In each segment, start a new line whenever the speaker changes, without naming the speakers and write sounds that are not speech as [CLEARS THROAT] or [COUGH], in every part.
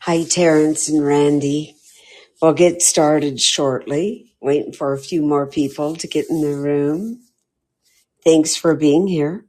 Hi, Terrence and Randy. We'll get started shortly. Waiting for a few more people to get in the room. Thanks for being here.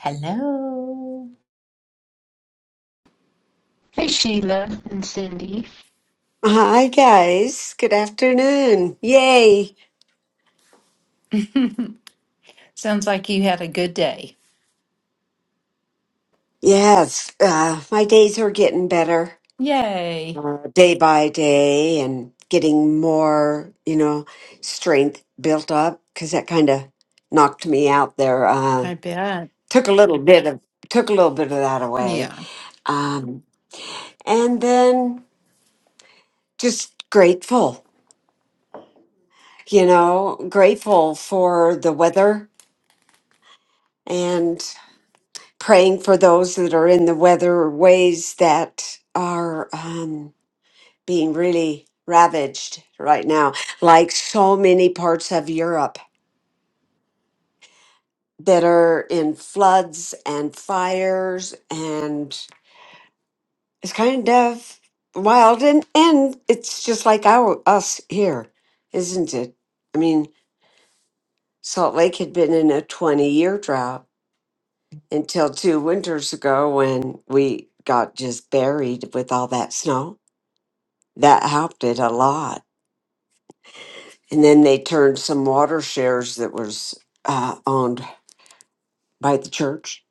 Hello.
Hey, Sheila and Cindy.
Hi, guys. Good afternoon. Yay.
Sounds like you had a good day.
Yes, uh, my days are getting better
Yay.
uh, day by day and getting more, you know, strength built up because that kind of knocked me out there. Uh,
I bet.
took a little bit of took a little bit of that away.
Yeah.
Um, and then just grateful, you know, grateful for the weather and praying for those that are in the weather ways that are um, being really ravaged right now, like so many parts of Europe that are in floods and fires and it's kind of wild and, and it's just like our us here isn't it i mean salt lake had been in a 20 year drought until two winters ago when we got just buried with all that snow. That helped it a lot. And then they turned some water shares that was uh, owned by the church.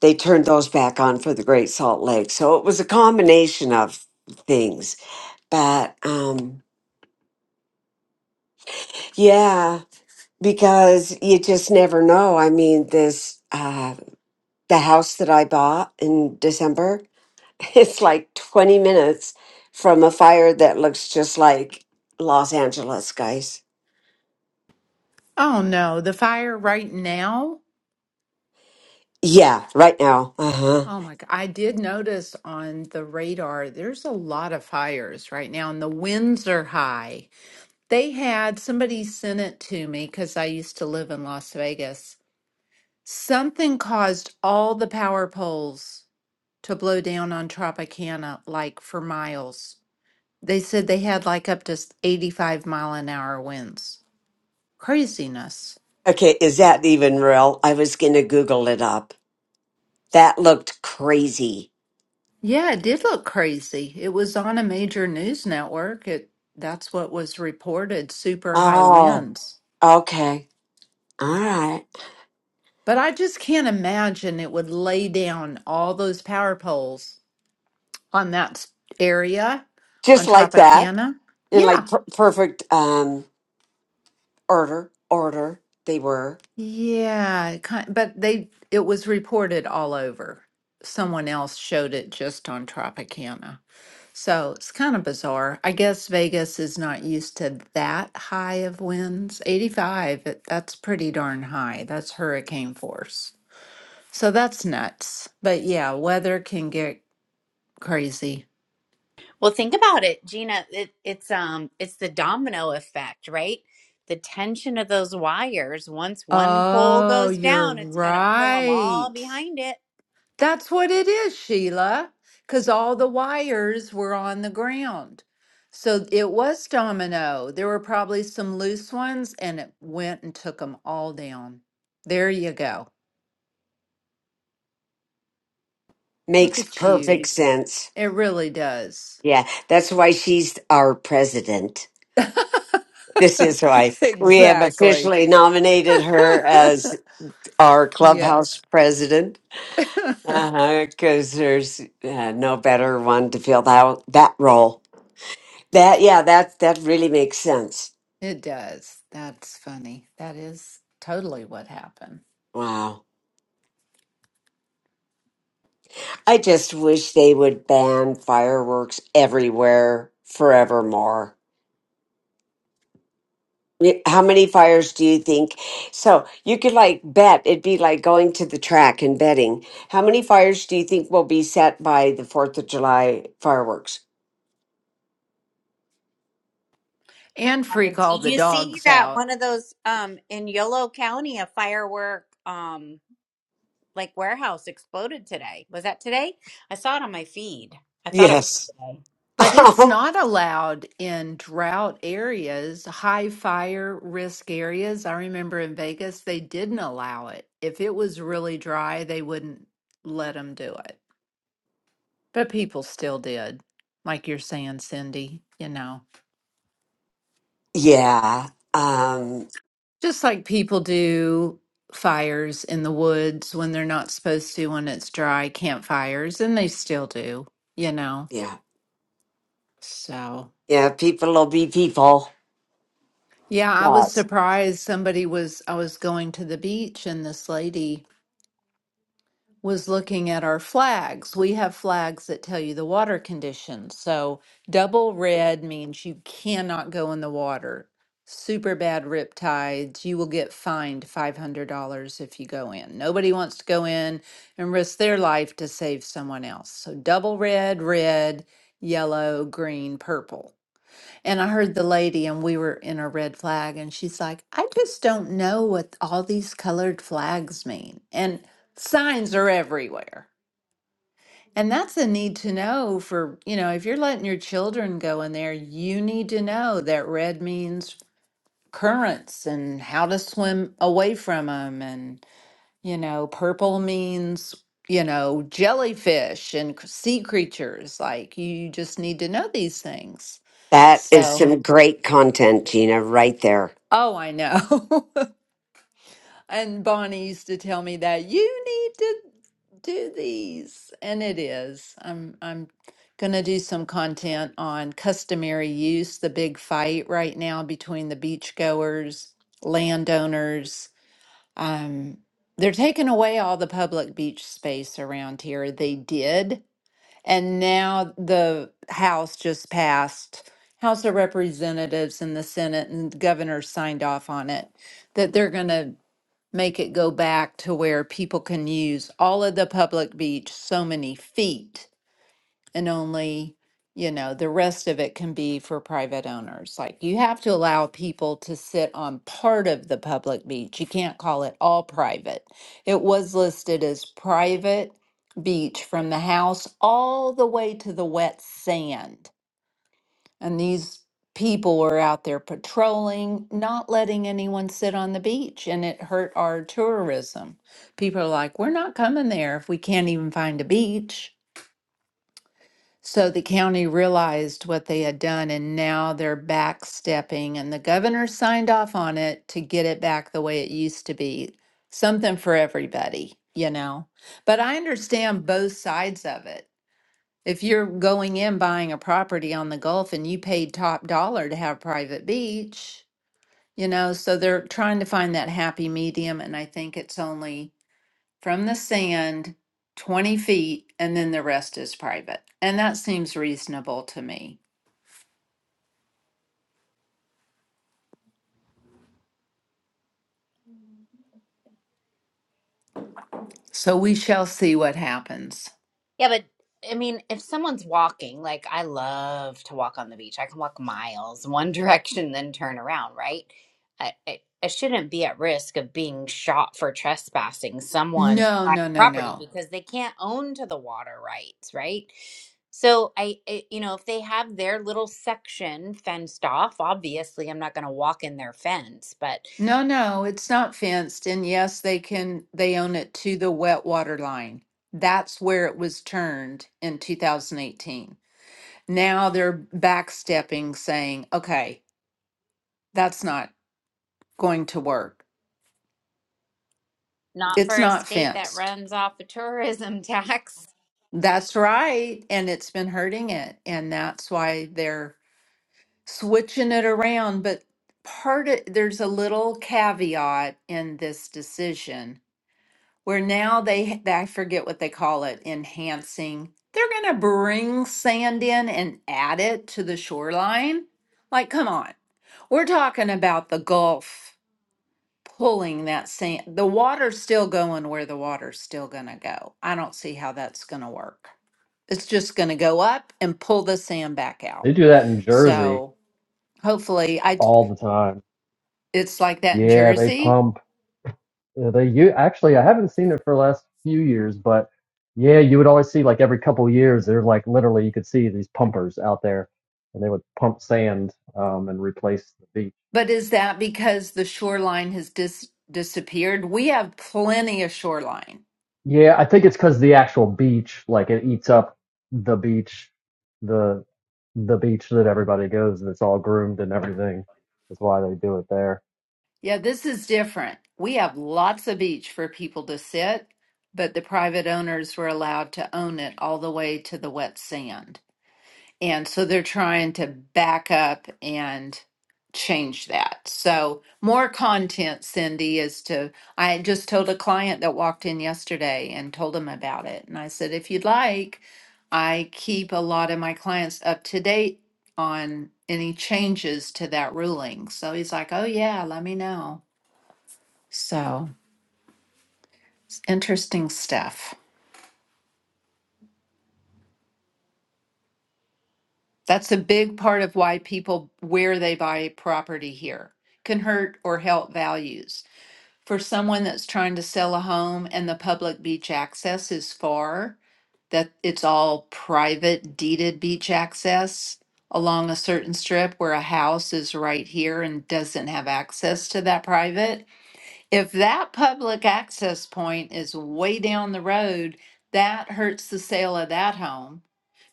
They turned those back on for the Great Salt Lake. So it was a combination of things. But um, yeah, because you just never know. I mean, this uh, the house that I bought in December. [LAUGHS] It's like 20 minutes from a fire that looks just like Los Angeles, guys.
Oh no, the fire right now.
Yeah, right now. Uh huh.
Oh my God. I did notice on the radar there's a lot of fires right now, and the winds are high. They had somebody sent it to me because I used to live in Las Vegas. Something caused all the power poles to blow down on Tropicana like for miles. They said they had like up to s- 85 mile an hour winds. Craziness.
Okay, is that even real? I was going to Google it up. That looked crazy.
Yeah, it did look crazy. It was on a major news network. It that's what was reported, super high
Oh,
winds.
okay. All right.
But I just can't imagine it would lay down all those power poles on that s- area on
Just like that,
Tropicana.
in like
Yeah.
per- perfect um order, order they were.
Yeah, it ki- but they it was reported all over. Someone else showed it just on Tropicana. So it's kind of bizarre. I guess Vegas is not used to that high of winds. 85, it- that's pretty darn high. That's hurricane force. So that's nuts. But yeah, weather can get crazy.
Well, think about it, Gina. It, it's um, it's the domino effect, right? The tension of those wires. Once one pole
Oh,
goes
you're
down, it's gonna pull them all
right.
behind it.
That's what it is, Sheila, because all the wires were on the ground. So it was domino. There were probably some loose ones, and it went and took them all down. There you go. Look
Makes
at you.
perfect sense.
It really does. [LAUGHS]
Yeah, that's why she's our president. This is why we have
Exactly.
officially nominated her
[LAUGHS]
as our clubhouse
Yes.
president.
[LAUGHS]
Uh Because there's uh, no better one to fill that that role. That yeah, that that really makes sense.
It does. That's funny. That is totally what happened.
Wow, I just wish they would ban fireworks everywhere forevermore. Y- How many fires do you think? So you could like bet it'd be like going to the track and betting. How many fires do you think will be set by the Fourth of July fireworks?
And freak all
Did
the
you see
dogs
that
out.
one of those um in Yolo County, a firework um like warehouse exploded today? Was that today? I saw it on my feed. I thought it was.
Yes.
Today.
But it's
[LAUGHS]
not allowed in drought areas, high fire risk areas. I remember in Vegas, they didn't allow it. If it was really dry, they wouldn't let them do it. But people still did, like you're saying, Cindy, you know,
yeah. Um,
just like people do fires in the woods when they're not supposed to, when it's dry, campfires, and they still do, you know.
yeah.
So,
Yeah. People will be people.
yeah, I was
But
surprised somebody was, I was going to the beach and this lady was looking at our flags. We have flags that tell you the water conditions. So double red means you cannot go in the water. Super bad rip tides. You will get fined $500 if you go in. Nobody wants to go in and risk their life to save someone else. So double red, red, yellow, green, purple. And I heard the lady, and we were in a red flag, and she's like, I just don't know what all these colored flags mean. And signs are everywhere. And that's a need to know for, you know, if you're letting your children go in there, you need to know that red means currents and how to swim away from them. And, you know, purple means, you know, jellyfish and c- sea creatures. Like, you just need to know these things.
that is
So.
some great content, Gina, right there.
Oh, I know. [LAUGHS] And Bonnie used to tell me that you need to do these. And it is. I'm I'm gonna do some content on customary use, the big fight right now between the beachgoers, landowners. Um, they're taking away all the public beach space around here. They did. And now the House just passed, House of Representatives and the Senate and the governor signed off on it, that they're going to make it go back to where people can use all of the public beach so many feet and only, you know, the rest of it can be for private owners. Like you have to allow people to sit on part of the public beach. You can't call it all private. It was listed as private beach from the house all the way to the wet sand. And these people were out there patrolling, not letting anyone sit on the beach, and it hurt our tourism. People are like, we're not coming there if we can't even find a beach. So the county realized what they had done and now they're backstepping and the governor signed off on it to get it back the way it used to be. Something for everybody, you know. But I understand both sides of it. If you're going in buying a property on the Gulf and you paid top dollar to have private beach, you know, so they're trying to find that happy medium and I think it's only from the sand 20 feet, and then the rest is private. And that seems reasonable to me. So we shall see what happens.
Yeah, but I mean, if someone's walking, like I love to walk on the beach. I can walk miles [LAUGHS] one direction, then turn around, right? I, I, I shouldn't be at risk of being shot for trespassing someone's
No,
private
no, no,
property
no.
because they can't own to the water rights, right? So I, I, you know, if they have their little section fenced off, obviously I'm not going to walk in their fence, but
No, no, it's not fenced. And yes, they can, they own it to the wet water line. That's where it was turned in 2018. Now they're backstepping, saying, okay, that's not going to work.
not
It's
for a
not
state that
fenced.
runs off a tourism [LAUGHS] tax.
That's right. And it's been hurting it. And that's why they're switching it around. But part of there's a little caveat in this decision where now they, I forget what they call it, enhancing. They're going to bring sand in and add it to the shoreline. Like, come on. We're talking about the Gulf pulling that sand. The water's still going where the water's still going to go. I don't see how that's going to work. It's just going to go up and pull the sand back out.
They do that in Jersey
So hopefully, I d-
all the time.
it's like that in
Yeah, they
Jersey.
pump. uh, They you actually I haven't seen it for the last few years, but yeah, you would always see like every couple of years they're like literally you could see these pumpers out there, and they would pump sand um, and replace the beach.
But is that because the shoreline has dis- disappeared? We have plenty of shoreline.
Yeah, I think it's because the actual beach like it eats up the beach, the the beach that everybody goes and it's all groomed and everything is why they do it there.
Yeah, this is different. We have lots of beach for people to sit, but the private owners were allowed to own it all the way to the wet sand. And so they're trying to back up and change that. So more content, Cindy, is to, I just told a client that walked in yesterday and told him about it. And I said, if you'd like, I keep a lot of my clients up to date on any changes to that ruling. So he's like, oh yeah, let me know. So it's interesting stuff. That's a big part of why people, where they buy property here, can hurt or help values. for someone that's trying to sell a home and the public beach access is far, that it's all private deeded beach access along a certain strip where a house is right here and doesn't have access to that private, if that public access point is way down the road, that hurts the sale of that home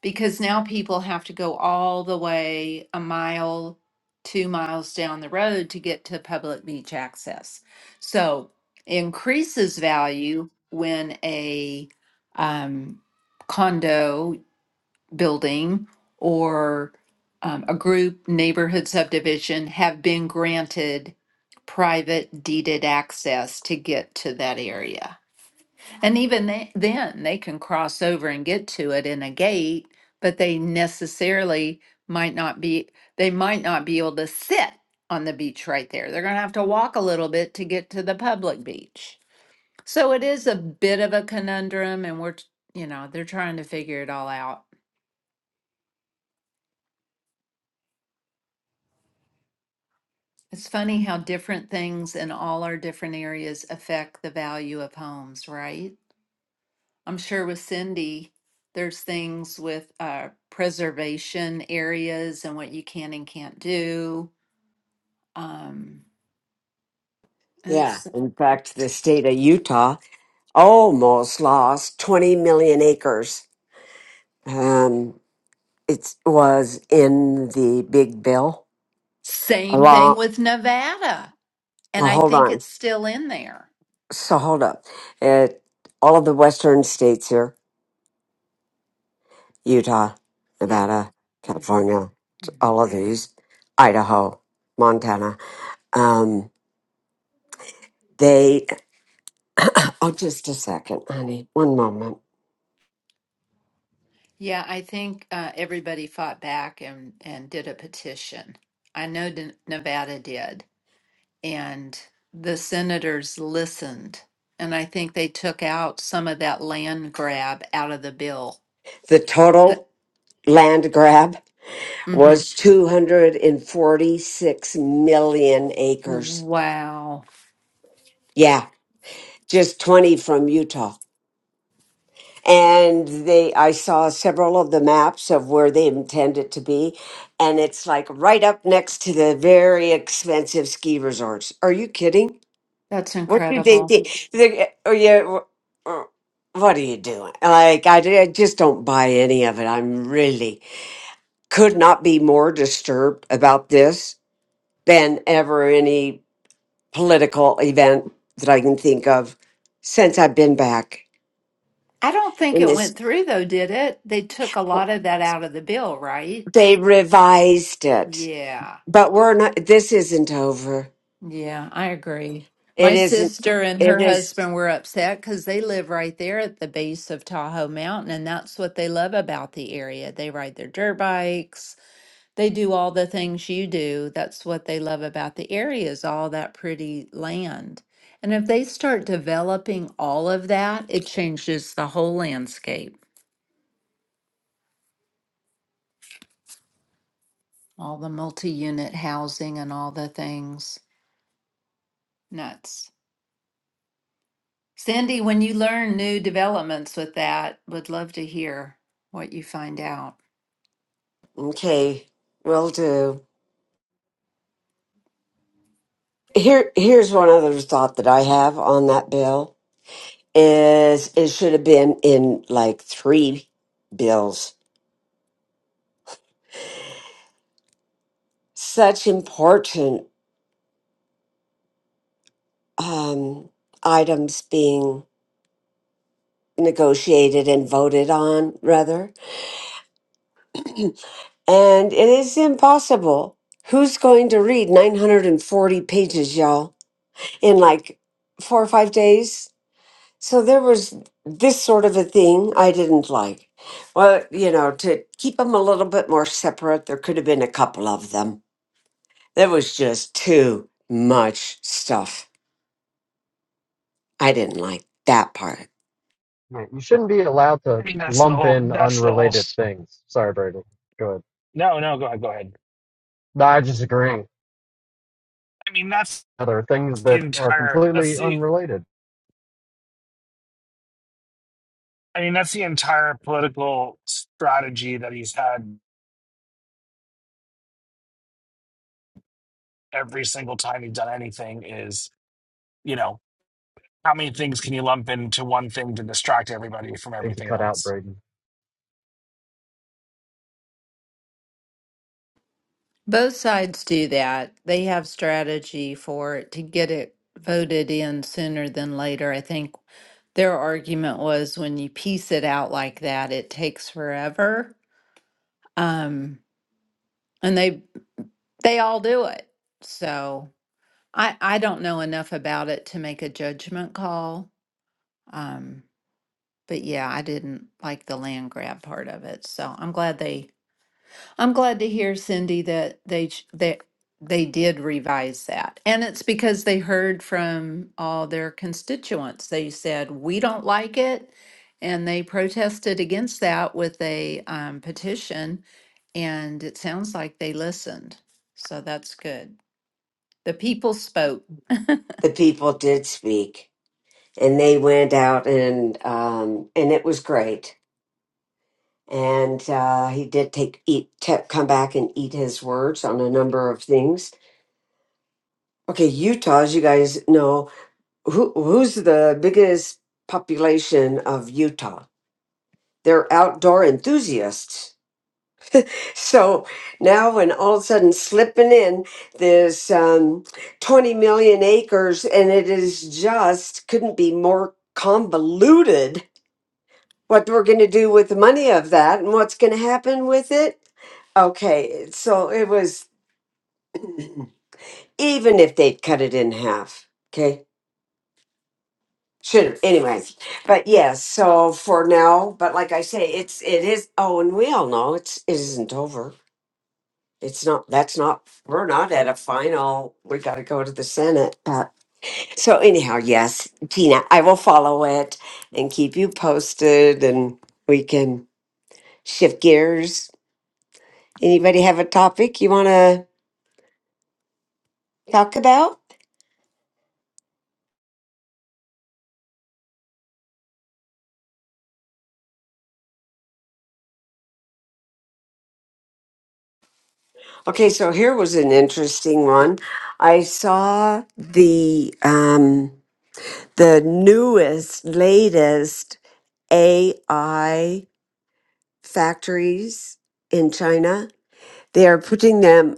because now people have to go all the way a mile, two miles down the road to get to public beach access. So increases value when a um, condo building or um, a group neighborhood subdivision have been granted private deeded access to get to that area. And even they, then, they can cross over and get to it in a gate, but they necessarily might not be, they might not be able to sit on the beach right there. They're going to have to walk a little bit to get to the public beach. So it is a bit of a conundrum, and we're, t- you know, they're trying to figure it all out. It's funny how different things in all our different areas affect the value of homes, right? I'm sure with Cindy, there's things with uh, preservation areas and what you can and can't do. Um, and
Yeah.
it's the
In fact, the state of Utah almost lost 20 million acres. Um, it was in the big bill.
same thing
Along,
with Nevada, and
well,
I
hold
think
on.
it's still in there.
So hold up. It, all of the western states here Utah,
Yeah.
Nevada,
hmm
California,
hmm
all of these, Idaho, Montana. Um, they, oh, just a second, honey, one moment.
Yeah, I think uh, everybody fought back and and did a petition. I know Den- Nevada did. and the senators listened. And I think they took out some of that land grab out of the bill.
The
That,
total land grab
hmm
was 246 million acres.
Wow,
Yeah, just 20 from Utah. And they, I saw several of the maps of where they intend it to be, and it's like right up next to the very expensive ski resorts. Are you kidding?
that's
What do they
incredible.
do? They- Or you, or- what are you doing? Like, I, I just don't buy any of it. I'm really could not be more disturbed about this than ever any political event that I can think of since I've been back
I don't think
in
it went
this.
through though, did it? They took a lot of that out of the bill, right?
They revised it,
Yeah,
but we're not, this isn't over.
yeah, I agree.
It
My
isn't,
sister and
it
her
is,
husband were upset because they live right there at the base of Tahoe Mountain, and that's what they love about the area. They ride their dirt bikes They do all the things you do. That's what they love about the area is all that pretty land. And if they start developing all of that, it changes the whole landscape. All the multi-unit housing and all the things. Nuts. Cindy, when you learn new developments with that, would love to hear what you find out.
okay, will do. Here, here's one other thought that I have on that bill is it should have been in like three bills. Such important um, items being negotiated and voted on, rather. And it is impossible. Who's going to read 940 pages, y'all, in like four or five days? So there was this sort of a thing I didn't like. Well, you know, to keep them a little bit more separate, there could have been a couple of them There was just too much stuff. I didn't like that part.
Yeah, you shouldn't be allowed
I
to
mean, that's the
lump
whole.
in
That's the whole.
unrelated
s-
things. Sorry, Brady. Go ahead.
No, no, go ahead, go ahead.
No, I just agree.
I mean, that's
There are things
the
that are
entire. That's
completely
the.
unrelated. I
I mean, that's the entire political strategy that he's had every single time he's done anything. Is you know how many things can you lump into one thing to distract everybody from
think you
everything
cut out
else?
Brady.
Both sides do that. They have strategy for it to get it voted in sooner than later. I think Their argument was when you piece it out like that, it takes forever. Um, and they they all do it. So I I don't know enough about it to make a judgment call. Um, but yeah, I didn't like the land grab part of it. So I'm glad they I'm glad to hear, Cindy, that they ch- that they did revise that. And it's because they heard from all their constituents. They said, we don't like it. And they protested against that with a um, petition. And it sounds like they listened. So that's good. The people spoke. [LAUGHS]
The people did speak, and they went out and um, and it was great. And uh, he did take eat te- come back and eat his words on a number of things. Okay, Utah, as you guys know, who who's the biggest population of Utah? They're outdoor enthusiasts So now, when all of a sudden slipping in this um, 20 million acres, and it is just couldn't be more convoluted what we're going to do with the money of that and what's going to happen with it. Okay, so it was [CLEARS THROAT] even if they'd cut it in half. Okay. Should have anyway. But yes, so for now, but like I say, it's it is oh and we all know it's it isn't over. it's not that's not we're not at a final we got to go to the senate uh, so anyhow yes tina i will follow it and keep you posted and we can shift gears anybody have a topic you want to talk about okay so here was an interesting one i saw the um the newest latest ai factories in china they are putting them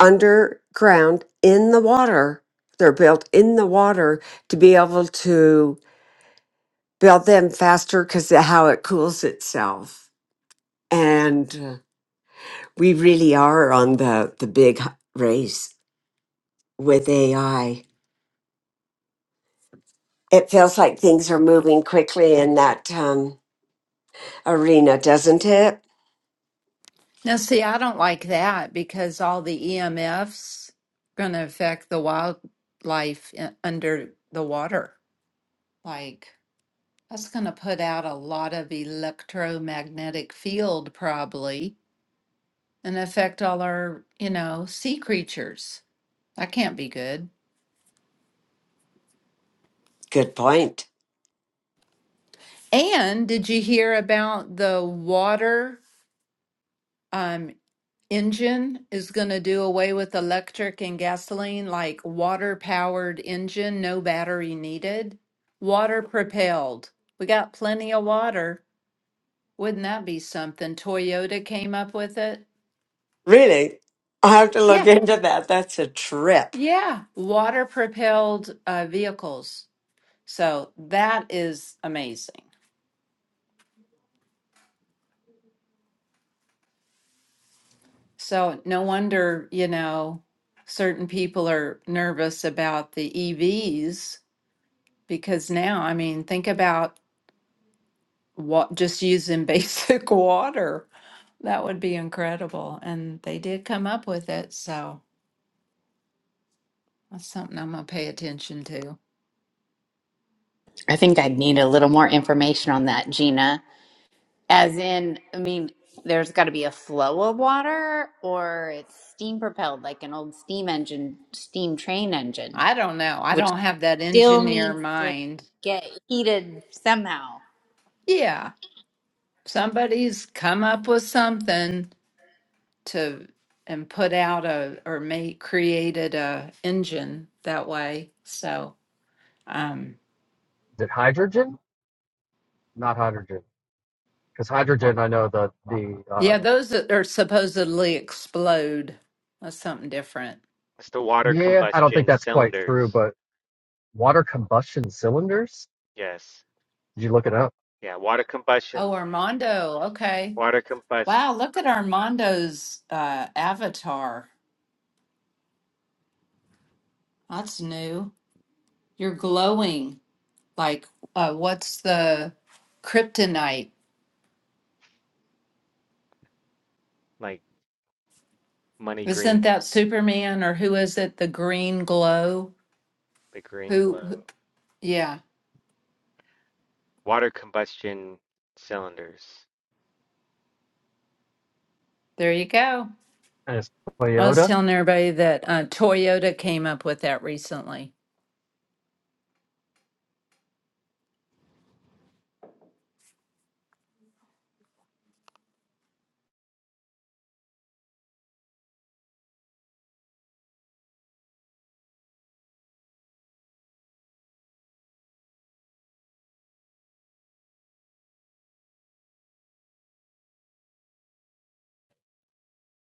underground in the water. They're built in the water to be able to build them faster because of how it cools itself. And uh, we really are on the, the big h- race with AI. It feels like things are moving quickly in that um, arena, doesn't it?
Now, see, I don't like that because all the EMFs going to affect the wildlife i- under the water. Like, That's going to put out a lot of electromagnetic field, probably, and affect all our, you know, sea creatures. That can't be good.
Good point.
And did you hear about the water um, engine is going to do away with electric and gasoline, like water powered engine, no battery needed, water propelled. We got plenty of water. Wouldn't that be something? Toyota came up with it.
Really? I have to
Yeah.
look into that. That's a trip.
Yeah, water propelled uh, vehicles. So that is amazing. So no wonder, you know, certain people are nervous about the EVs because now, I mean, think about what just using [LAUGHS] basic water. That would be incredible. And they did come up with it. So that's something I'm going to pay attention to.
I think I'd need a little more information on that, Gina. As in, I mean, there's got to be a flow of water or it's steam propelled like an old steam engine, steam train engine,
I don't know. I
which
don't have that
still
engineer
needs to
mind.
get heated somehow.
Yeah, somebody's come up with something to and put out a or made created a engine that way. So um
Is it hydrogen? Not hydrogen. Because hydrogen, I know the the uh,
yeah, those that are supposedly explode. That's something different.
It's the water
yeah. I don't think
combustion
that's quite
cylinders.
true. But water combustion cylinders.
Yes.
Did you look it up?
Yeah, water combustion,
Oh, Armando. Okay.
water combustion,
Wow, look at Armando's uh avatar. That's new. You're glowing like uh what's the kryptonite?
like money green,
Isn't that Superman or who is it? The green glow?
the green
Who,
glow.
who yeah,
Water combustion cylinders.
there you go.
And it's
I was
Toyota.
telling everybody that uh, Toyota came up with that recently.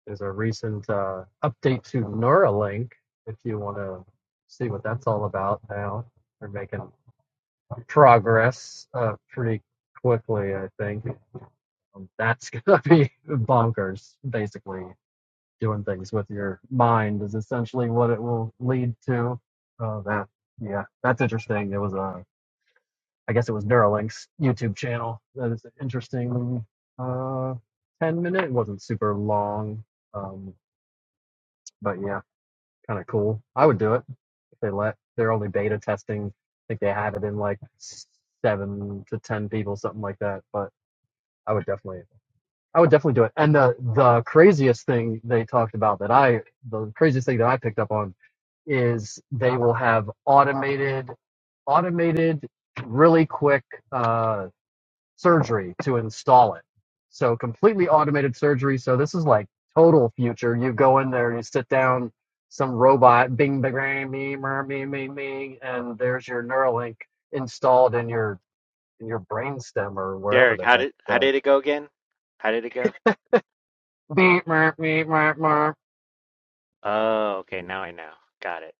There's a recent uh, update to Neuralink. If you want to see what that's all about now, they're making progress uh, pretty quickly, I think. Um, that's [LAUGHS] going to be bonkers, basically. Doing things with your mind is essentially what it will lead to. Uh, that, yeah, that's interesting. It was a, I guess it was Neuralink's YouTube channel. That is an interesting uh, 10 minute. It wasn't super long, um, but yeah, kind of cool. I would do it if they let. They're only beta testing. I think they had it in like seven to 10 people, something like that. But I would definitely, I would definitely do it. And the the craziest thing they talked about that I, the craziest thing that I picked up on is they will have automated, automated, really quick uh, surgery to install it. So completely automated surgery. So this is like total future. You go in there and you sit down, some robot, bing, bing, bang, me, mer, me, me, me, and there's your Neuralink installed in your in your brainstem or wherever
Derek,
the
how
heck.
did how
the
did it go again? How did it go?
Beep, meep, meep, meep, meep.
Oh, okay, now I know. Got it.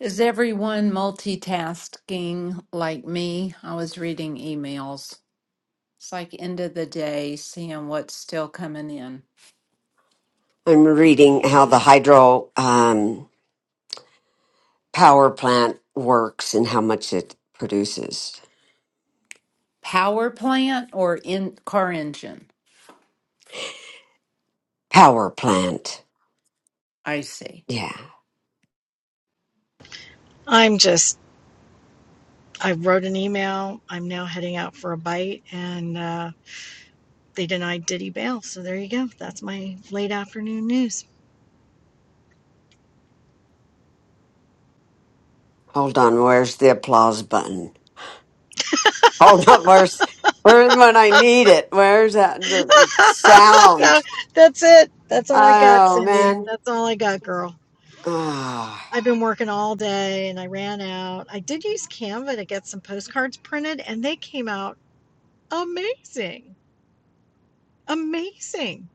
Is everyone multitasking like me? I was reading emails. It's like end of the day, seeing what's still coming in.
I'm reading how the hydro um, power plant works and how much it produces.
Power plant or in car engine?
Power plant.
I see.
Yeah.
I'm just, I wrote an email. I'm now heading out for a bite, and uh, they denied Diddy bail. So there you go. That's my late afternoon news.
Hold on. Where's the applause button? [LAUGHS] Hold on. Where's where's when I need it? Where's that
[LAUGHS]
sound?
that's it. That's all I got,
Oh
Cindy.
man.
That's all I got, girl.
Ah.
I've been working all day and I ran out. I did use Canva to get some postcards printed, and they came out amazing. Amazing.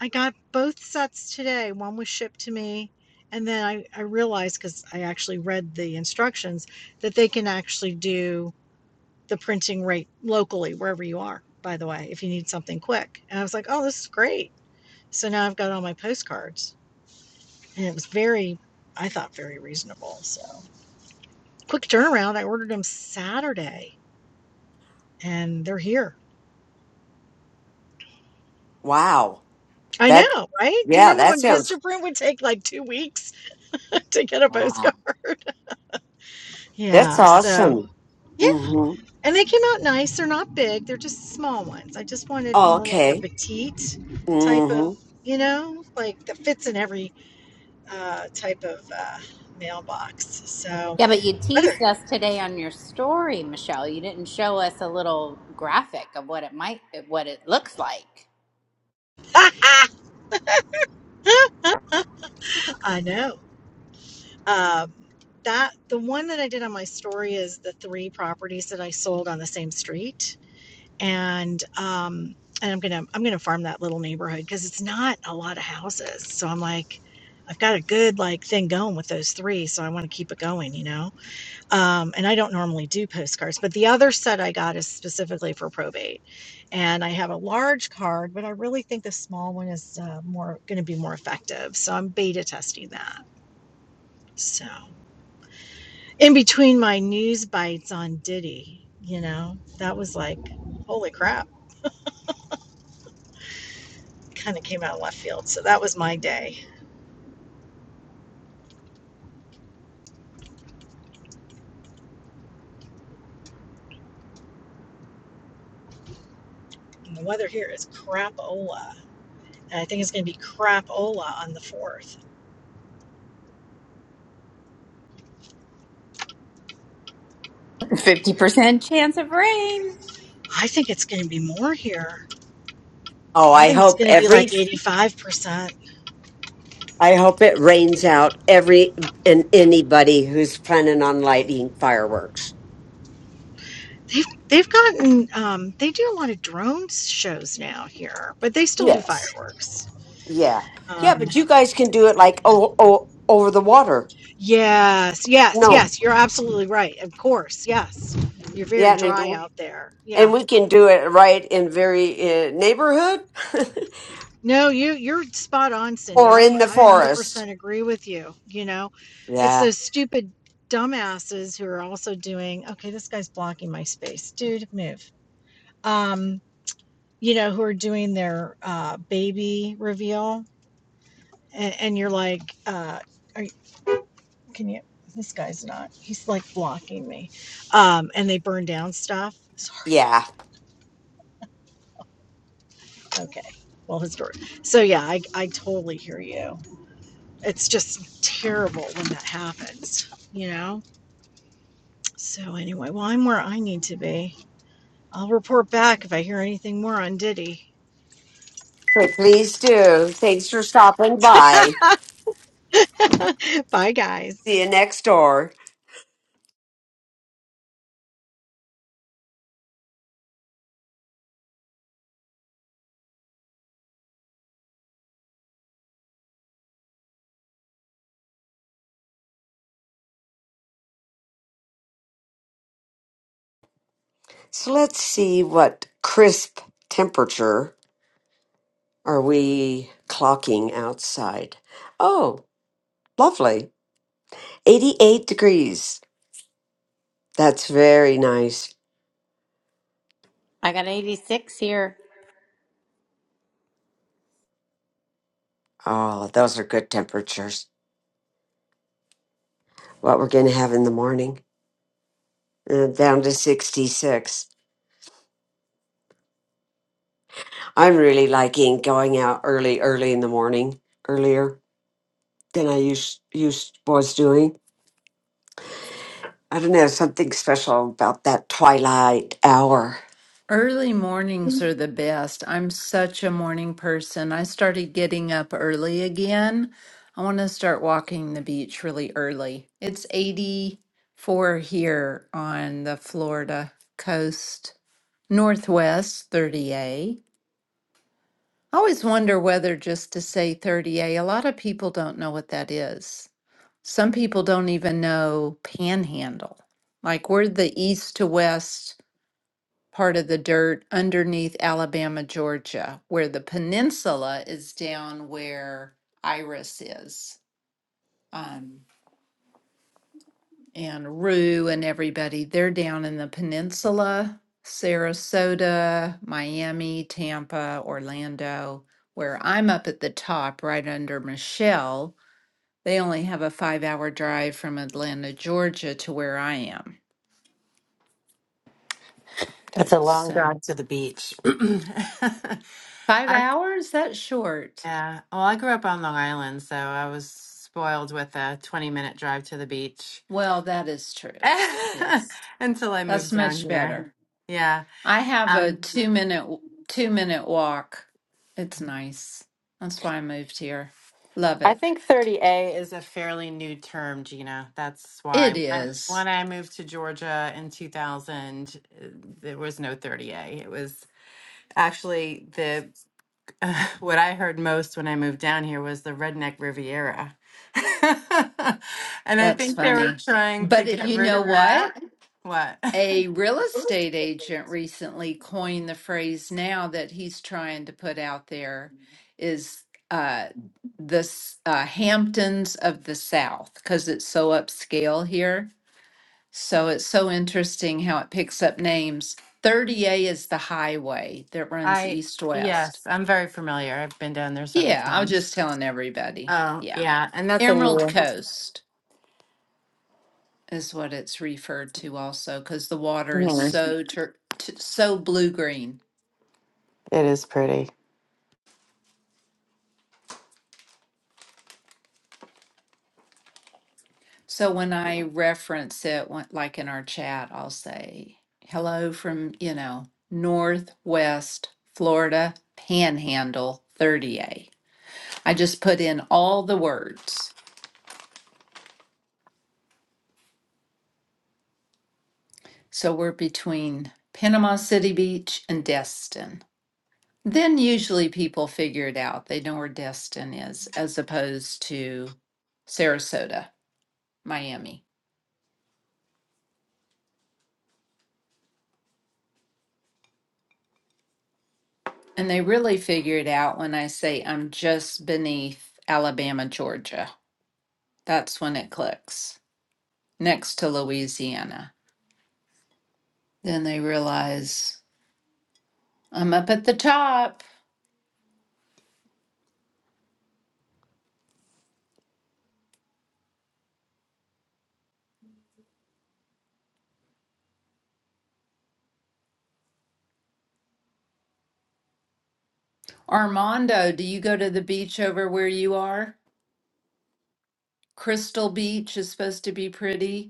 I got both sets today. One was shipped to me, and then I, I realized because I actually read the instructions that they can actually do the printing rate locally wherever you are, by the way, if you need something quick. And I was like, oh, this is great. So now I've got all my postcards, and it was very, I thought, very reasonable. So quick turnaround. I ordered them Saturday, and they're here.
wow.
I
That
know, right? Do you
yeah.
remember
That
when
sounds.
Vistaprint would take like two weeks [LAUGHS] to get a
Wow.
postcard?
That's
Yeah. So,
awesome.
yeah.
Mm-hmm.
And they came out nice. They're not big. They're just small ones. I just wanted
Oh,
more like a
okay.
petite type
Mm-hmm.
of, you know, like that fits in every uh, type of uh, mailbox. So
Yeah, but you teased
other,
us today on your story, Michelle. You didn't show us a little graphic of what it might, what it looks like.
[LAUGHS] I know. Um, that the one that I did on my story is the three properties that I sold on the same street, and um, and I'm gonna I'm gonna farm that little neighborhood because it's not a lot of houses. So I'm like, I've got a good like thing going with those three, so I want to keep it going, you know. Um, and I don't normally do postcards, but the other set I got is specifically for probate. And I have a large card, but I really think the small one is uh, more going to be more effective. So I'm beta testing that. So in between my news bites on Diddy, you know, that was like, holy crap, kind of came out of left field. So that was my day. And the weather here is crapola. And I think it's going to be crapola on the 4th.
50% chance of rain.
I think it's going to be more here.
Oh,
I
I
think it's
hope
going to be
every
like 85%.
I hope it rains out every and anybody who's planning on lighting fireworks.
They've they've gotten um, they do a lot of drone shows now here, but they still do
Yes.
fireworks.
Yeah. Yeah,
Um,
but you guys can do it
it's kind
like
of new.
oh, oh over the water.
yes, yes,
No.
yes. You're absolutely right. Of course, yes. You're very
Yeah, and
dry
do-
out there. Yeah.
and we can do it right in very uh, neighborhood [LAUGHS]
No, you you're spot on, Cindy.
or
I'm
in the
I
forest.
100% agree with you. You know, it's
Yeah.
those stupid dumbasses who are also doing. Okay, this guy's blocking my space, dude. Move. Um, you know, who are doing their uh, baby reveal and, and you're like, uh, are you, can you? This guy's not. He's like blocking me. Um, and they burn down stuff.
Yeah.
Okay. Well, his door. So yeah, I I totally hear you. It's just terrible when that happens. You know. So anyway, well, I'm where I need to be. I'll report back if I hear anything more on Diddy.
Okay, please do. Thanks for stopping by.
[LAUGHS] Bye, guys.
See you next door. So let's see what crisp temperature are we clocking outside? Oh, lovely. 88 degrees. That's very nice.
I got 86 here.
Oh, those are good temperatures. What we're going to have in the morning. Uh, down to 66. I'm really liking going out early, early in the morning, earlier than I used, used was doing. I don't know, something special about that twilight hour.
Early mornings are the best. I'm such a morning person. I started getting up early again. I want to start walking the beach really early. It's 84 here on the Florida coast, Northwest 30A. I always wonder whether just to say 30A, a a lot of people don't know what that is. Some people don't even know panhandle. Like we're the east to west part of the dirt underneath Alabama, Georgia, where the peninsula is down where Iris is. Um, and Rue and everybody, they're down in the peninsula, Sarasota, Miami, Tampa, Orlando, where I'm up at the top right under Michelle. They only have a five hour drive from Atlanta, Georgia to where I am.
That's a long
So,
drive to the beach. [LAUGHS] [CLEARS THROAT] I,
five hours? That's short.
yeah. Well, I grew up on Long Island, so I was spoiled with a 20 minute drive to the beach
Well, that is true. Yes.
[LAUGHS] until I
That's
moved down
much
here.
better.
Yeah.
I have a
Um,
two minute two minute walk. It's nice. That's why I moved here. Love
I
it.
think 30A is a fairly new term, Gina. That's why
It
when
is.
when I moved to Georgia in 2000, uh, there was no 30A. It was actually the [LAUGHS] uh, what I heard most when I moved down here was the redneck Riviera. [LAUGHS] and I
That's
think they were
funny.
trying to
But it,
get
you
rid
know
of
what?
that. What?
A real estate agent recently coined the phrase now that he's trying to put out there is uh this uh Hamptons of the South because it's so upscale here So it's so interesting how it picks up names. 30A is the highway that
[LAUGHS]
runs
I,
east west.
yes, I'm very familiar. I've been down there several
Yeah, I was
times.
just telling everybody.
Oh,
Yeah.
yeah. And that's a new
Emerald
one.
Coast is what it's referred to also because the water is
Mhm.
so tur- t- so blue green.
It is pretty.
So when I reference it, when- like in our chat, I'll say hello from, you know, Northwest Florida Panhandle 30A. I just put in all the words So we're between Panama City Beach and Destin. Then usually people figure it out. They know where Destin is as opposed to Sarasota, Miami. And they really figure it out when I say I'm just beneath Alabama, Georgia. That's when it clicks next to Louisiana. Then they realize I'm up at the top. Armando, do you go to the beach over where you are? Crystal Beach is supposed to be pretty.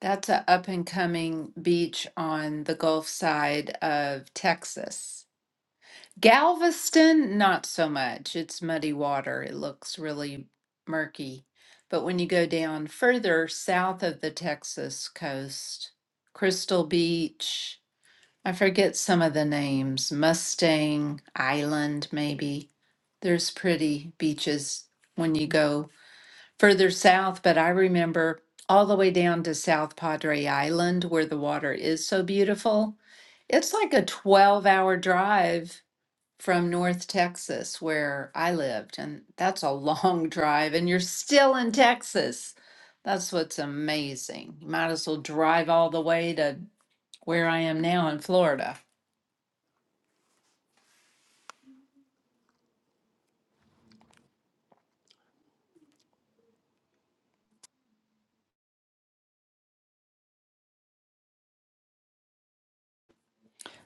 That's an up and coming beach on the Gulf side of Texas. Galveston, not so much. It's muddy water. It looks really murky. But when you go down further south of the Texas coast, Crystal Beach, I forget some of the names, Mustang Island, maybe. There's pretty beaches when you go further south, but I remember all the way down to South Padre Island where the water is so beautiful. It's like a 12 hour drive from North Texas where I lived, and that's a long [LAUGHS] drive, and you're still in Texas. That's what's amazing. You might as well drive all the way to where I am now in Florida.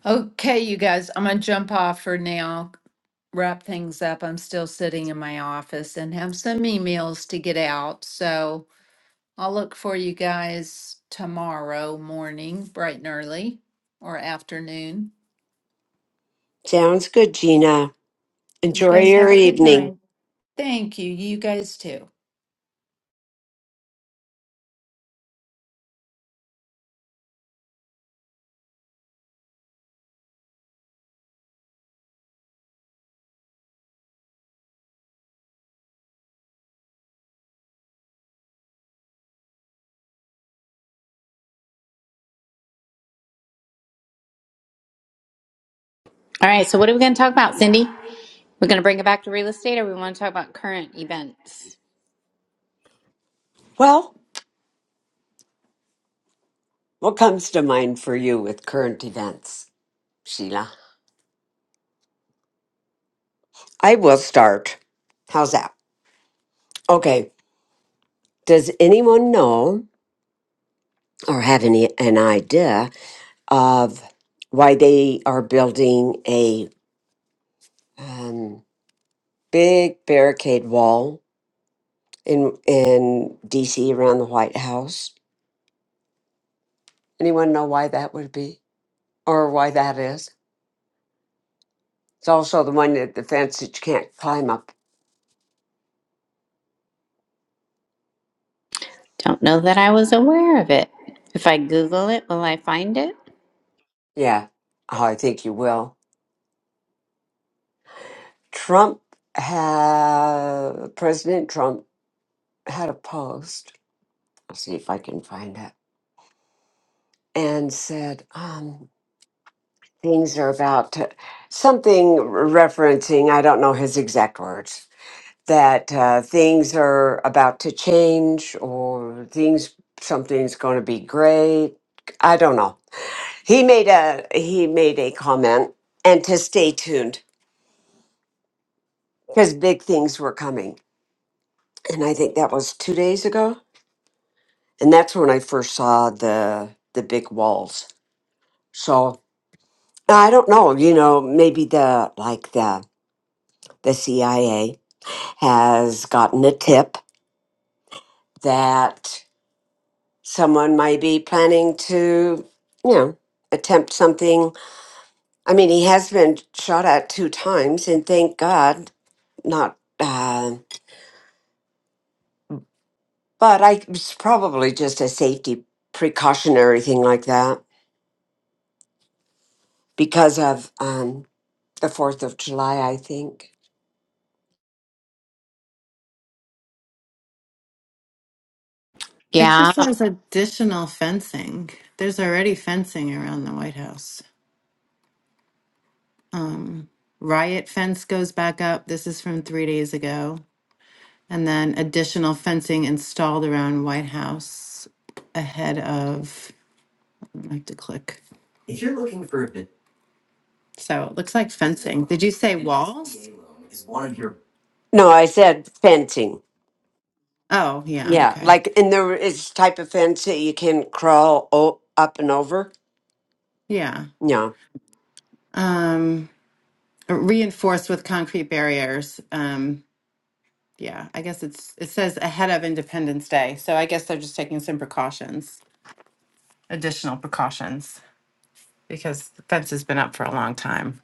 Okay, you guys, I'm gonna jump off for now. wrap things up. I'm still sitting in my office and have some emails to get out. So I'll look for you guys tomorrow morning, bright and early, or afternoon.
Sounds good, Gina.
You
Enjoy
guys have
your
a good
evening.
night. Thank you. You guys too.
All right, so what are we going to talk about, Cindy? We're going to bring it back to real estate, or we want to talk about current events?
Well, What comes to mind for you with current events, Sheila? I will start. How's that? Okay. Does anyone know or have any an idea of why they are building a um, big barricade wall in in DC around the White House? Anyone know why that would be or why that is? It's also the one that the fence that you can't climb up.
Don't know that I was aware of it. If I Google it, will I find it?
Yeah. Oh, I think you will. Trump had President Trump had a post. I'll see if I can find it. And said um, things are about to something referencing. I don't know his exact words. That uh, things are about to change, or things something's going to be great. I don't know. He made a he made a comment and to stay tuned because big things were coming. And I think that was two days ago and that's when I first saw the the big walls. So I don't know, you know, maybe the like the the CIA has gotten a tip that someone might be planning to, you know, attempt something. I mean, he has been shot at two times, and thank God, not. Uh, but I it's probably just a safety precautionary thing like that because of um, the Fourth of July, I think.
It
Yeah,
just has additional fencing. There's already fencing around the White House. Riot fence goes back up. This is from three days ago. And then additional fencing installed around White House ahead of, I have to click. If you're looking for a bit, So it looks like fencing. Did you say an walls? SBA loan is one of your
No, I said fencing.
Oh, yeah,
Yeah,
okay.
like and there is type of fence that you can crawl o- up and over.
Yeah.
Yeah,
Um reinforced with concrete barriers. Um yeah, I guess it's it says ahead of Independence Day. So I guess they're just taking some precautions, additional precautions because the fence has been up for a long time,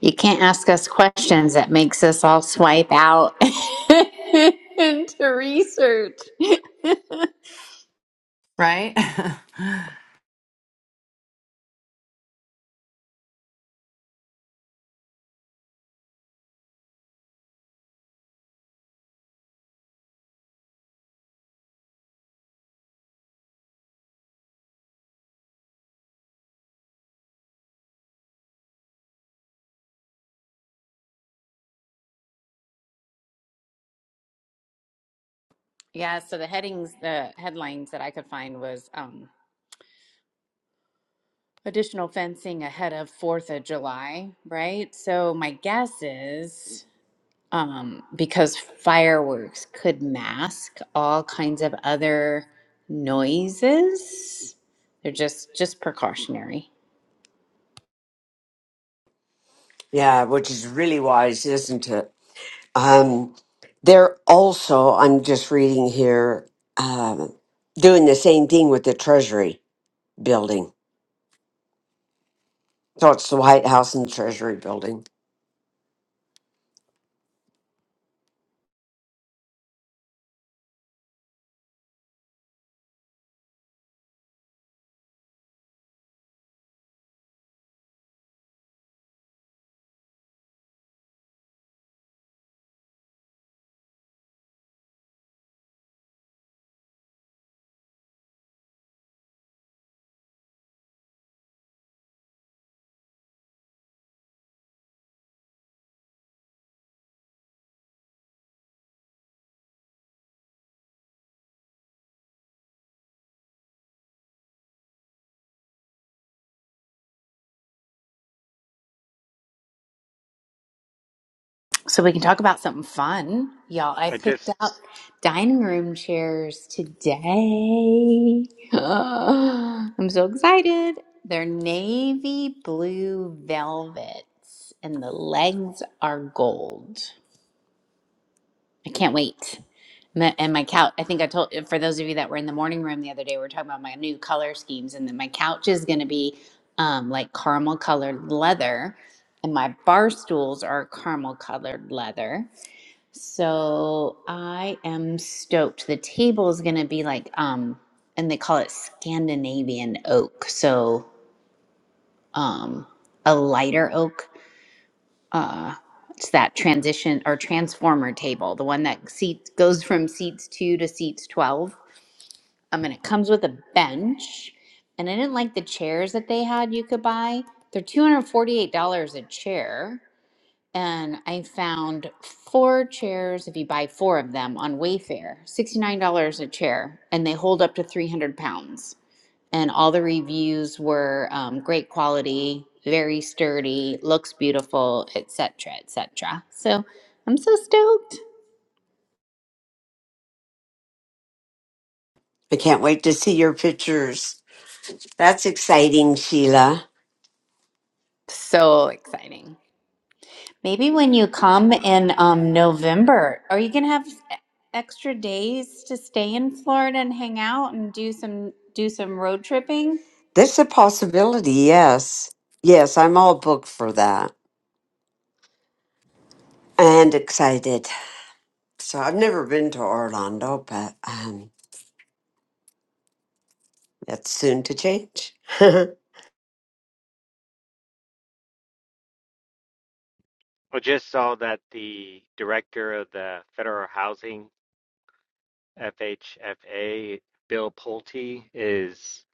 you can't ask us questions that makes us all swipe out [LAUGHS] into research. [LAUGHS]
right? [LAUGHS]
yeah, so the headings, the headlines that I could find was um, additional fencing ahead of Fourth of July, right? So my guess is um, because fireworks could mask all kinds of other noises. They're just just precautionary.
yeah, which is really wise, isn't it? Um, they're also. I'm just reading here, um, doing the same thing with the Treasury building. So it's the White House and the Treasury building.
So we can talk about something fun, y'all. I
I
picked
just
up dining room chairs today. [GASPS] I'm so excited. They're navy blue velvets, and the legs are gold. I can't wait. And my and my couch, I think I told, for those of you that were in the morning room the other day, we were talking about my new color schemes, and then my couch is going to be um, like caramel colored leather, and my bar stools are caramel colored leather. So I am stoked. The table is going to be like, um, and they call it Scandinavian oak. So um, a lighter oak uh it's that transition or transformer table the one that seats goes from seats 2 to seats 12 i mean it comes with a bench and i didn't like the chairs that they had you could buy they're $248 a chair and i found four chairs if you buy four of them on wayfair $69 a chair and they hold up to 300 pounds and all the reviews were um, great quality, very sturdy, looks beautiful, etc., etc. So I'm so stoked,
I can't wait to see your pictures. That's exciting, Sheila.
so exciting. Maybe when you come in um, November, are you gonna have e- extra days to stay in Florida and hang out and do some do some road tripping?
That's a possibility. Yes, yes, I'm all booked for that and excited. So I've never been to Orlando, but um, that's soon to change.
I just saw that the director of the Federal Housing FHFA, Bill Pulte, is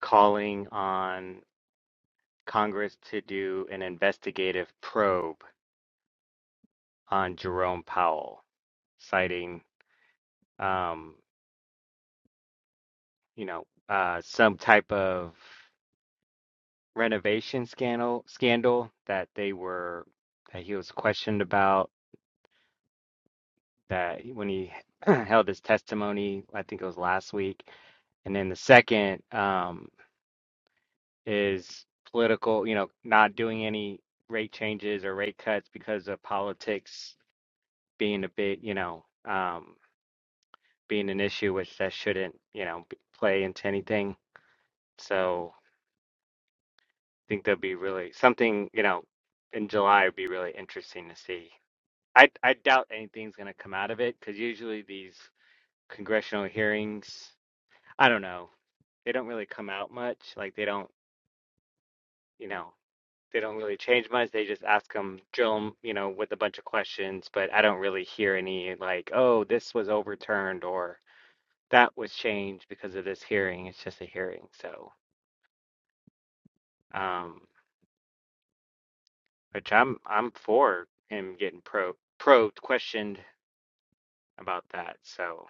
calling on Congress to do an investigative probe on Jerome Powell, citing, um, you know, uh, some type of renovation scandal scandal that they were that he was questioned about that when he [CLEARS THROAT] held his testimony, I think it was last week. And then the second um, is political, you know, not doing any rate changes or rate cuts because of politics being a bit, you know, um, being an issue, which that shouldn't, you know, b- play into anything. So think there'll be really something, you know, in July would be really interesting to see. I I doubt anything's going to come out of it because usually these congressional hearings, I don't know, they don't really come out much. Like they don't, you know, they don't really change much. They just ask them, drill them, you know, with a bunch of questions. But I don't really hear any like, oh, this was overturned or that was changed because of this hearing. It's just a hearing, so um, which I'm I'm for him getting probe probed, questioned. about that. So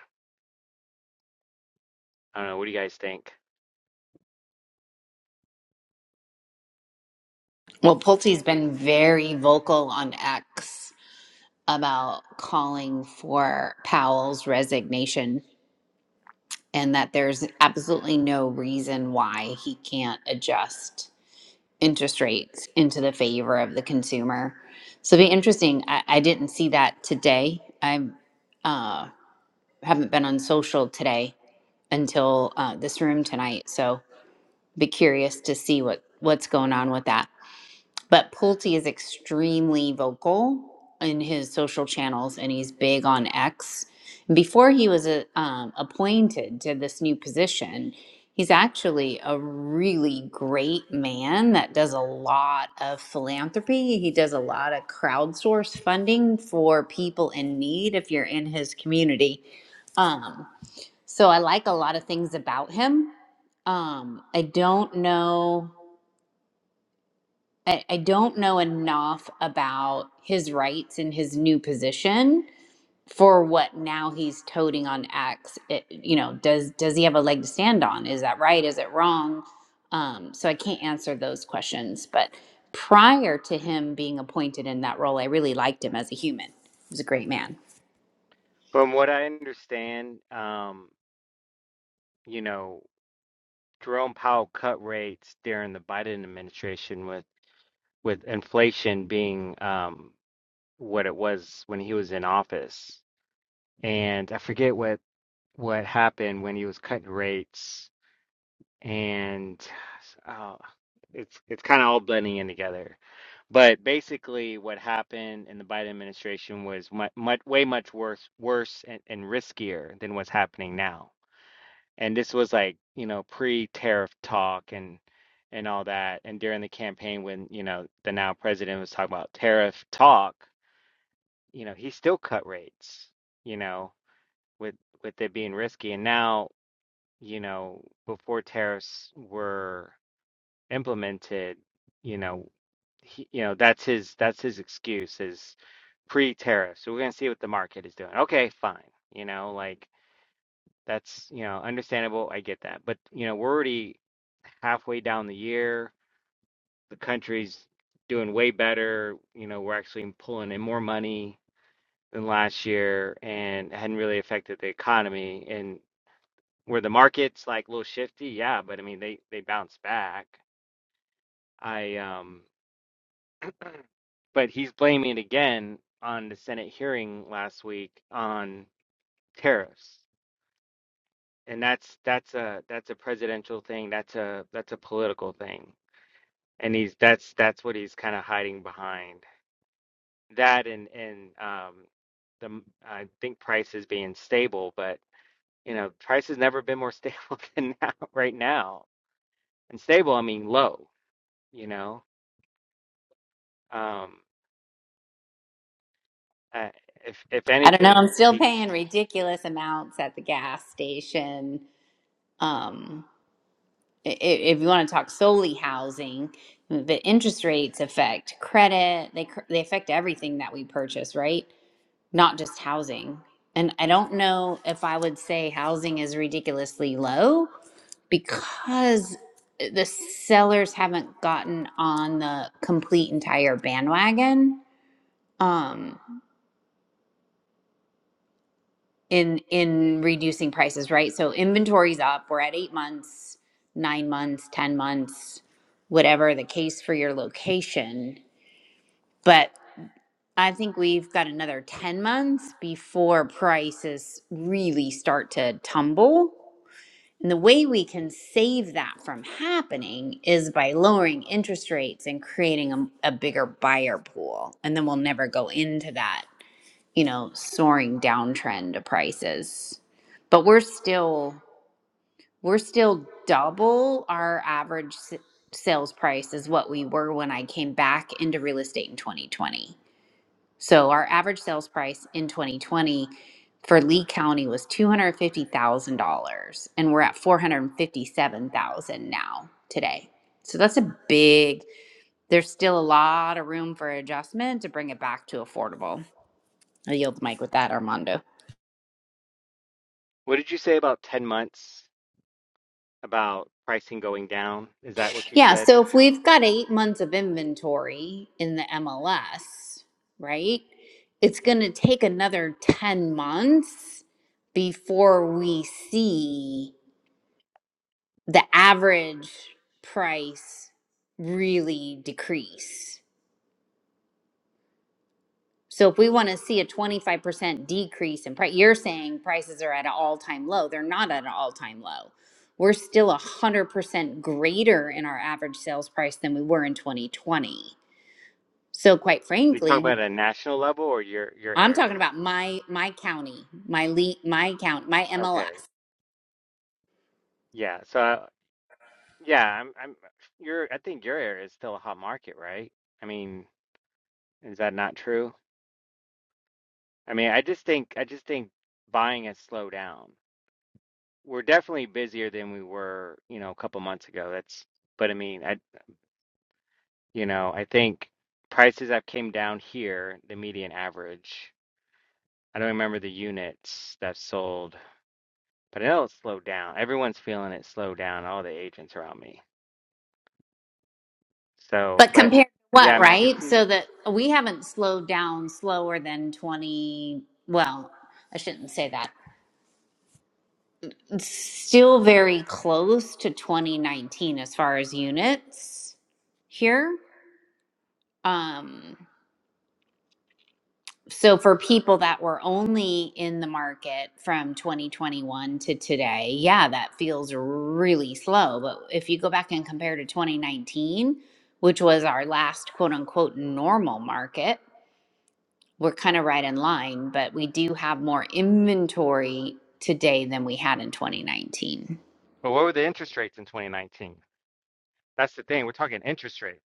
I don't know. What do you guys think?
Well, Pulte's been very vocal on X about calling for Powell's resignation and that there's absolutely no reason why he can't adjust interest rates into the favor of the consumer. So it'd be interesting. I, I didn't see that today. I uh, haven't been on social today until uh, this room tonight. So be curious to see what what's going on with that. But Pulte is extremely vocal in his social channels and he's big on X. Before he was uh, um, appointed to this new position, he's actually a really great man that does a lot of philanthropy. He does a lot of crowdsource funding for people in need if you're in his community. Um, so I like a lot of things about him. Um, I don't know I, I don't know enough about his rights in his new position for what now he's toting on X. It, you know, does does he have a leg to stand on? Is that right? Is it wrong? Um, so I can't answer those questions. But prior to him being appointed in that role, I really liked him as a human. He was a great man.
From what I understand, um, you know, Jerome Powell cut rates during the Biden administration with with inflation being um, what it was when he was in office, and I forget what what happened when he was cutting rates, and [SIGHS] uh, it's it's kind of all blending in together. But basically, what happened in the Biden administration was much, much way much worse, worse and, and riskier than what's happening now. And this was like, you know, pre-tariff talk and and all that. And during the campaign, when, you know, the now president was talking about tariff talk, you know, he still cut rates, you know, with with it being risky. And now, you know, before tariffs were implemented, you know, he, you know, that's his that's his excuse is pre-tariff. So we're going to see what the market is doing. Okay, fine. You know, like that's, you know, understandable. I get that. But, you know, we're already halfway down the year. The country's doing way better. You know, we're actually pulling in more money than last year and it hadn't really affected the economy. And where the market's like a little shifty, yeah, but I mean they they bounce back. I um but he's blaming it again on the Senate hearing last week on tariffs. and that's that's a that's a presidential thing. That's a that's a political thing, and he's that's that's what he's kind of hiding behind that, and and um, the I think price is being stable, but you know, price has never been more [LAUGHS] stable than now, right now. And stable, I mean low. You know, um, I, if if
I don't know.
anything,
I'm still
he.
paying
sh-
ridiculous amounts at the gas station. Um, i- i- if you want to talk solely housing, the interest rates affect credit. They cr- they affect everything that we purchase, right? Not just housing. And I don't know if I would say housing is ridiculously low because the sellers haven't gotten on the complete entire bandwagon. Um, in in reducing prices, right? So inventory's up. We're at eight months, nine months, ten months, whatever the case for your location. But I think we've got another ten months before prices really start to tumble. And the way we can save that from happening is by lowering interest rates and creating a, a bigger buyer pool. And then we'll never go into that you know, soaring downtrend of prices. But we're still we're still double our average s- sales price is what we were when I came back into real estate in 2020. So our average sales price in 2020 for Lee County was $250,000 and we're at 457,000 now today. So that's a big there's still a lot of room for adjustment to bring it back to affordable. I yield the mic with that Armando.
What did you say about ten months about pricing going down? Is that what you
Yeah,
said?
so if we've got eight months of inventory in the MLS, right, it's going to take another 10 months before we see the average price really decrease. So if we want to see a 25% decrease in price, you're saying prices are at an all time low. They're not at an all time low. We're still 100% greater in our average sales price than we were in 2020 So quite
We you talking
frankly,
about at a national level or your your
I'm talking
area?
about my my county, my le- my count, my
Okay.
MLS.
Yeah, so uh, yeah, I'm I'm your I think your area is still a hot market, right? I mean, is that not true? I mean, I just think I just think buying has slowed down. We're definitely busier than we were, you know, a couple months ago. That's but I mean, I you know, I think prices have came down here, the median average. I don't remember the units that sold, but I know it's slowed down. Everyone's feeling it slow down, all the agents around me. So,
But
but
compared to
yeah,
what,
I mean, I could
right?
see.
So that we haven't slowed down slower than 20, well, I shouldn't say that. It's still very close to 2019 as far as units here. Um so for people that were only in the market from 2021 to today, yeah, that feels really slow. But if you go back and compare to 2019, which was our last quote unquote normal market, we're kind of right in line, but we do have more inventory today than we had in 2019.
But what were the interest rates in 2019? That's the thing. We're talking interest rates.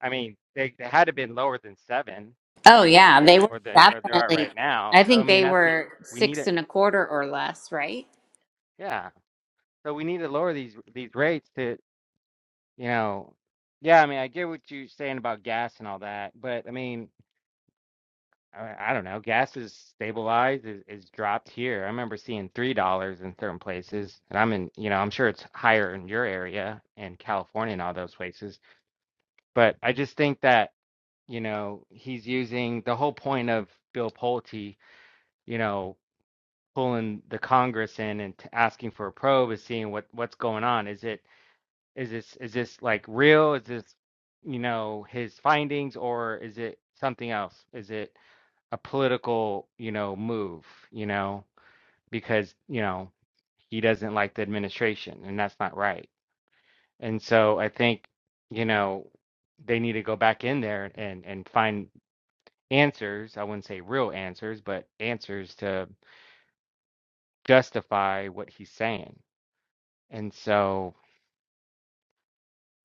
I mean, they, they had to been lower than seven
Oh, yeah, they were
or the or they are
definitely,
right now.
I
So I
think
mean,
they
that's the
were
we need
six
it.
and a quarter or less, right?
Yeah. So we need to lower these these rates to, you know, yeah. I mean, I get what you're saying about gas and all that, but I mean, I, I don't know. Gas is stabilized, is, is dropped here. I remember seeing three dollars in certain places, and I'm in, you know, I'm sure it's higher in your area and California and all those places. But I just think that. you know, he's using the whole point of Bill Pulte, you know, pulling the Congress in and t- asking for a probe is seeing what what's going on. Is it is this is this like real? Is this you know his findings or is it something else? Is it a political you know move? You know because you know he doesn't like the administration and that's not right. And so I think you know they need to go back in there and and find answers. I wouldn't say real answers, but answers to justify what he's saying. And so,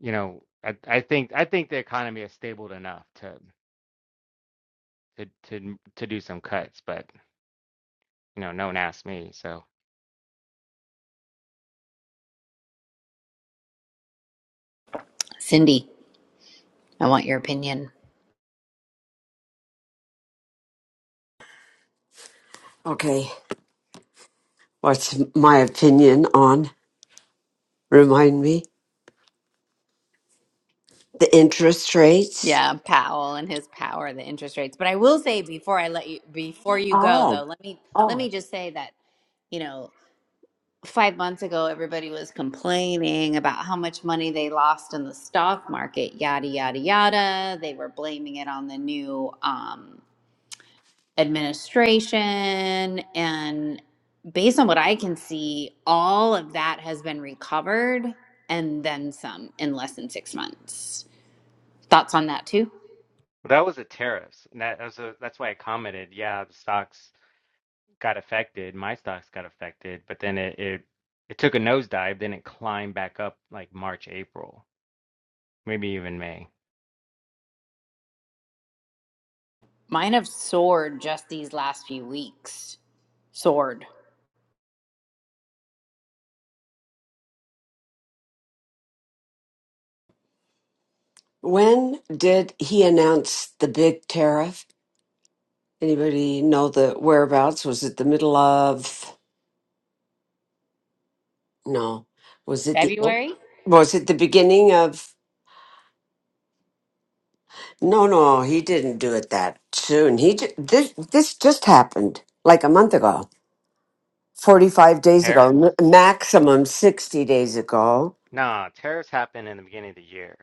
you know, I, I think I think the economy is stable enough to to to to do some cuts, but you know, no one asked me. So
Cindy, I want your opinion.
[LAUGHS] okay, what's my opinion on? Remind me the interest rates.
Yeah, Powell and his power, the interest rates. But I will say before I let you before you go though,
Oh,
let me let
oh.
me just say that, you know, 5 months ago everybody was complaining about how much money they lost in the stock market, yada yada yada. They were blaming it on the new um administration and based on what I can see, all of that has been recovered and then some in less than 6 months. Thoughts on that too?
But that was the tariffs, and that was a, that's why I commented. Yeah, the stocks got affected. My stocks got affected, but then it it, it took a nosedive. Then it climbed back up like March, April, maybe even May.
Mine have soared just these last few weeks. Soared.
When did he announce the big tariff? Anybody know the whereabouts? Was it the middle of? No, was it the?
February?
Was it the beginning of? No, no, he didn't do it that soon. He ju- this this just happened like a month ago. 45 days ago,
Tariffs?
m- maximum 60 days ago.
Nah, tariffs happened in the beginning of the year.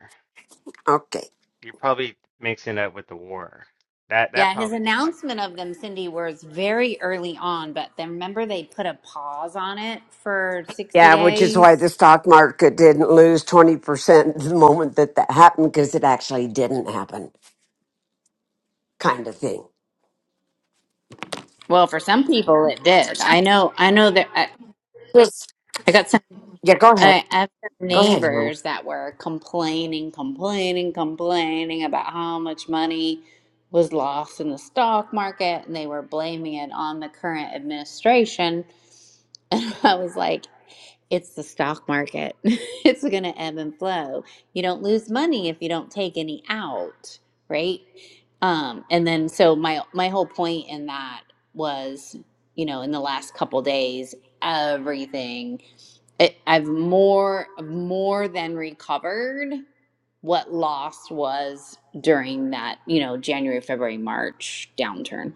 Okay.
You're probably mixing it with the war. That that
Yeah, his
probably spikes some
announcement of
stuff.
them, Cindy, was very early on, but then remember they put a pause on it for 60
Yeah, which is why the
days?
stock market didn't lose 20% the moment that that happened because it actually didn't happen, kind of thing.
Well, for some people it did. I know, I know that I,
Yes.
I got some,
Yeah, go ahead.
I I have some
Go ahead. Helen.
neighbors that were complaining, complaining, complaining about how much money was lost in the stock market and they were blaming it on the current administration And [LAUGHS] I was like, it's the stock market. [LAUGHS] it's going to ebb and flow. You don't lose money if you don't take any out, right? Um, and then so my my whole point in that was, you know, in the last couple days, everything it, I've more more than recovered what lost was during that, you know, January, February, March downturn.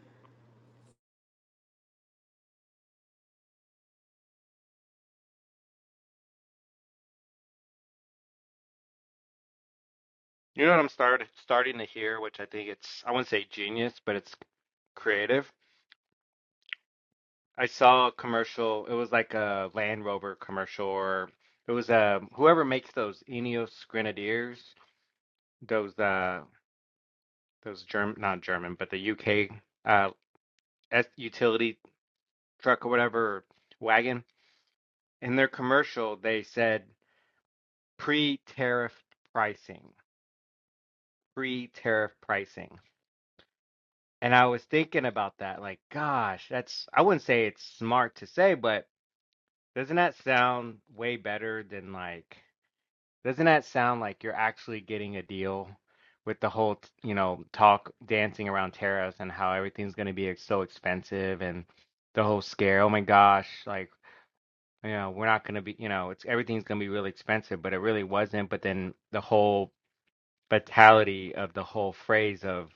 You know what I'm start starting to hear, which I think it's I wouldn't say genius, but it's creative. I saw a commercial. It was like a Land Rover commercial, or it was uh, whoever makes those Ineos Grenadiers, those uh, those German, not German, but the UK uh, S utility truck or whatever wagon. In their commercial, they said pre-tariff pricing, pre-tariff pricing. And I was thinking about that, like, gosh, that's, I wouldn't say it's smart to say, but doesn't that sound way better than like, doesn't that sound like you're actually getting a deal with the whole, t- you know, talk dancing around tariffs and how everything's going to be ex- so expensive and the whole scare, oh my gosh, like, you know, we're not going to be, you know, it's everything's going to be really expensive, but it really wasn't. But then the whole fatality of the whole phrase of,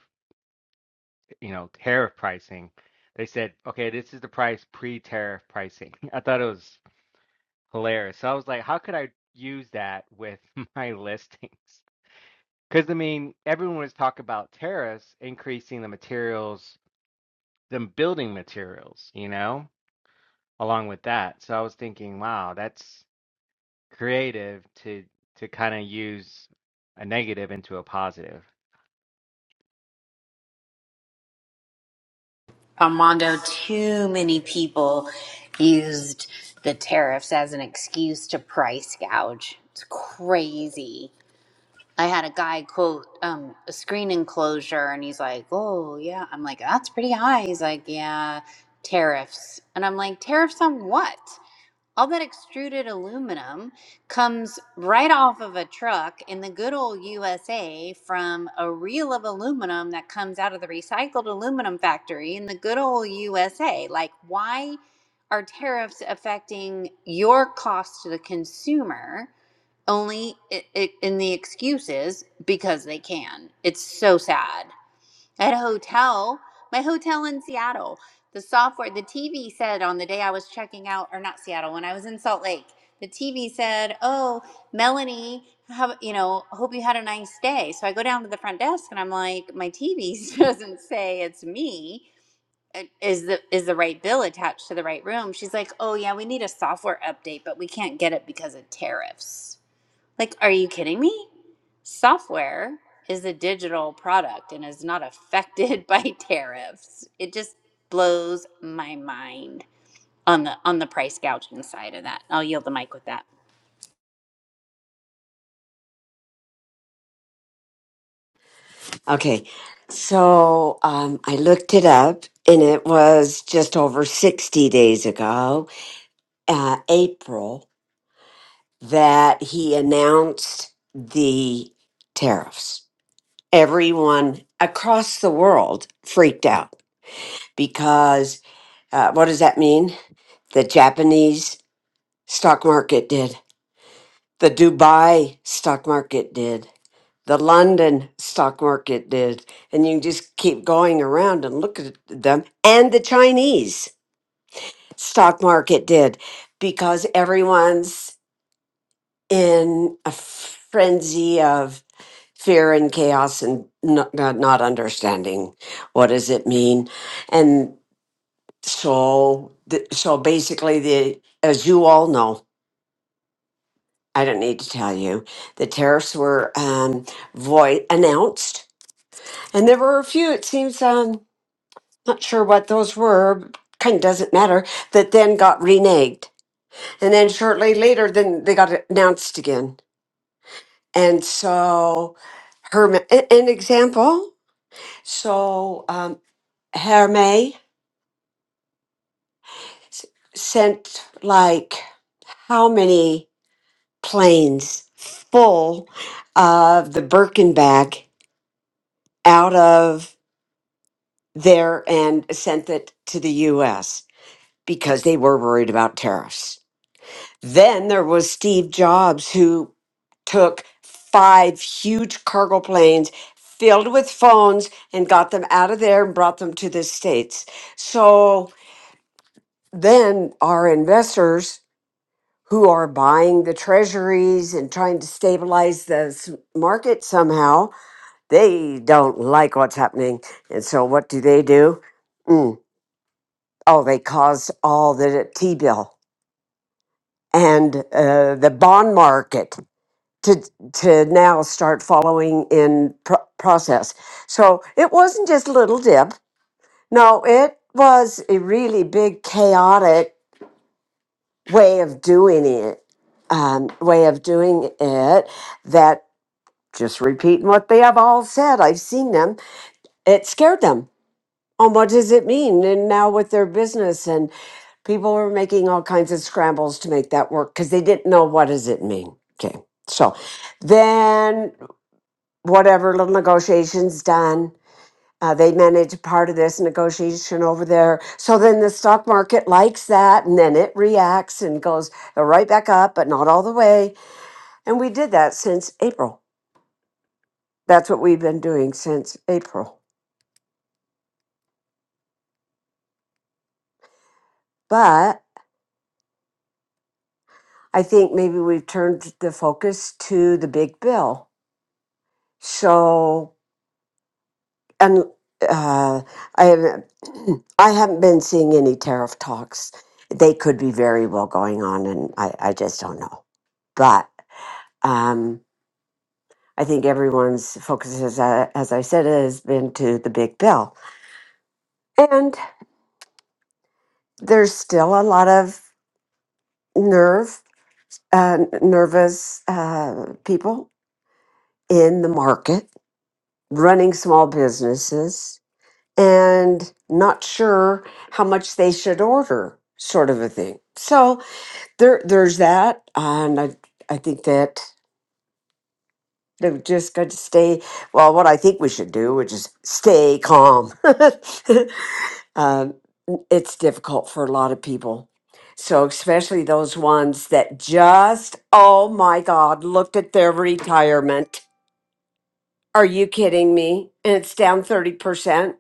you know, tariff pricing, they said, okay, this is the price pre-tariff pricing. [LAUGHS] I thought it was hilarious. So I was like, how could I use that with [LAUGHS] my listings? Because I mean, everyone was talking about tariffs increasing the materials, the building materials, you know, along with that. So I was thinking, wow, that's creative to to kind of use a negative into a positive.
Armando, too many people used the tariffs as an excuse to price gouge. It's crazy. I had a guy quote um, a screen enclosure, and he's like, "Oh yeah," I'm like, "That's pretty high." He's like, "Yeah, tariffs," and I'm like, "Tariffs on what?" all that extruded aluminum comes right off of a truck in the good old USA from a reel of aluminum that comes out of the recycled aluminum factory in the good old USA. Like, why are tariffs affecting your cost to the consumer only i i in the excuses because they can? It's so sad at a hotel, my hotel in Seattle. The software, the TV said on the day I was checking out, or not Seattle, when I was in Salt Lake, the TV said, "Oh, Melanie, have you know? Hope you had a nice day." So I go down to the front desk and I'm like, "My TV [LAUGHS] doesn't say it's me. Uh, Is the is the right bill attached to the right room?" She's like, "Oh yeah, we need a software update, but we can't get it because of tariffs." Like, are you kidding me? Software is a digital product and is not affected [LAUGHS] by tariffs. It just blows my mind on the on the price gouging side of that. I'll yield the mic with that.
Okay. So um, I looked it up and it was just over 60 days ago, uh, April, that he announced the tariffs. everyone across the world freaked out because uh, what does that mean? The Japanese stock market did, the Dubai stock market did, the London stock market did, and you just keep going around and look at them, and the Chinese stock market did because everyone's in a frenzy of fear and chaos and no, not, not understanding what does it mean and so the, so basically the as you all know i don't need to tell you the tariffs were um voi announced and there were a few it seems um not sure what those were kind of doesn't matter that then got reneged and then shortly later then they got announced again and so herme an example so um herme s- sent like how many planes full of the Birkenback out of there and sent it to the US because they were worried about tariffs. Then there was Steve Jobs, who took five huge cargo planes filled with phones and got them out of there and brought them to the States. So then our investors who are buying the treasuries and trying to stabilize the s- market somehow They don't like what's happening. And so what do they do? Mm. Oh, they caused all the T bill and uh, the bond market to, to now start following in pro- process. So it wasn't just little dip. No, it was a really big chaotic way of doing it. Um, way of doing it that just repeating what they have all said. I've seen them. It scared them on what does it mean and now with their business and people were making all kinds of scrambles to make that work because they didn't know what does it mean okay so then whatever little negotiations done uh, they manage part of this negotiation over there so then the stock market likes that and then it reacts and goes right back up but not all the way and we did that since april that's what we've been doing since april but I think maybe we've turned the focus to the big bill. So, and uh, I haven't, [CLEARS THROAT] I haven't been seeing any tariff talks. They could be very well going on, and I, I just don't know. But um, I think everyone's focus, is, uh, as I said, has been to the big bill, and there's still a lot of nerve, uh, nervous uh, people in the market running small businesses and not sure how much they should order, sort of a thing. So there, there's that, and I, I think that they've just got to stay. Well, what I think we should do, which is stay calm. [LAUGHS] um, it's difficult for a lot of people. So especially those ones that just, oh my God, looked at their retirement. Are you kidding me? And it's down 30%.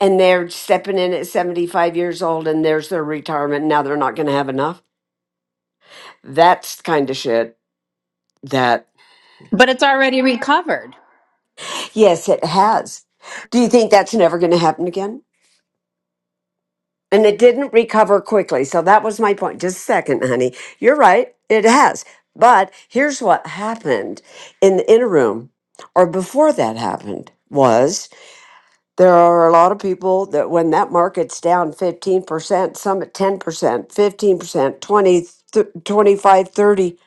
and they're stepping in at 75 years old and there's their retirement now they're not going to have enough that's the kind of shit that
But it's already recovered.
yes it has do you think that's never going to happen again and it didn't recover quickly so that was my point just a second honey you're right it has but here's what happened in the interim or before that happened was There are a lot of people that when that market's down 15%, some at 10%, 15%, 20, 20, th- 25, 30,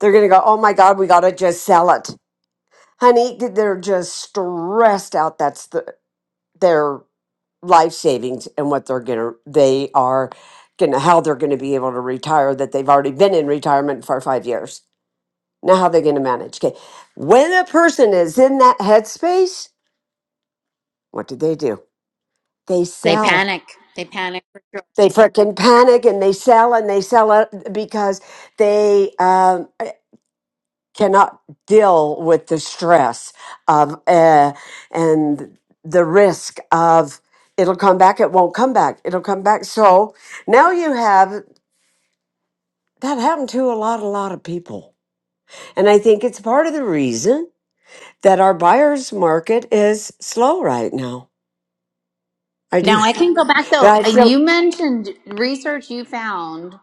they're going to go, oh my God, we got to just sell it. Honey, they're just stressed out. That's the, their life savings and what they're going to, they are going to, how they're going to be able to retire that they've already been in retirement for five years. Now, how they going to manage? Okay. When a person is in that headspace, what do they do? They
They
sell
panic. They panic for sure.
they freaking panic and they sell and they sell it because they um, cannot deal with the stress of uh, and the risk of it'll come back it won't come back it'll come back so now you have that happened to a lot a lot of people and i think it's part of the reason that our buyers market is slow right now i
Now
do
I can go back
but
though.
i
Uh,
feel
You mentioned research you found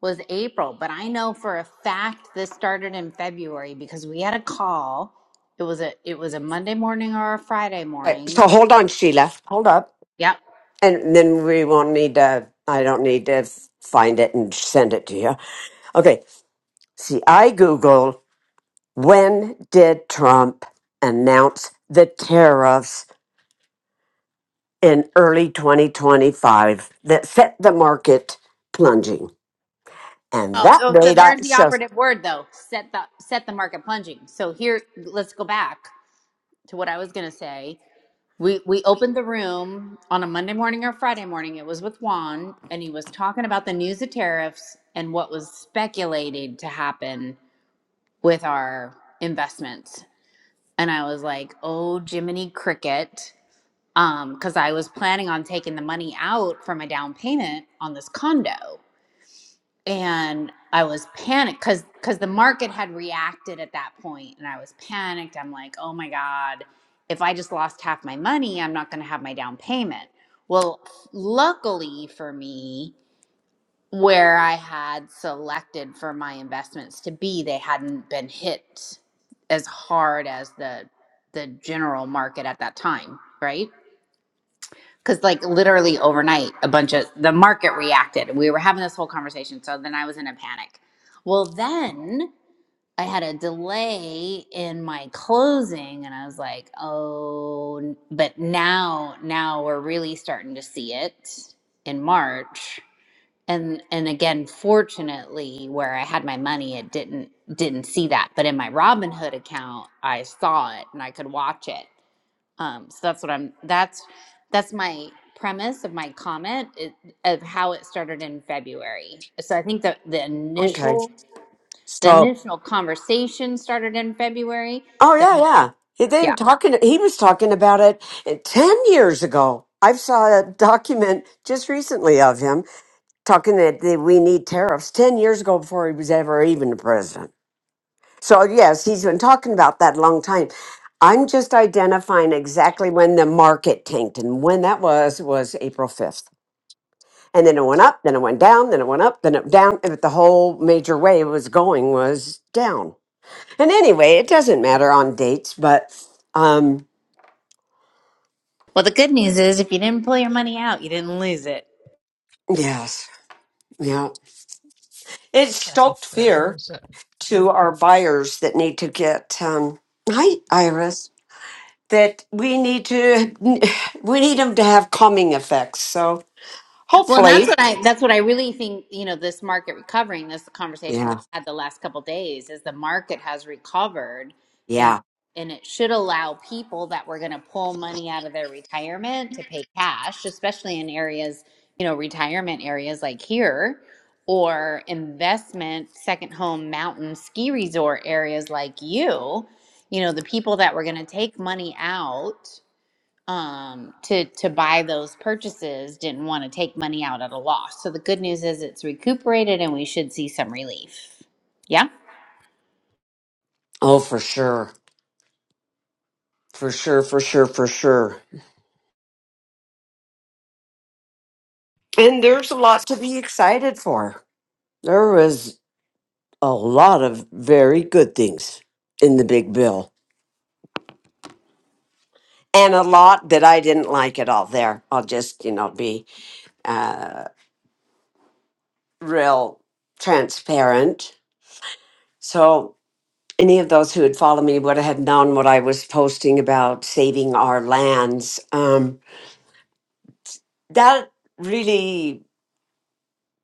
was April, but I know for a fact this started in February because we had a call. It was a it was a Monday morning or a Friday morning
so hold on sheila hold up
Yep.
And then we won't need to, I don't need to find it and send it to you. Okay. See, I Google when did Trump announce the tariffs in early 2025 that set the market plunging? And
Oh,
that
oh, so
date, I
there's the
so
operative word though. Set the set the market plunging. So here let's go back to what I was gonna say. We we opened the room on a Monday morning or Friday morning. It was with Juan and he was talking about the news of tariffs and what was speculated to happen with our investments. And I was like, oh Jiminy Cricket. Um, because I was planning on taking the money out for my down payment on this condo and I was panicked because because the market had reacted at that point, and I was panicked. I'm like, oh my god, if I just lost half my money, I'm not going to have my down payment. Well, luckily for me, where I had selected for my investments to be, they hadn't been hit as hard as the the general market at that time, right? because like literally overnight a bunch of the market reacted we were having this whole conversation so then i was in a panic well then i had a delay in my closing and i was like oh n- but now now we're really starting to see it in march and and again fortunately where i had my money it didn't didn't see that but in my robinhood account i saw it and i could watch it um, so that's what I'm. That's that's my premise of my comment it, of how it started in February. So I think that the
okay.
initial the
So,
initial conversation started in February.
oh yeah,
Then
yeah. He then
yeah.
talking. He was talking about it uh, ten years ago. I saw a document just recently of him talking that, that we need tariffs 10 years ago before he was ever even the president. So, yes, he's been talking about that a long time. I'm just identifying exactly when the market tanked, and when that was was April 5th. And then it went up, then it went down, then it went up, then it down. But the whole major way it was going was down. And anyway, it doesn't matter on dates, but um,
Well, the good news is if you didn't pull your money out, you didn't lose it.
yes, yeah, it
Kathy
stoked
said. Okay.
fear to our buyers that need to get um, hi, Iris. that we need to [SIGHS] we need them to have calming effects. So
Well, and that's
hopefully,
what I that's what I really think, you know, this market recovering, this conversation that
yeah,
I had the last couple days is the market has recovered and
yeah.
and it should allow people that were going to pull money out of their retirement to pay cash, especially in areas, you know, retirement areas like here or investment second home mountain ski resort areas like you, you know, the people that were going to take money out um, to to buy those purchases didn't want to take money out at a loss. So the good news is it's recuperated, and we should see some relief. Yeah.
Oh, for sure, for sure, for sure, for sure. And there's a lot to be excited for. There was a lot of very good things in the big bill, and a lot that I didn't like at all. There, I'll just you know be uh, real transparent. So any of those who had followed me would have known what I was posting about saving our lands. Um, that really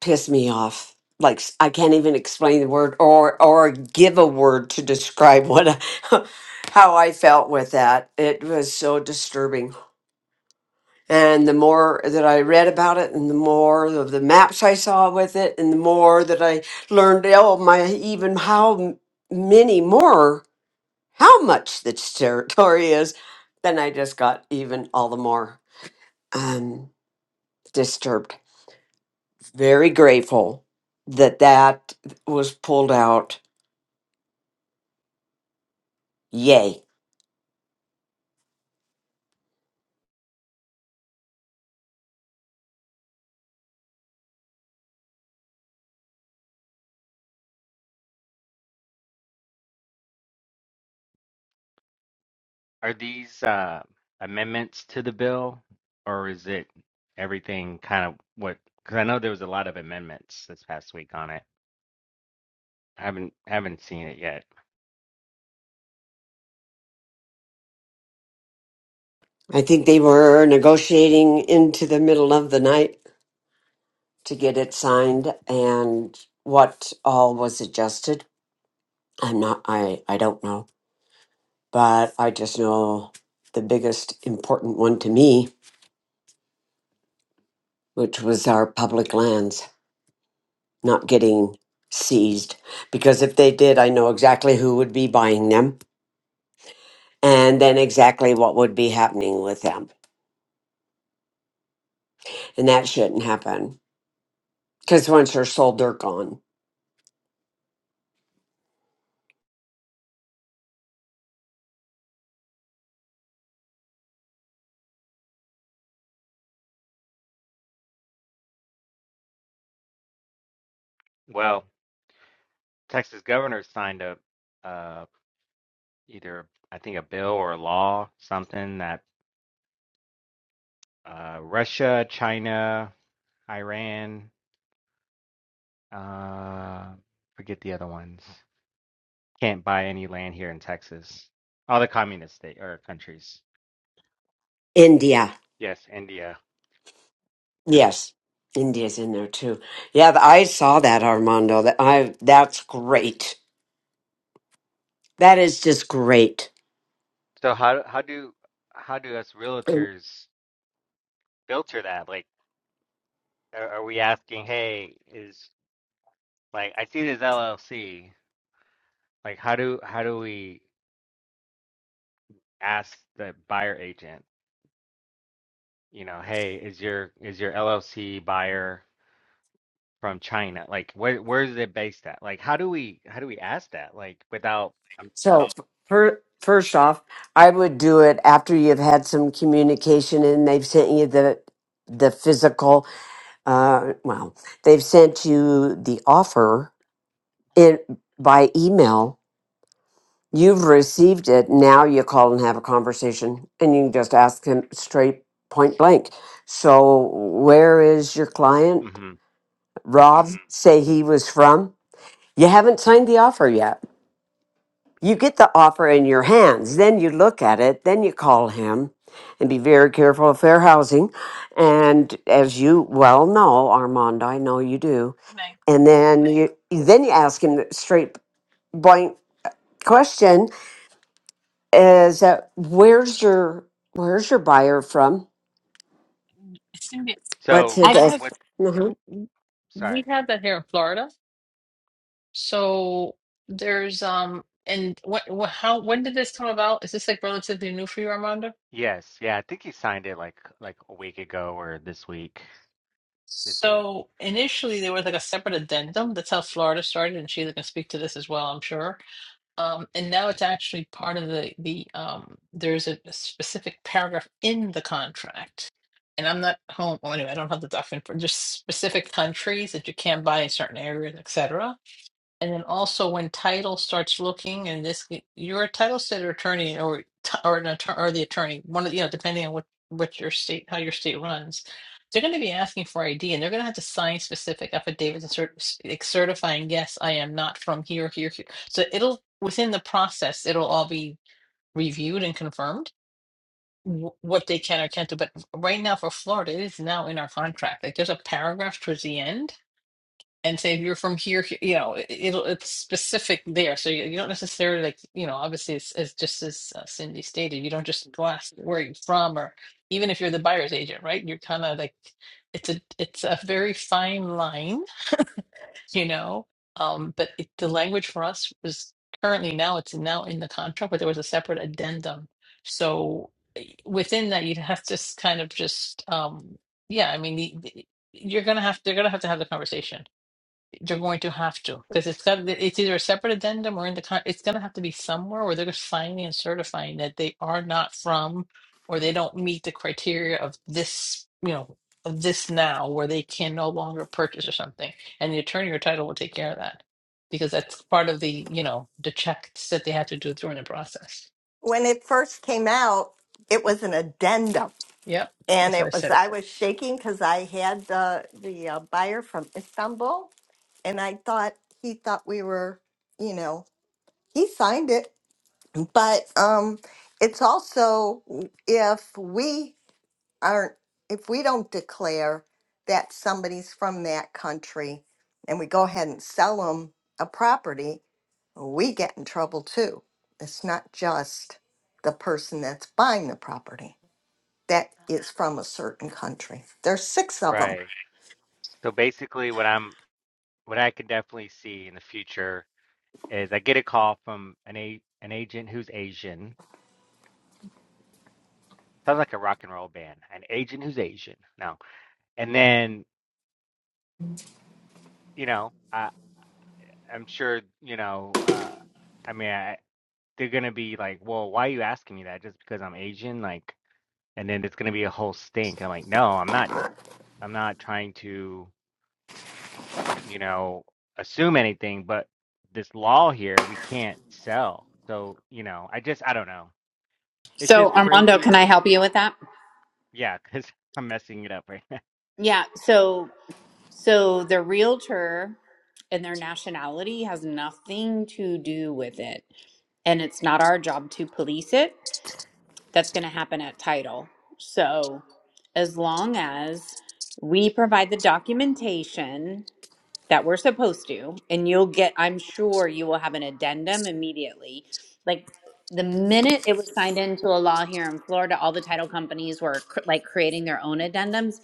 pissed me off. Like s- I can't even explain the word or or give a word to describe what I, [LAUGHS] how I felt with that. It was so disturbing. And the more that I read about it, and the more of the maps I saw with it, and the more that I learned, oh my, even how m- many more how much this territory is, then I just got even all the more um, disturbed. Very grateful that that was pulled out. Yay.
Are these uh, amendments to the bill, or is it everything kind of what? Because I know there was a lot of amendments this past week on it. I haven't haven't seen it yet.
I think they were negotiating into the middle of the night to get it signed and what all was adjusted. I'm not, I, I don't know, but I just know the biggest important one to me, which was our public lands not getting seized because if they did, I know exactly who would be buying them and then exactly what would be happening with them. And that shouldn't happen because once they're sold, they're gone.
Well, Texas governor signed a uh, either I think a bill or a law, something that uh, Russia, China, Iran, uh, forget the other ones, can't buy any land here in Texas. All the communist state or countries.
India.
Yes, India.
Yes. India's in there too. Yeah, th- I saw that Armando. That I that's great. That is just great.
So how how do how do us realtors filter that? Like, are, are we asking, hey, is like I see this LLC. Like, how do how do we ask the buyer agent? You know, hey, is your is your LLC buyer from China? Like, where where is it based at? Like, how do we how do we ask that? Like, without um,
So, fir- first off, I would do it after you've had some communication and they've sent you the the physical. Uh, well, they've sent you the offer in by email. You've received it. Now you call and have a conversation, and you can just ask them straight, point blank. So, where is your client,
hmm
Rob? Say he was from. You haven't signed the offer yet. you get the offer in your hands, then you look at it, then you call him and be very careful of fair housing. And as you well know, Armand, I know you do. And then you then you ask him the straight blank question is that where's your where's your buyer from?
I think it-
What's
So
it?
I
I
have,
what?
Mm-hmm.
Sorry.
we have that here in Florida. So there's, um, and what, what, how, when did this come about? Is this like relatively new for you, Armando?
Yes, yeah, I think he signed it like like a week ago or this week. This week.
So initially there was like a separate addendum. That's how Florida started, and Sheila can speak to this as well, I'm sure. Um, and now it's actually part of the the um, there's a, a specific paragraph in the contract, and I'm not home. Well, anyway, I don't have the document for just specific countries that you can't buy in certain areas, etc. And then also when title starts looking, and this you're a title state or attorney, or t- or an attorney, or the attorney, one of the- you know, depending on what what your state how your state runs, they're going to be asking for ID, and they're going to have to sign specific affidavits and cert- like certifying, yes, I am not from here, here, here. So it'll within the process, it'll all be reviewed and confirmed wh- what they can or can't do. But right now for Florida, it is now in our contract. Like there's a paragraph towards the end and say if you're from here, he- you know, it, it'll it's specific there. So you, you don't necessarily like, you know, obviously it's, it's just as uh, Cindy stated, you don't just glass where you're from or even if you're the buyer's agent, right? You're kind of like it's a it's a very fine line, you know. Um, but it, the language for us was currently now it's now in the contract, but there was a separate addendum. So eh, within that, you'd have to s- kind of just um, yeah, I mean, the, the- you're gonna have they're gonna have to have the conversation you're going to have to because it's got it's either a separate addendum or in the con it's going to have to be somewhere where they're signing and certifying that they are not from or they don't meet the criteria of this, you know, of this now where they can no longer purchase or something. And the attorney or title will take care of that because that's part of the, you know, the checks that they have to do during the process.
when it first came out, it was an addendum,
Yep.
and
That's what I
it was
said.
I was shaking because I had the the uh, buyer from Istanbul, and I thought he thought we were, you know, he signed it, but um, it's also if we aren't, if we don't declare that somebody's from that country and we go ahead and sell them a property, we get in trouble too. It's not just the person that's buying the property that is from a certain country. There's six of them.
Right. So basically, what I'm what I can definitely see in the future is I get a call from an a an agent who's Asian. Sounds like a rock and roll band. An agent who's Asian. No, and then you know I I'm sure you know uh I mean I, they're gonna be like, well, why are you asking me that? Just because I'm Asian? Like, and then it's gonna be a whole stink. I'm like, no, I'm not. I'm not trying to you know assume anything, but this law here, we can't sell. So you know, I just I don't know. It's
so
just
Armando,
crazy.
can I help you with that?
Yeah, because [LAUGHS] I'm messing it up right now.
Yeah. So so the realtor and their nationality has nothing to do with it, and it's not our job to police it. That's going to happen at title. So as long as we provide the documentation that we're supposed to and you'll get i'm sure you will have an addendum immediately like the minute it was signed into a law here in florida all the title companies were cr- like creating their own addendums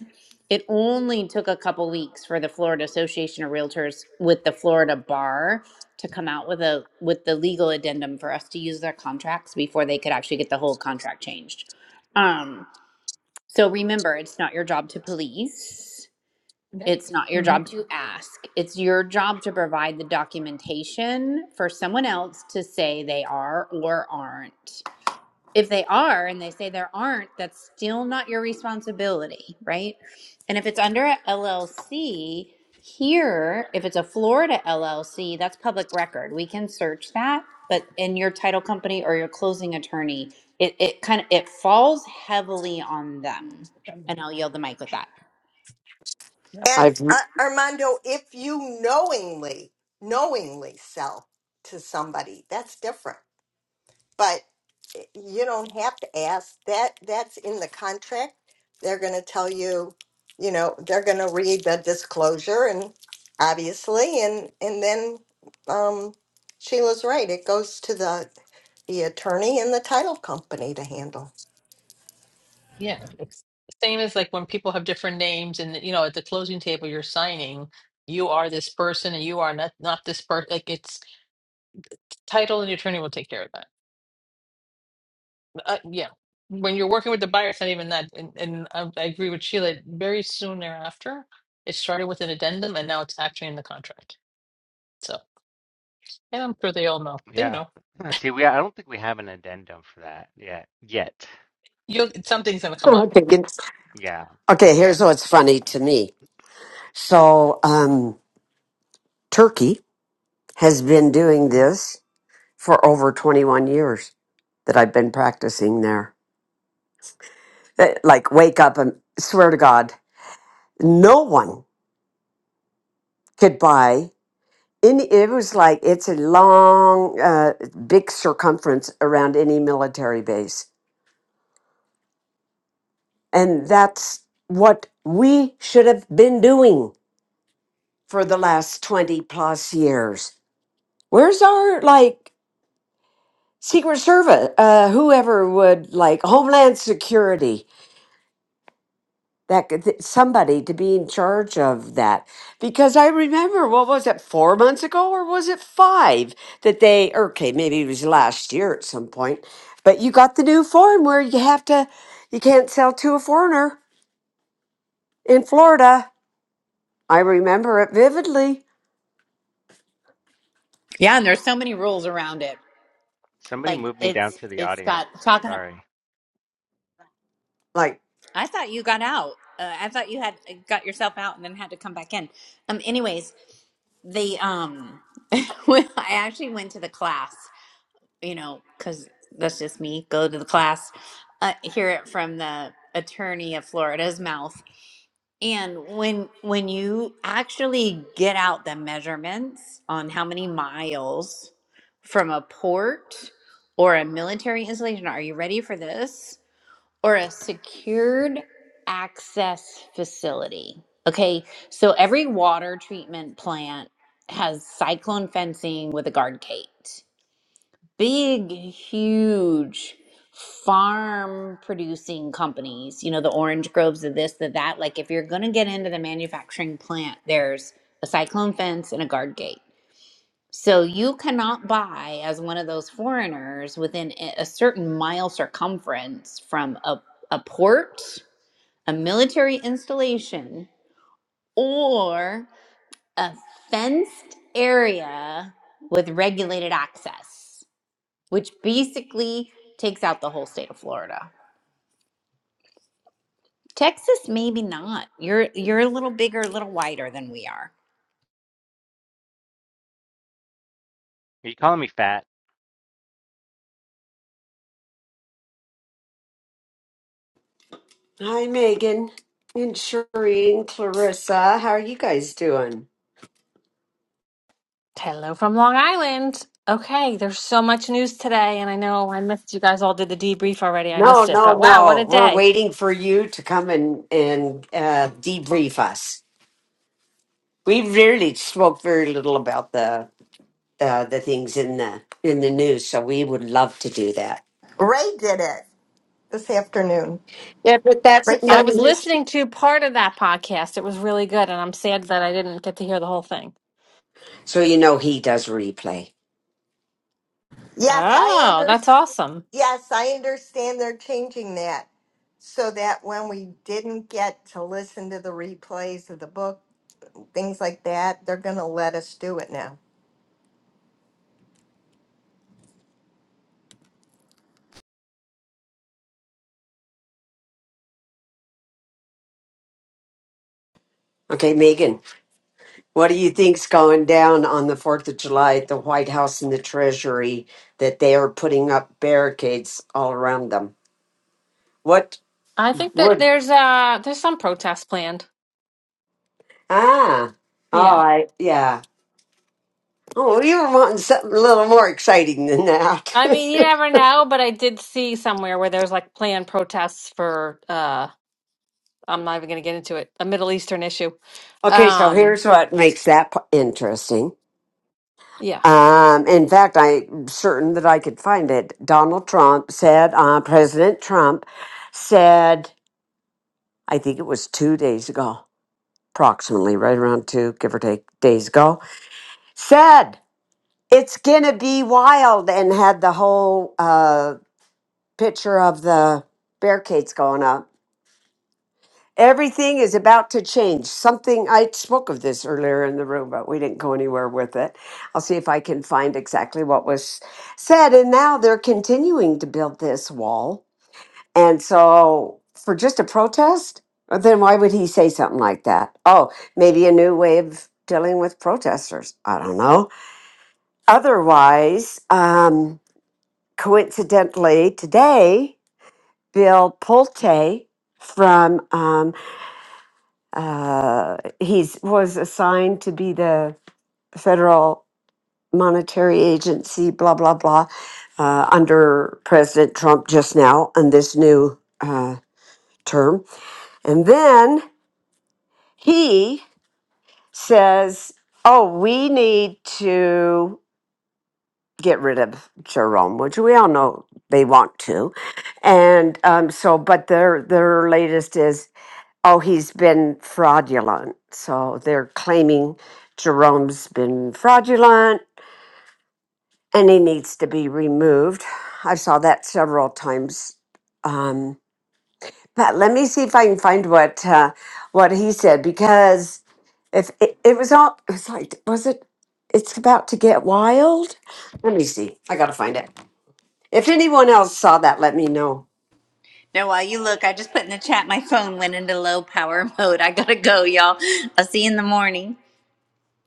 it only took a couple weeks for the florida association of realtors with the florida bar to come out with a with the legal addendum for us to use their contracts before they could actually get the whole contract changed um so remember it's not your job to police it's not your job to ask. It's your job to provide the documentation for someone else to say they are or aren't. If they are and they say there aren't, that's still not your responsibility, right? And if it's under a LLC, here, if it's a Florida LLC, that's public record. We can search that, but in your title company or your closing attorney, it, it kind of it falls heavily on them. And I'll
Yeah.
yield the mic with that.
And
I've
uh, Armando, if you knowingly, knowingly sell to somebody, that's different. but eh, you don't have to ask that that's in the contract they're going to tell you you know they're going to read the disclosure and obviously and and then um sheila's right it goes to the the attorney and the title company to handle
Yeah, it's the same as like when people have different names and you know at the closing table you're signing you are this person and you are not not this person like it's title and the attorney will take care of that. Uh, yeah. When you're working with the buyer it's not even that and, and I, I agree with Sheila very soon thereafter it started with an addendum and now it's actually in the contract. So and I'm sure they all know. They
Yeah.
know.
Let's See, we I don't think we have an addendum for that yet. Yet.
You'll something's gonna
[LAUGHS]
come up.
okay. good.
Yeah.
Okay, here's what's funny to me. So um Turkey has been doing this for over 21 years that I've been practicing there. Eh, Like, wake up and swear to God, no one could buy any. It was like it's a long, uh, big circumference around any military base. And that's what we should have been doing for the last 20 plus years. Where's our, like, Secret Service, uh, whoever would, like, Homeland Security? that could- th- somebody to be in charge of that because i remember what was it four months ago or was it five that they or, okay maybe it was last year at some point but you got the new form where you have to you can't sell to a foreigner in florida i remember it vividly
Yeah, and there's so many rules around it.
Somebody
Like
moved me down
it's
to the
it's got
audience.
talking.
Sorry.
like
I thought you got out. Uh, I thought you had uh, got yourself out and then had to come back in. Um. Anyways, the um, [LAUGHS] when I actually went to the class. You know, because that's just me. Go to the class. Uh, hear it from the attorney of Florida's mouth. And when when you actually get out the measurements on how many miles from a port or a military installation, are you ready for this? Or a secured access facility. Okay, so every water treatment plant has cyclone fencing with a guard gate big, huge farm producing companies, you know, the orange groves of this, the that. Like, if you're going to get into the manufacturing plant, there's a cyclone fence and a guard gate. So you cannot buy as one of those foreigners within a a certain mile circumference from a, a port, a military installation, or a fenced area with regulated access which basically takes out the whole state of Florida. Texas, maybe not. You're you're a little bigger, a little wider than we are.
Are you calling me fat?
hi megan and sherry and clarissa how are you guys doing
Hello from Long Island. Okay, there's so much news today, and I know I missed you guys all did the debrief already. I
no
missed it,
no
but wow, what a
no we're
day!
waiting for you to come and and uh, debrief us we really spoke very little about the uh, the things in the in the news, so we would love to do that.
ray did it this afternoon
Yeah, but that's
I
breaking
not
was
news
listening to part of that podcast. It was really good, and I'm sad that I didn't get to hear the whole thing.
so you know he does replay.
yes i
Oh, that's
understand
awesome.
yes i understand they're changing that so that when we didn't get to listen to the replays of the book things like that, they're going to let us do it now.
Okay, Megan, what do you think's going down on the Fourth of July at the White House and the Treasury that they are putting up barricades all around them? What
I think that
would
there's uh there's some protest planned.
ah? Oh,
Yeah.
I yeah. Oh, you were wanting something a little more exciting than
I
that.
mean, you never know, but I did see somewhere where there's like planned protests for uh I'm not even going to get into it, a Middle Eastern issue.
[LAUGHS] okay, so
Um,
here's what makes that p- interesting
yeah.
Um, in fact, I'm certain that I could find it. Donald Trump said, uh, President Trump said, I think it was two days ago, approximately right around two, give or take days ago, said it's gonna be wild and had the whole uh, picture of the barricades going up. Everything is about to change. Something I spoke of this earlier in the room, but we didn't go anywhere with it. I'll see if I can find exactly what was said. And now they're continuing to build this wall. And so, for just a protest, then why would he say something like that? Oh, maybe a new way of dealing with protesters. I don't know. Otherwise, um, coincidentally, today, Bill Pulte from um, Uh, he was assigned to be the federal monetary agency, blah, blah, blah, uh, under President Trump just now in this new uh, term. And then he says, Oh, we need to get rid of Jerome, which we all know they want to. And um, so, but their, their latest is Oh, he's been fraudulent. So they're claiming Jerome's been fraudulent and he needs to be removed. I saw that several times. Um, but let me see if I can find what uh, what he said because if it, it was all it was like was it it's about to get wild. Let me see. I gotta find it. If anyone else saw that, let me know.
Now, while you look, I just put in the chat my phone went into low power [LAUGHS] mode. I gotta go, y'all. I'll see you in the morning.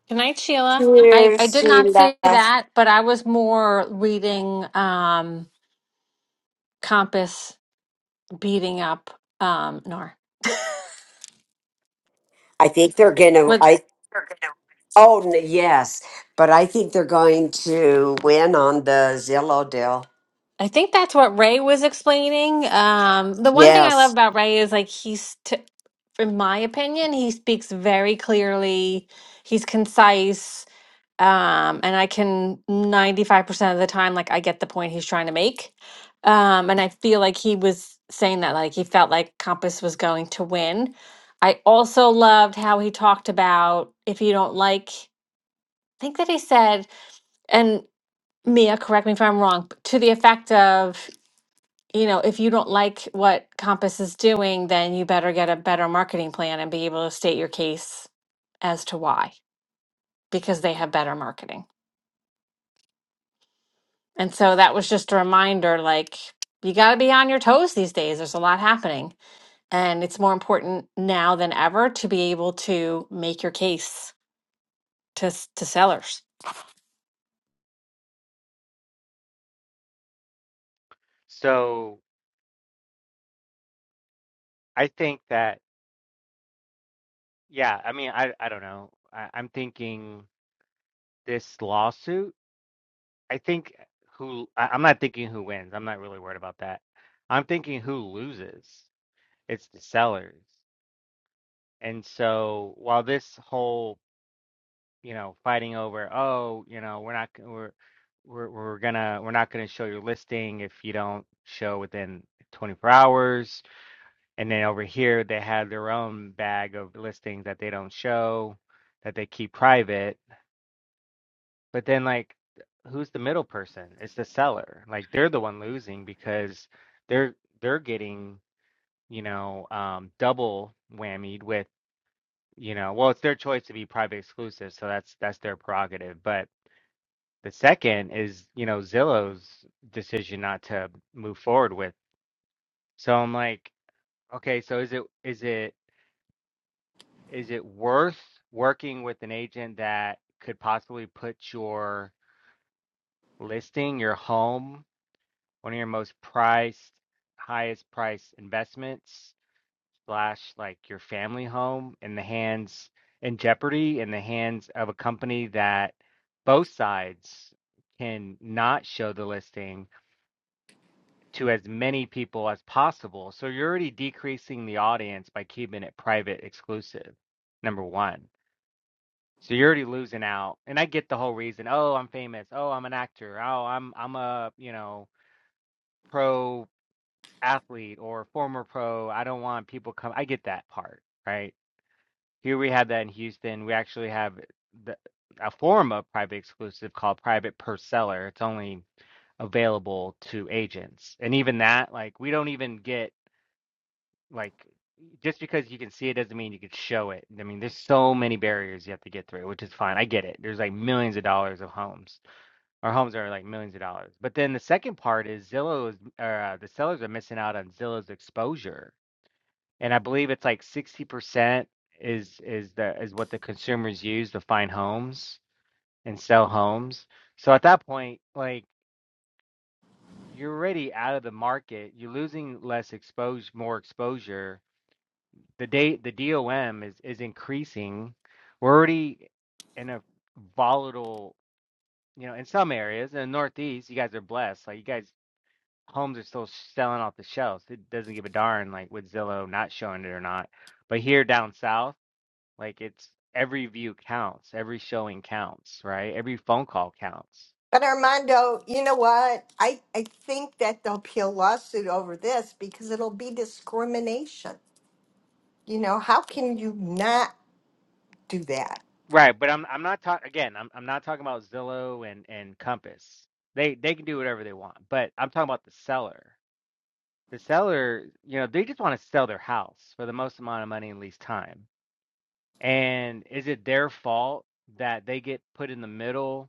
Good night, Sheila. I, I did not say that, but I was more reading um, Compass beating up um, Nor.
I think they're gonna.
What
I Oh, n- yes. But I think they're going to win on the Zillow deal.
I think that's what Ray was explaining. Um, the one thing I love
Yes.
about Ray is like he's, t- in my opinion, he speaks very clearly. He's concise. um and i can 95% of the time like i get the point he's trying to make um and i feel like he was saying that like he felt like compass was going to win i also loved how he talked about if you don't like i think that he said and mia correct me if i'm wrong but to the effect of you know if you don't like what compass is doing then you better get a better marketing plan and be able to state your case as to why because they have better marketing And so that was just a reminder like, you got to be on your toes these days. There's a lot happening. And it's more important now than ever to be able to make your case to, s- to sellers.
So I think that yeah, I mean I I don't know. I, I'm thinking this lawsuit. I think who I, I'm not thinking who wins. I'm not really worried about that. I'm thinking who loses. It's the sellers. And so while this whole you know, fighting over, oh, you know, we're not, we're, we're, we're gonna, we're not gonna show your listing if you don't show within 24 hours. And then over here, they have their own bag of listings that they don't show, that they keep private. But then, like, who's the middle person? It's the seller. Like, they're the one losing because they're, they're getting, you know, um, double whammied with, you know, well, it's their choice to be private exclusive, so that's that's their prerogative. But The second is, you know, Zillow's decision not to move forward with. So I'm like, okay, so is it is it is it worth working with an agent that could possibly put your listing, your home, one of your most priced, highest price investments, slash like your family home in the hands in jeopardy in the hands of a company that both sides can not show the listing to as many people as possible. So you're already decreasing the audience by keeping it private exclusive, number one. So you're already losing out. And I get the whole reason. Oh, I'm famous. Oh, I'm an actor. Oh, I'm I'm a, you know, pro athlete or former pro. I don't want people come I get that part, right? Here we have that in Houston. We actually have the a form of private exclusive called private per seller. It's only available to agents. And even that, like we don't even get Like just because you can see it doesn't mean you can show it. I mean, there's so many barriers you have to get through, which is fine. I get it. There's like millions of dollars of homes, our homes are like millions of dollars. But then the second part is Zillow is, or uh, the sellers are missing out on Zillow's exposure, and I believe it's like 60% is is the is what the consumers use to find homes and sell homes. So at that point, like you're already out of the market, you're losing less exposure, more exposure the day the DOM is is increasing. We're already in a volatile, you know, in some areas. In the Northeast, you guys are blessed. Like you guys, homes are still selling off the shelves. It doesn't give a darn like with Zillow not showing it or not. But here down south, like it's every view counts, every showing counts, right? Every phone call counts.
But Armando, you know what? I, I think that there'll be a lawsuit over this because it'll be discrimination. You know, how can you not do that?
Right, but I'm I'm not talking again, I'm I'm not talking about Zillow and and Compass. They they can do whatever they want, but I'm talking about the seller the seller, you know, they just want to sell their house for the most amount of money in least time. And is it their fault that they get put in the middle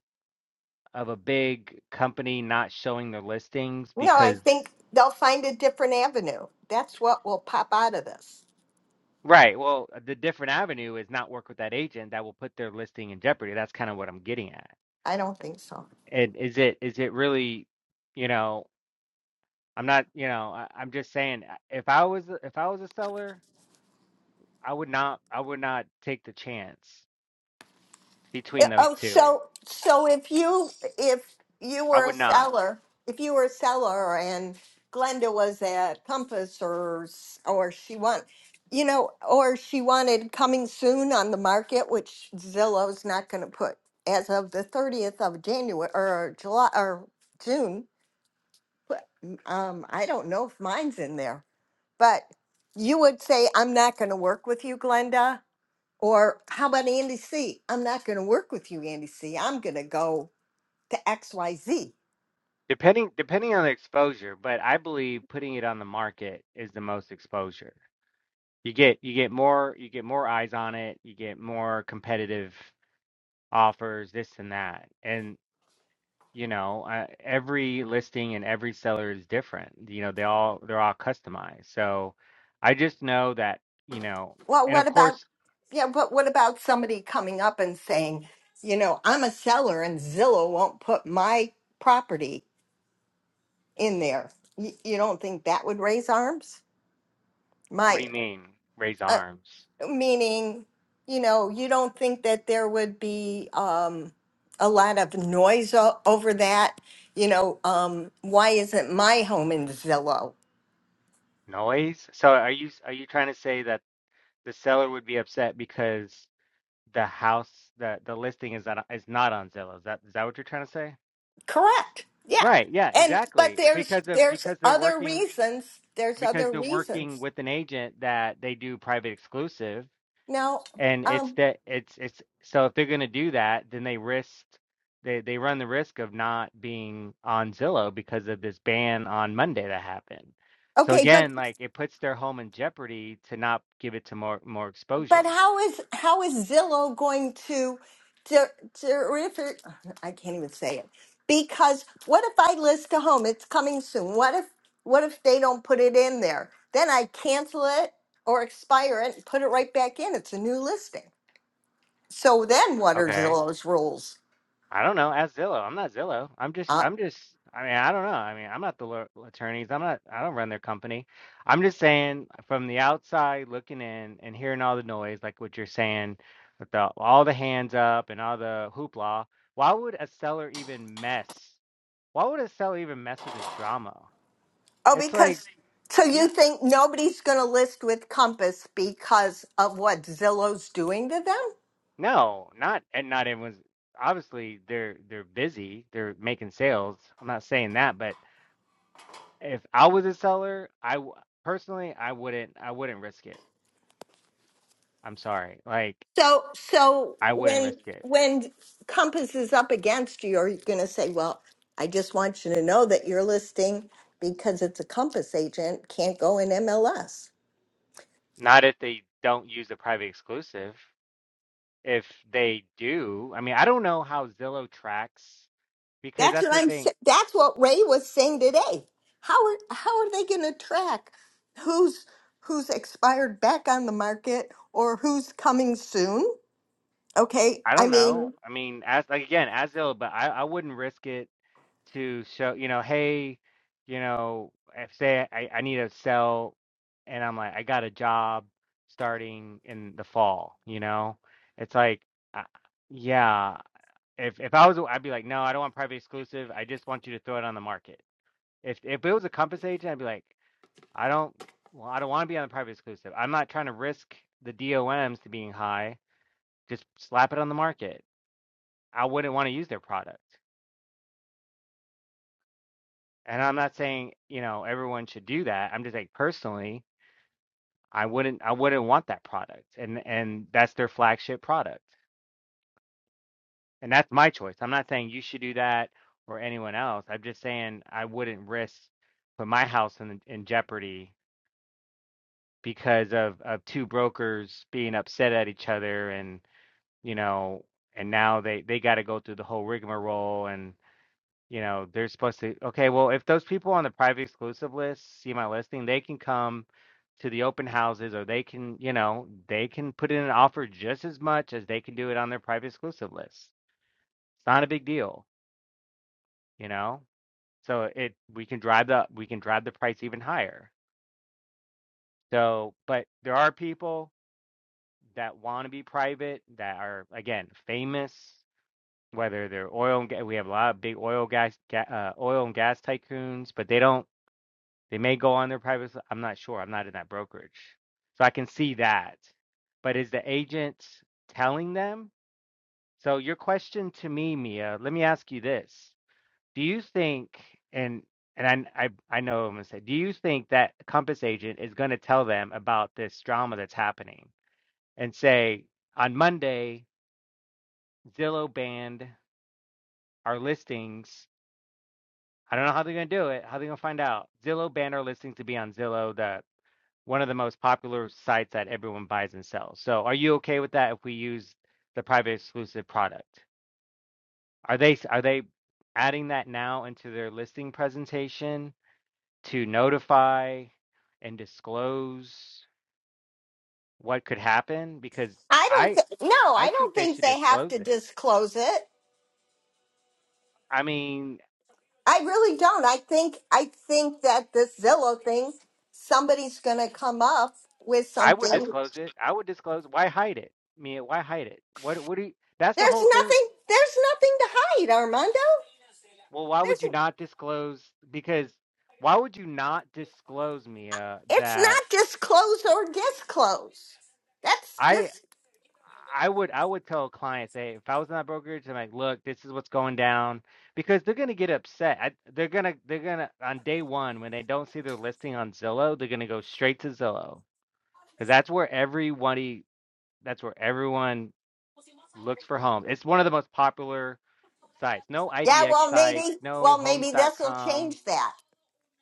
of a big company not showing their listings
No, I
because
think they'll find a different avenue. That's what will pop out of this.
right, well, uh, the different avenue is not work with that agent that will put their listing in jeopardy. That's kind of what I'm getting at.
I don't think so.
And is it is it really, you know, I'm not, you know, I, I'm just saying uh, if I was if I was a seller, I would not I would not take the chance between those
Oh,
two
so so if you if you
I
were a
would not.
seller, if you were a seller and Glenda was at Compass or s- or she want, you know, or she wanted coming soon on the market, which Zillow's not going to put as of the 30th of January or July or June. but, Um, I don't know if mine's in there, but you would say, I'm not going to work with you, Glenda. Or how about Andy C? I'm not going to work with you, Andy C. I'm going to go to XYZ.
Depending depending on the exposure, but I believe putting it on the market is the most exposure. You get you get more you get more eyes on it, you get more competitive offers, this and that. And you know, uh, every listing and every seller is different. You know, they all they're all customized. So I just know that, you know,
Well,
and of
what about,
course,
yeah, but what about somebody coming up and saying, you know, I'm a seller and Zillow won't put my property in there? You, you don't think that would raise arms?
what do
My,
you mean raise
uh,
arms?
meaning, you know, you don't think that there would be um, a lot of noise o- over that? You know, um, why isn't my home in Zillow?
Noise? So are you are you trying to say that the seller would be upset because The house, the the listing is not is not on Zillow. Is that is that what you're trying to say?
Correct. Yeah.
Right. Yeah,
And but
exactly.
there's
Because of
there's
because they're
other
working
reasons. There's
because
other
they're working
reasons.
with an agent that they do private exclusive
Now,
and it's
um
that it's it's so if they're going to do that, then they risk they they run the risk of not being on Zillow because of this ban on Monday that happened. So
okay, but
again, like it puts their home in jeopardy to not give it to more more
but
exposure.
how is how is Zillow going to ter- terrific I can't even say it. Because what if I list a home? It's coming soon. What if what if they don't put it in there? Then I cancel it or expire it and put it right back in. It's a new listing. So then what are
Okay.
Zillow's rules?
I don't know. Ask Zillow. I'm not Zillow. I'm just,
Uh,
I'm just, I mean, I don't know. I mean, I'm not the law- attorneys. I'm not, I don't run their company. I'm just saying from the outside looking in and hearing all the noise, like what you're saying, with the, all the hands up and all the hoopla, why would a seller even mess? Why would a seller even mess with this drama?
Oh,
It's like,
because so you
no,
think nobody's going to list with Compass because of what Zillow's doing to them?
no, not, and not everyone's, obviously they're, they're busy. They're making sales. I'm not saying that, but If I was a seller, I w- personally I wouldn't I wouldn't risk it. I'm sorry. Like
So so
I wouldn't
when
risk it.
when Compass is up against you, are you going to say, "Well, I just want you to know that your listing because it's a Compass agent can't go in MLS."
Not if they don't use the private exclusive. If they do, I mean, I don't know how Zillow tracks because
That's
that's
what
the
I'm. sa-
thing.
That's what Ray was saying today. How are how are they going to track who's who's expired back on the market or who's coming soon? Okay.
I
I
don't know.
mean,
I mean, as like again, as Zillow, but I, I wouldn't risk it to show, you know, hey, you know, if say I, I need to sell and I'm like, I got a job starting in the fall, you know, it's like, I, yeah, if if I was, I'd be like, no, I don't want private exclusive. I just want you to throw it on the market. If if it was a Compass agent, I'd be like, I don't, well, I don't want to be on the private exclusive. I'm not trying to risk the DOMs to being high. Just slap it on the market. I wouldn't want to use their product. And I'm not saying, you know, everyone should do that. I'm just saying personally, I wouldn't I wouldn't want that product. And and that's their flagship product. And that's my choice. I'm not saying you should do that or anyone else. I'm just saying I wouldn't risk put my house in in jeopardy because of of two brokers being upset at each other and, you know, and now they they got to go through the whole rigmarole and. you know, they're supposed to, okay, well, if those people on the private exclusive list see my listing, they can come to the open houses or they can, you know, they can put in an offer just as much as they can do it on their private exclusive list. It's not a big deal, you know? So it we can drive the we can drive the price even higher. So, but there are people that want to be private that are again famous, whether they're oil and gas, we have a lot of big oil gas ga, uh, oil and gas tycoons, but they don't They may go on their private. i I'm not sure. I'm not in that brokerage. So I can see that. But is the agent telling them? So your question to me, Mia, let me ask you this. Do you think and and I I, I know what I'm gonna say, do you think that Compass agent is gonna tell them about this drama that's happening and say on Monday, Zillow banned our listings. I don't know how they're gonna do it, how they're gonna find out. Zillow banned our listings to be on Zillow, the one of the most popular sites that everyone buys and sells. So are you okay with that if we use the private exclusive product? Are they are they adding that now into their listing presentation to notify and disclose what could happen? Because
I don't
I
th- no,
I
I
think
don't
they
think
should
they have
disclose
to
it.
disclose it.
I mean,
I really don't. I think I think that this Zillow thing somebody's going to come up with
I would
something. I would-
disclose it. I would disclose. Why hide it? I mean, why hide it? What what do you, that's the
There's
whole thing.
nothing there's nothing to hide, Armando.
Well, why would
There's
you not disclose? Because why would you not disclose, Mia,
it's
that
not disclose or disclose. That's
I
just
I would I would tell clients, hey, if I was in that brokerage, I'm like, look, this is what's going down, because they're gonna get upset. I, they're gonna they're gonna on day one when they don't see their listing on Zillow, they're gonna go straight to Zillow because that's where everybody that's where everyone looks for homes. It's one of the most popular sites. No
yeah,
IDX
well
site,
maybe
no
well
Homes
maybe
dot
this will
com,
change that.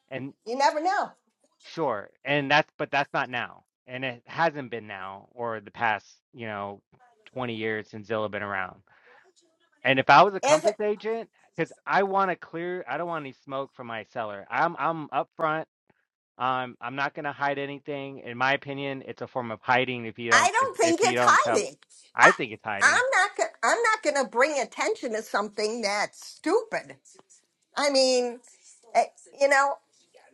and.
You never know.
Sure. And that's but that's not now. And it hasn't been now or the past, you know, 20 years since Zillow been around. And if I was a Compass agent, because I want to clear, I don't want any smoke from my seller. I'm I'm upfront. Um, I'm not going to hide anything. In my opinion, it's a form of hiding if you
I
don't if,
don't think
if you
it's
don't tell.
hiding.
I
I,
think it's
I'm
hiding.
not. go- I'm not going to bring attention to something that's stupid. I mean, eh, you know.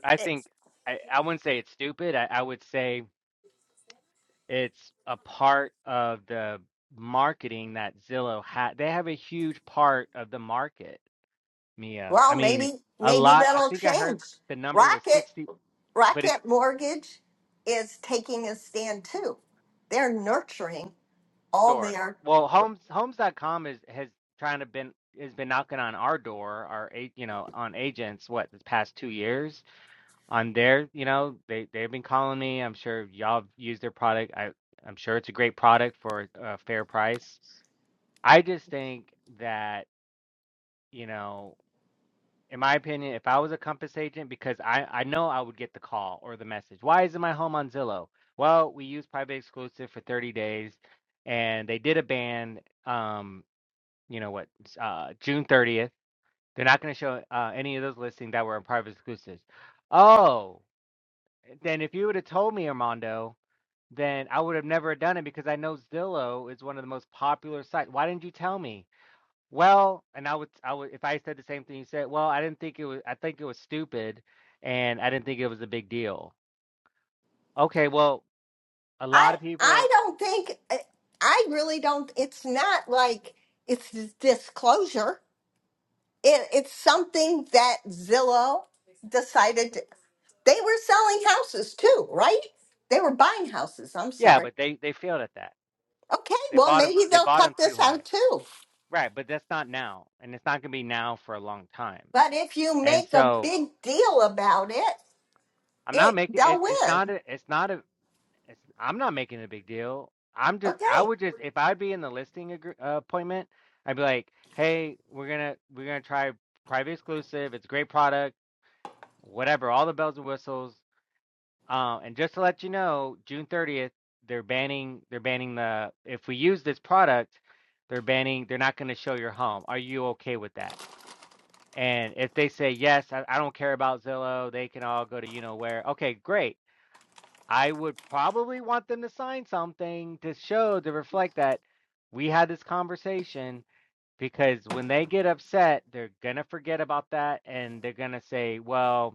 I
It,
think I, I wouldn't say it's stupid. I, I would say it's a part of the marketing that Zillow had. They have a huge part of the market, Mia. I
well,
mean,
maybe
a
maybe
lot. I
that'll
think I heard
change.
the number was
Rocket
60, but it's
Rocket Mortgage is taking a stand too. They're nurturing all
short.
their.
Well, homes Homes dot com is has trying to been has been knocking on our door, our a- you know, on agents what the past 2 years on their, you know, they they've been calling me. I'm sure y'all have used their product. I I'm sure it's a great product for a fair price. I just think that, you know, in my opinion, if I was a Compass agent, because I, I know I would get the call or the message. Why isn't my home on Zillow? Well, we use private exclusive for 30 days, and they did a ban. Um, you know what? Uh, June 30th. They're not going to show uh, any of those listings that were in private exclusives. Oh, then if you would have told me, Armando, then I would have never done it because I know Zillow is one of the most popular sites. Why didn't you tell me? Well, and I would, I would, if I said the same thing you said, well, I didn't think it was, I think it was stupid and I didn't think it was a big deal. Okay, well, a lot
I
of
I
people,
don't think. eh, I really don't. It's not like it's disclosure. It, it's something that Zillow decided. They were selling houses too, right? They were buying houses. I'm
yeah,
sorry.
but they, they failed at that.
Okay,
They
well,
bought them,
maybe
they
they'll
bought
cut
them too
this
high.
out too.
Right. But that's not now. And it's not going to be now for a long time.
But if you
And
make a
so
big deal about it,
I'm not
it
making it,
they'll
it's not
win.
a, it's not a, it's, I'm not making it a big deal. I'm just, I
Okay.
would just, if I'd be in the listing agree, uh, appointment, I'd be like, hey, we're gonna, we're gonna try private exclusive. It's a great product whatever, all the bells and whistles. Uh, and just to let you know, June 30th, they're banning they're banning the if we use this product, they're banning they're not going to show your home. Are you okay with that? And if they say yes, I, I don't care about Zillow, they can all go to you know where. Okay, great. I would probably want them to sign something to show to reflect that we had this conversation because when they get upset, they're gonna forget about that and they're gonna say, well,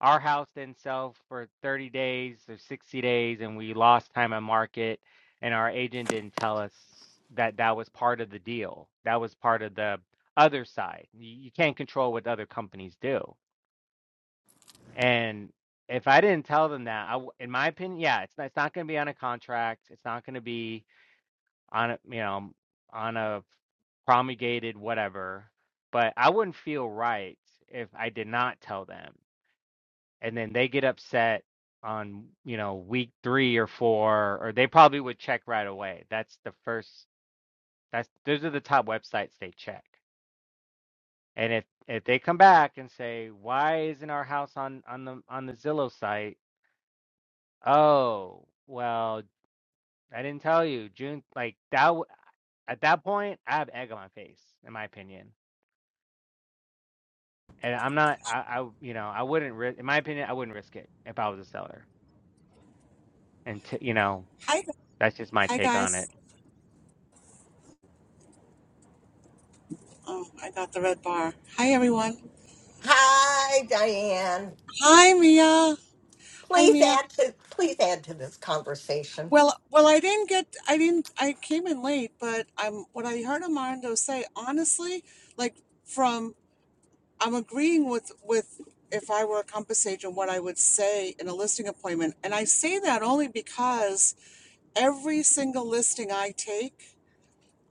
our house didn't sell for 30 days or 60 days and we lost time on market and our agent didn't tell us that that was part of the deal that was part of the other side you, you can't control what other companies do and if i didn't tell them that I, w- in my opinion yeah it's not, it's not going to be on a contract it's not going to be on a you know on a promulgated whatever but i wouldn't feel right if i did not tell them and then they get upset on you know week three or four or they probably would check right away that's the first that's those are the top websites they check and if if they come back and say why isn't our house on on the on the zillow site oh well i didn't tell you june like that w- at that point i have egg on my face in my opinion and i'm not i, I you know i wouldn't ri- in my opinion i wouldn't risk it if i was a seller and t- you know
Hi,
that's just my
hi
take on it
guys. Oh, I got the red bar. Hi everyone.
Hi, Diane.
Hi Mia. Hi
Please
Mia.
add to please add to this conversation.
Well, well, I didn't get. I didn't. I came in late, but I'm. What I heard Armando say, honestly, like from, I'm agreeing with with if I were a compass agent, what I would say in a listing appointment, and I say that only because every single listing I take,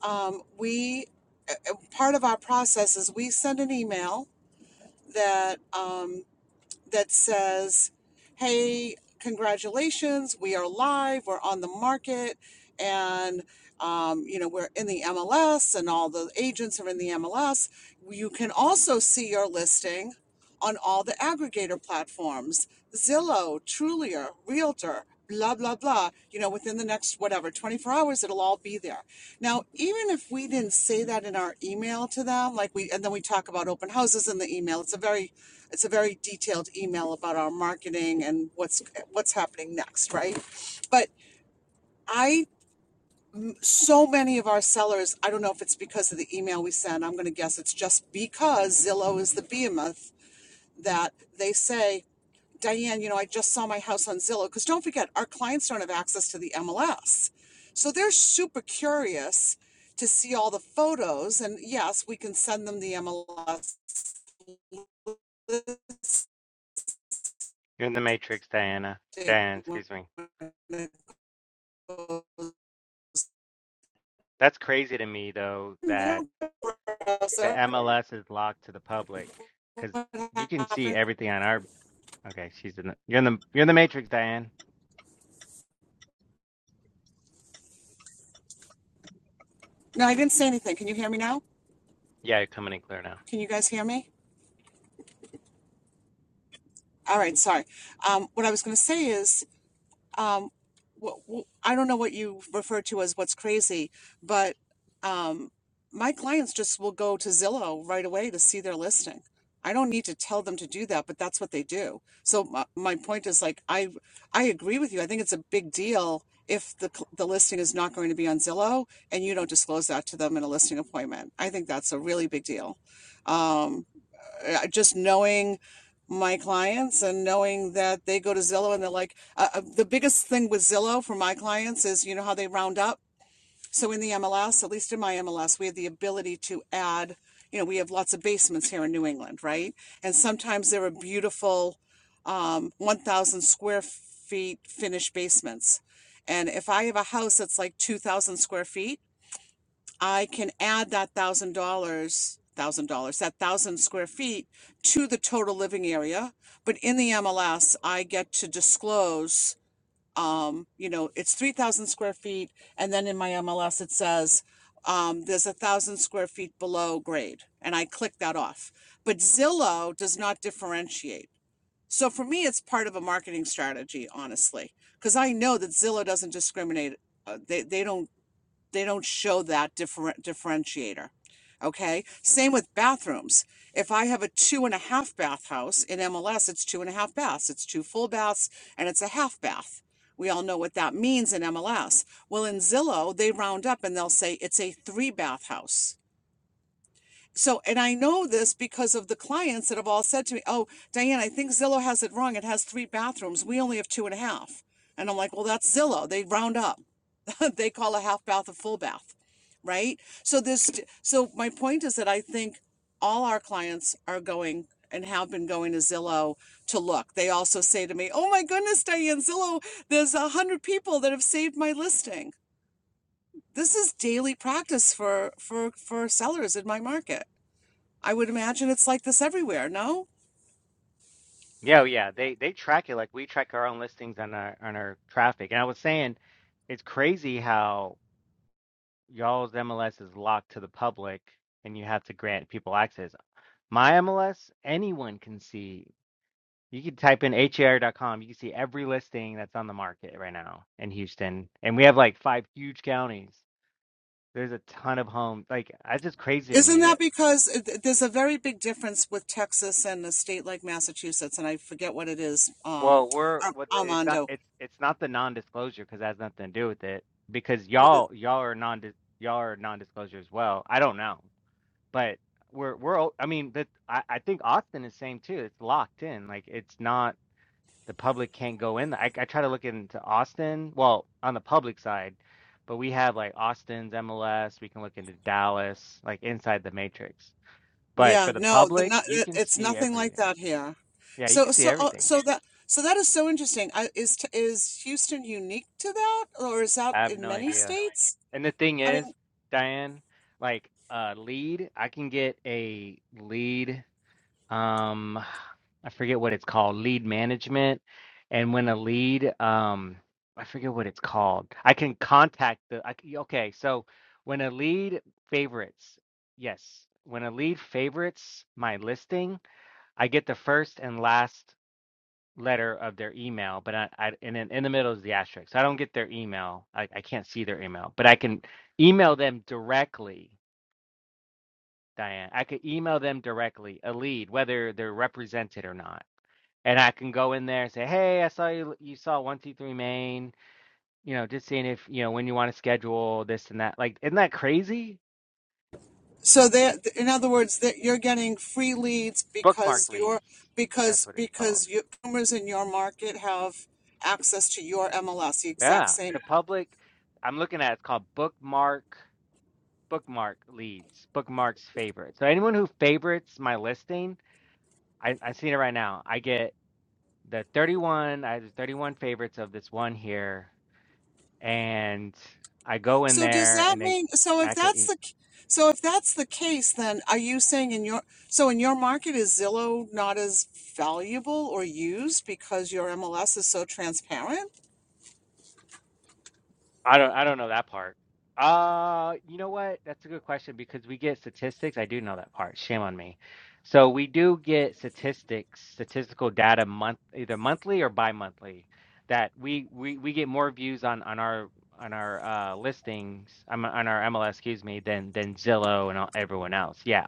um, we. uh, uh, Part of our process is we send an email that um, that says, hey, congratulations, we are live, we're on the market, and um, you know, we're in the MLS and all the agents are in the MLS. You can also see your listing on all the aggregator platforms, Zillow, Trulia, Realtor, blah, blah, blah. You know, within the next whatever, 24 hours, it'll all be there. Now, even if we didn't say that in our email to them, like we, and then we talk about open houses in the email, it's a very it's a very detailed email about our marketing and what's what's happening next right but i so many of our sellers i don't know if it's because of the email we send i'm going to guess it's just because zillow is the behemoth that they say diane you know i just saw my house on zillow because don't forget our clients don't have access to the mls so they're super curious to see all the photos and yes we can send them the mls
You're in the Matrix, Diana.
listing
Diana,
when
excuse me.
it goes
That's crazy to me though that the
sir.
MLS is locked to the public because
What
you can see
happened?
everything on our. Okay, she's in the. You're in the. You're in the Matrix, Diane.
No, I didn't say anything. Can you hear me now?
Yeah, you're coming in clear now.
Can you guys hear me? All right, sorry. Um, what I was going to say is um wh- wh- I don't know what you refer to as what's crazy, but um my clients just will go to Zillow right away to see their listing. I don't need to tell them to do that, but that's what they do. So my, my point is like I I agree with you. I think it's a big deal if the cl- the listing is not going to be on Zillow and you don't disclose that to them in a listing appointment. I think that's a really big deal. Um, uh, just knowing my clients and knowing that they go to Zillow and they're like, uh, uh, the biggest thing with Zillow for my clients is, you know, how they round up. So in the MLS, at least in my MLS, we have the ability to add, you know, we have lots of basements here in New England, right? And sometimes there are beautiful um, 1,000 square feet finished basements. And if I have a house that's like 2,000 square feet, I can add that thousand dollars, thousand dollars, that thousand square feet to the total living area. But in the MLS, I get to disclose, um, you know, it's three thousand square feet, and then in my MLS it says um, there's a thousand square feet below grade, and I click that off. But Zillow does not differentiate. So for me, it's part of a marketing strategy, honestly, because I know that Zillow doesn't discriminate. Uh, they they don't they don't show that differ- differentiator. Okay. Same with bathrooms. If I have a two and a half bath house in MLS, it's two and a half baths, it's two full baths, and it's a half bath. We all know what that means in MLS. Well, in Zillow, they round up and they'll say it's a three bath house. So, and I know this because of the clients that have all said to me, Oh, Diane, I think Zillow has it wrong. It has three bathrooms. We only have two and a half. And I'm like, Well, that's Zillow. They round up. [LAUGHS] they call a half bath a full bath, right? So this, so my point is that I think all our clients are going and have been going to Zillow to look. They also say to me, "Oh my goodness, Diane Zillow, there's a hundred people that have saved my listing." This is daily practice for for for sellers in my market. I would imagine it's like this everywhere. No,
Yeah, oh, yeah. They they track it like we track our own listings on our on our traffic. And I was saying, it's crazy how y'all's MLS is locked to the public and you have to grant people access. My MLS, anyone can see. You can type in har. dot com. You can see every listing that's on the market right now in Houston. And we have like five huge counties. There's a ton of homes. Like, that's just crazy to
isn't
me
that
that,
because there's a very big difference with Texas and a state like Massachusetts, and I forget what it is. Um,
well, we're
Ar-
what it's not
Armando,
it's it's not the non-disclosure because that has nothing to do with it because
what?
y'all y'all are non y'all are non-disclosure as well. I don't know. But we're we're all- I mean that I, I think Austin is same too. It's locked in. Like it's not the public can't go in. I, I try to look into Austin, well, on the public side, but we have like Austin's MLS. We can look into Dallas, like inside the matrix. But
Yeah,
for the
no, the,
public,
not,
you
it-
can
it's
see
nothing like
everything.
that here.
Yeah, you can
So,
see
so, uh,
everything.
so that, so that is so interesting. I, is t- is Houston unique to that, or is that
I have
in
no
many
idea.
states?
And the thing
I
is,
mean,
Diane, like a lead, I can get a lead um I forget what it's called, lead management. And when a lead, um, I forget what it's called. I can contact the I, c- okay, so when a lead favorites, yes, when a lead favorites my listing, I get the first and last letter of their email, but I, I and in, in the middle is the asterisk. So I don't get their email. I, I can't see their email, but I can email them directly, Diane. I could email them directly, a lead, whether they're represented or not and I can go in there and say, "Hey, I saw you. You saw one two three main. You know, just seeing if you know when you want to schedule this and that. Like, isn't that crazy?
so there, in other words, that you're getting free leads
Bookmark
because
leads.
you're
That's
because
what it's called.
because your consumers in your market have access to your MLS, the exact
Yeah,
same
the public. I'm looking at it's called bookmark bookmark leads. Bookmarks favorites. So anyone who favorites my listing, I I seen it right now. I get the 31. I have the 31 favorites of this one here, and I go in
So does
there
that
and they.
mean, so if
I can.
that's the, c- so if that's the case, then are you saying in your, so in your market is Zillow not as valuable or used because your MLS is so transparent?
I don't I don't know that part. Uh, you know what? That's a good question because we get statistics. I do know that part. Shame on me. So we do get statistics, statistical data month either monthly or bi-monthly that we we we get more views on on our on our uh listings um, on our MLS, excuse me, than than Zillow and all, everyone else. Yeah.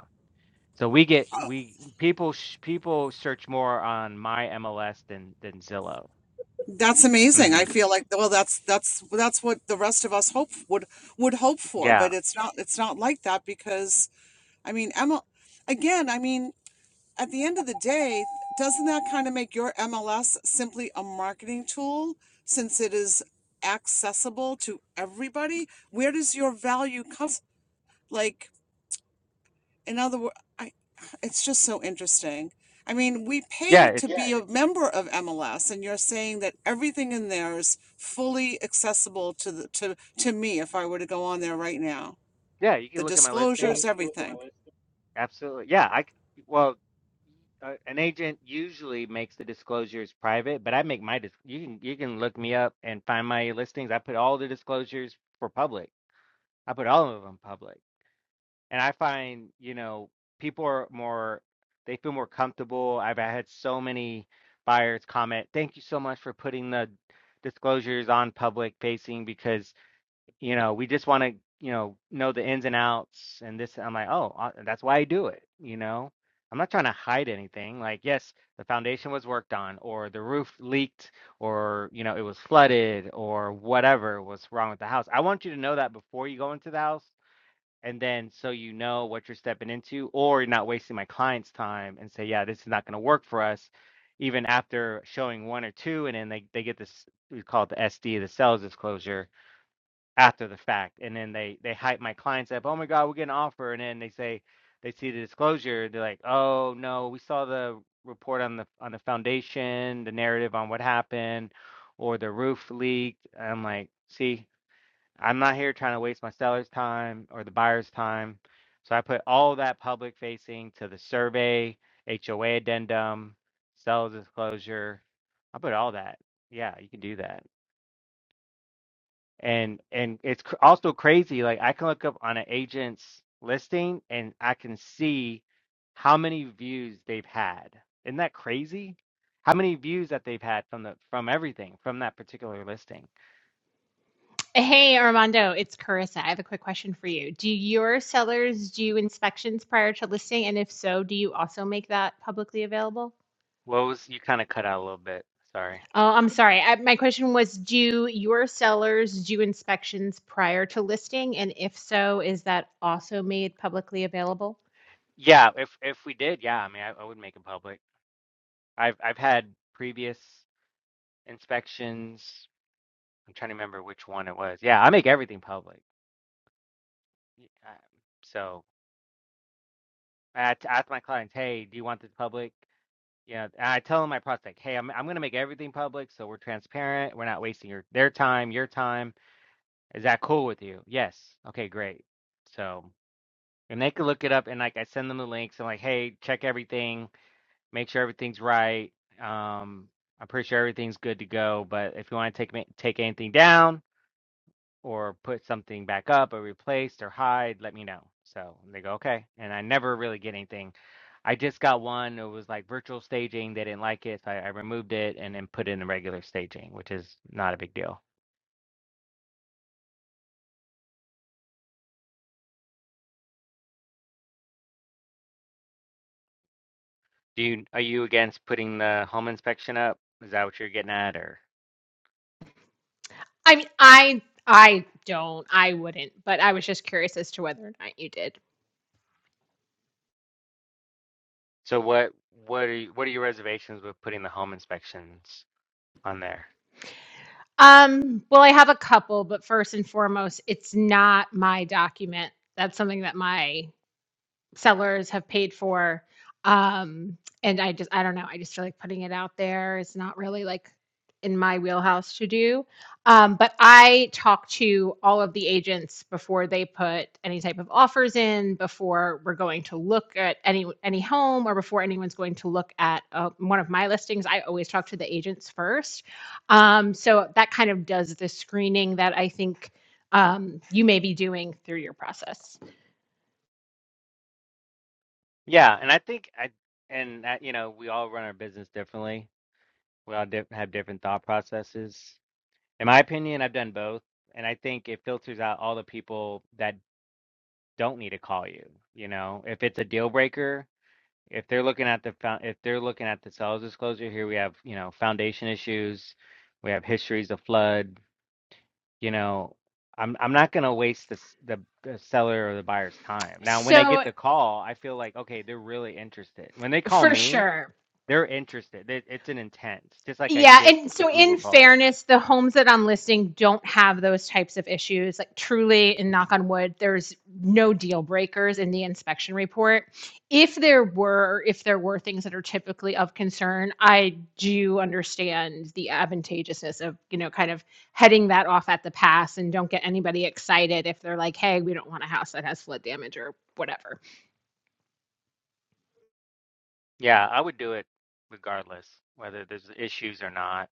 So we get we people sh people search more on my MLS than than Zillow.
That's amazing. I
hmm
feel like, well, that's, that's, that's what the rest of us hope would, would hope for,
Yeah.
but it's not, it's not like that because, I mean, ML, again, I mean, at the end of the day, doesn't that kind of make your MLS simply a marketing tool since it is accessible to everybody? Where does your value come? Like, in other words, I, it's just so interesting. I mean, we
Yeah,
pay to Yeah,
it's
be a member of MLS, and you're saying that everything in there is fully accessible to the to to me if I were to go on there right now.
yeah, you can
The yeah,
look at my
disclosures,
listings.
you everything.
Absolutely. Yeah, I c- well, uh, an agent usually makes the disclosures private, but I make my dis you can you can look me up and find my listings. I put all the disclosures for public. I put all of them public. And I find, you know, people are more they feel more comfortable. I've had so many buyers comment, "Thank you so much for putting the disclosures on public facing because you know, we just want to, you know, know the ins and outs and this. I'm like, oh, uh, that's why I do it. You know, I'm not trying to hide anything. Like, yes, the foundation was worked on, or the roof leaked, or, you know, it was flooded, or whatever was wrong with the house. I want you to know that before you go into the house. And then so you know what you're stepping into, or you're not wasting my client's time and say, yeah, this is not going to work for us. Even after showing one or two, and then they, they get this, we call it the SD, the sales disclosure after the fact and then they they hype my clients up oh my god we're getting an offer and then they say they see the disclosure they're like oh no we saw the report on the on the foundation the narrative on what happened or the roof leaked i'm like see i'm not here trying to waste my seller's time or the buyer's time so i put all that public facing to the survey hoa addendum seller's disclosure i put all that yeah you can do that and and it's cr- also crazy like i can look up on an agent's listing and i can see how many views they've had isn't that crazy how many views that they've had from the from everything from that particular listing
Hey Armando, it's Carissa. I have a quick question for you. Do your sellers do inspections prior to listing? And if so, do you also make that publicly available?
what was you kind of cut out a little bit sorry
Oh, I'm sorry. I, my question was Do your sellers do inspections prior to listing? And if so, is that also made publicly available?
yeah if if we did yeah i mean i, I would make it public i've i've had previous inspections i'm trying to remember which one it was yeah i make everything public Y- I- so I t- ask my clients, hey, do you want this public? Yeah, and I tell my prospect, "Hey, I'm I'm going to make everything public, so we're transparent. We're not wasting your their time, your time. Is that cool with you?" Yes. Okay, great. So, and they can look it up, and like I send them the links. I'm like, "Hey, check everything. Make sure everything's right. Um, I'm pretty sure everything's good to go. But if you want to take ma- take anything down, or put something back up or replaced or hide, let me know. So they go, okay. And I never really get anything. I just got one. It was like virtual staging. They didn't like it. So I, I removed it and then put in the regular staging, which is not a big deal. Do you are you against putting the home inspection up? Is that what you're getting at or
I mean, I I don't. I wouldn't, but I was just curious as to whether or not you did.
so what what are you, what are your reservations with putting the home inspections on there?
Um, well, I have a couple, but first and foremost, it's not my document. That's something that my sellers have paid for. Um, and I just, I don't know. I just feel like putting it out there is not really like in my wheelhouse to do. Um, but I talk to all of the agents before they put any type of offers in, before we're going to look at any any home, or before anyone's going to look at uh, one of my listings. I always talk to the agents first. Um, so that kind of does the screening that I think um, you may be doing through your process.
Yeah, and I think I and that, you know, we all run our business differently. We all di have different thought processes In my opinion, I've done both, and I think it filters out all the people that don't need to call you. You know, if it's a deal breaker, if they're looking at the fo- if they're looking at the sales disclosure here, we have you know foundation issues, we have histories of flood. You know, I'm I'm not gonna waste the s- the, the seller or the buyer's time. Now, when I
So
get the call, I feel like okay, they're really interested. When they call
for
me,
sure,
they're interested. They, it's an intent, just like I
Yeah,
get
and
the
so in
Google calls.
fairness, the homes that I'm listing don't have those types of issues. Like truly, and knock on wood, there's no deal breakers in the inspection report. If there were, if there were things that are typically of concern, I do understand the advantageousness of, you know, kind of heading that off at the pass and don't get anybody excited if they're like, hey, we don't want a house that has flood damage or whatever.
Yeah, I would do it regardless whether there's issues or not.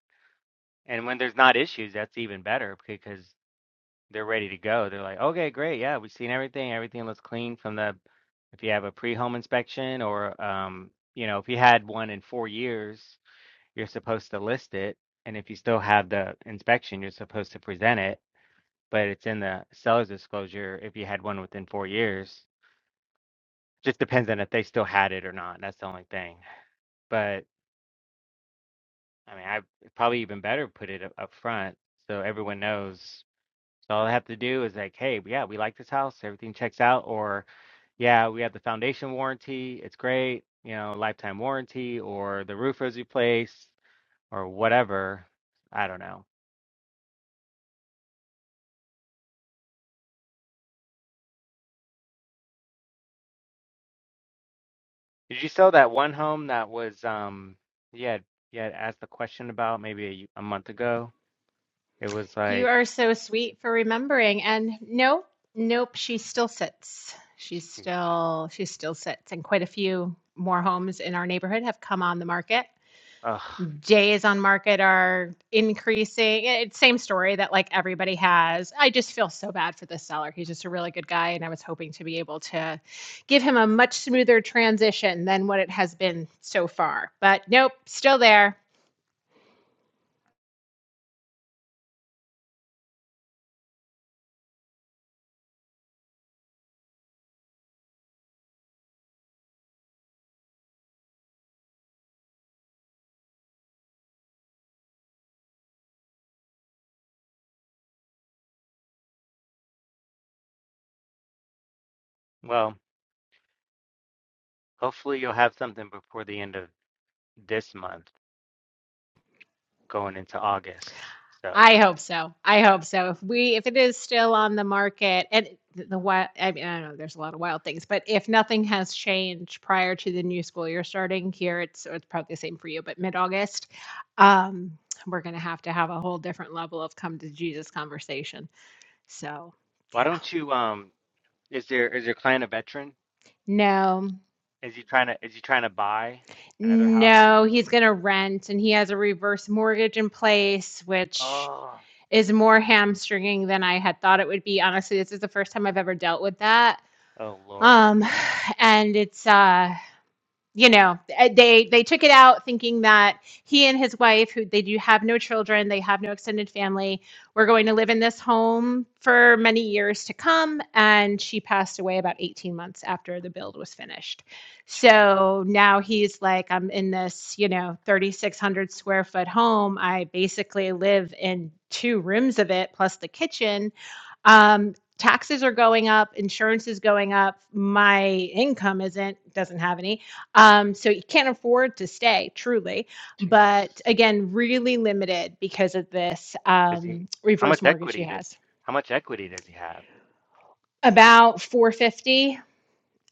And when there's not issues, that's even better because they're ready to go. They're like, okay, great, yeah, we've seen everything. Everything looks clean from the if you have a pre-home inspection or um, you know, if you had one in four years, you're supposed to list it. And if you still have the inspection, you're supposed to present it. But it's in the seller's disclosure if you had one within four years. Just depends on if they still had it or not. That's the only thing. But I mean, I probably even better put it up, up front so everyone knows. So all I have to do is like, hey, yeah, we like this house, everything checks out, or yeah, we have the foundation warranty, it's great, you know, lifetime warranty, or the roof was replaced, or whatever. I don't know. Did you sell that one home that was um you had you had asked the question about maybe a, y- a month ago? It was
You
like,
are so sweet for remembering. And no, nope, she still sits. She's
shoot,
still she still sits. And quite a few more homes in our neighborhood have come on the market.
ugh.
Days on market are increasing. Eh, It's same story that like everybody has. I just feel so bad for the seller. He's just a really good guy, and I was hoping to be able to give him a much smoother transition than what it has been so far. But nope, still there.
Well, hopefully you'll have something before the end of this month. going into August. So
I hope so. I hope so. If we if it is still on the market and the, the wild I mean I don't know there's a lot of wild things, but if nothing has changed prior to the new school year starting here, it's it's probably the same for you, but mid-August, um we're going to have to have a whole different level of come to Jesus conversation. So,
why
yeah.
don't you um is there is your client a veteran?
No.
Is he trying to is he trying to buy another house?
No, he's going to rent and he has a reverse mortgage in place which
Oh
is more hamstringing than I had thought it would be. Honestly, this is the first time I've ever dealt with that
oh Lord.
Um, and it's uh, you know, eh, they they took it out thinking that he and his wife, who they do have no children, they have no extended family, were going to live in this home for many years to come. And she passed away about 18 months after the build was finished.
Jeez.
So now he's like, I'm in this, you know, 3,600 square foot home. I basically live in two rooms of it plus the kitchen um, taxes are going up, insurance is going up, my income isn't, doesn't have any. Um, so you can't afford to stay truly.
Jeez.
But again, really limited because of this
Is he
um,
how much
reverse mortgage she
equity did
has.
how much equity does he have?
About 450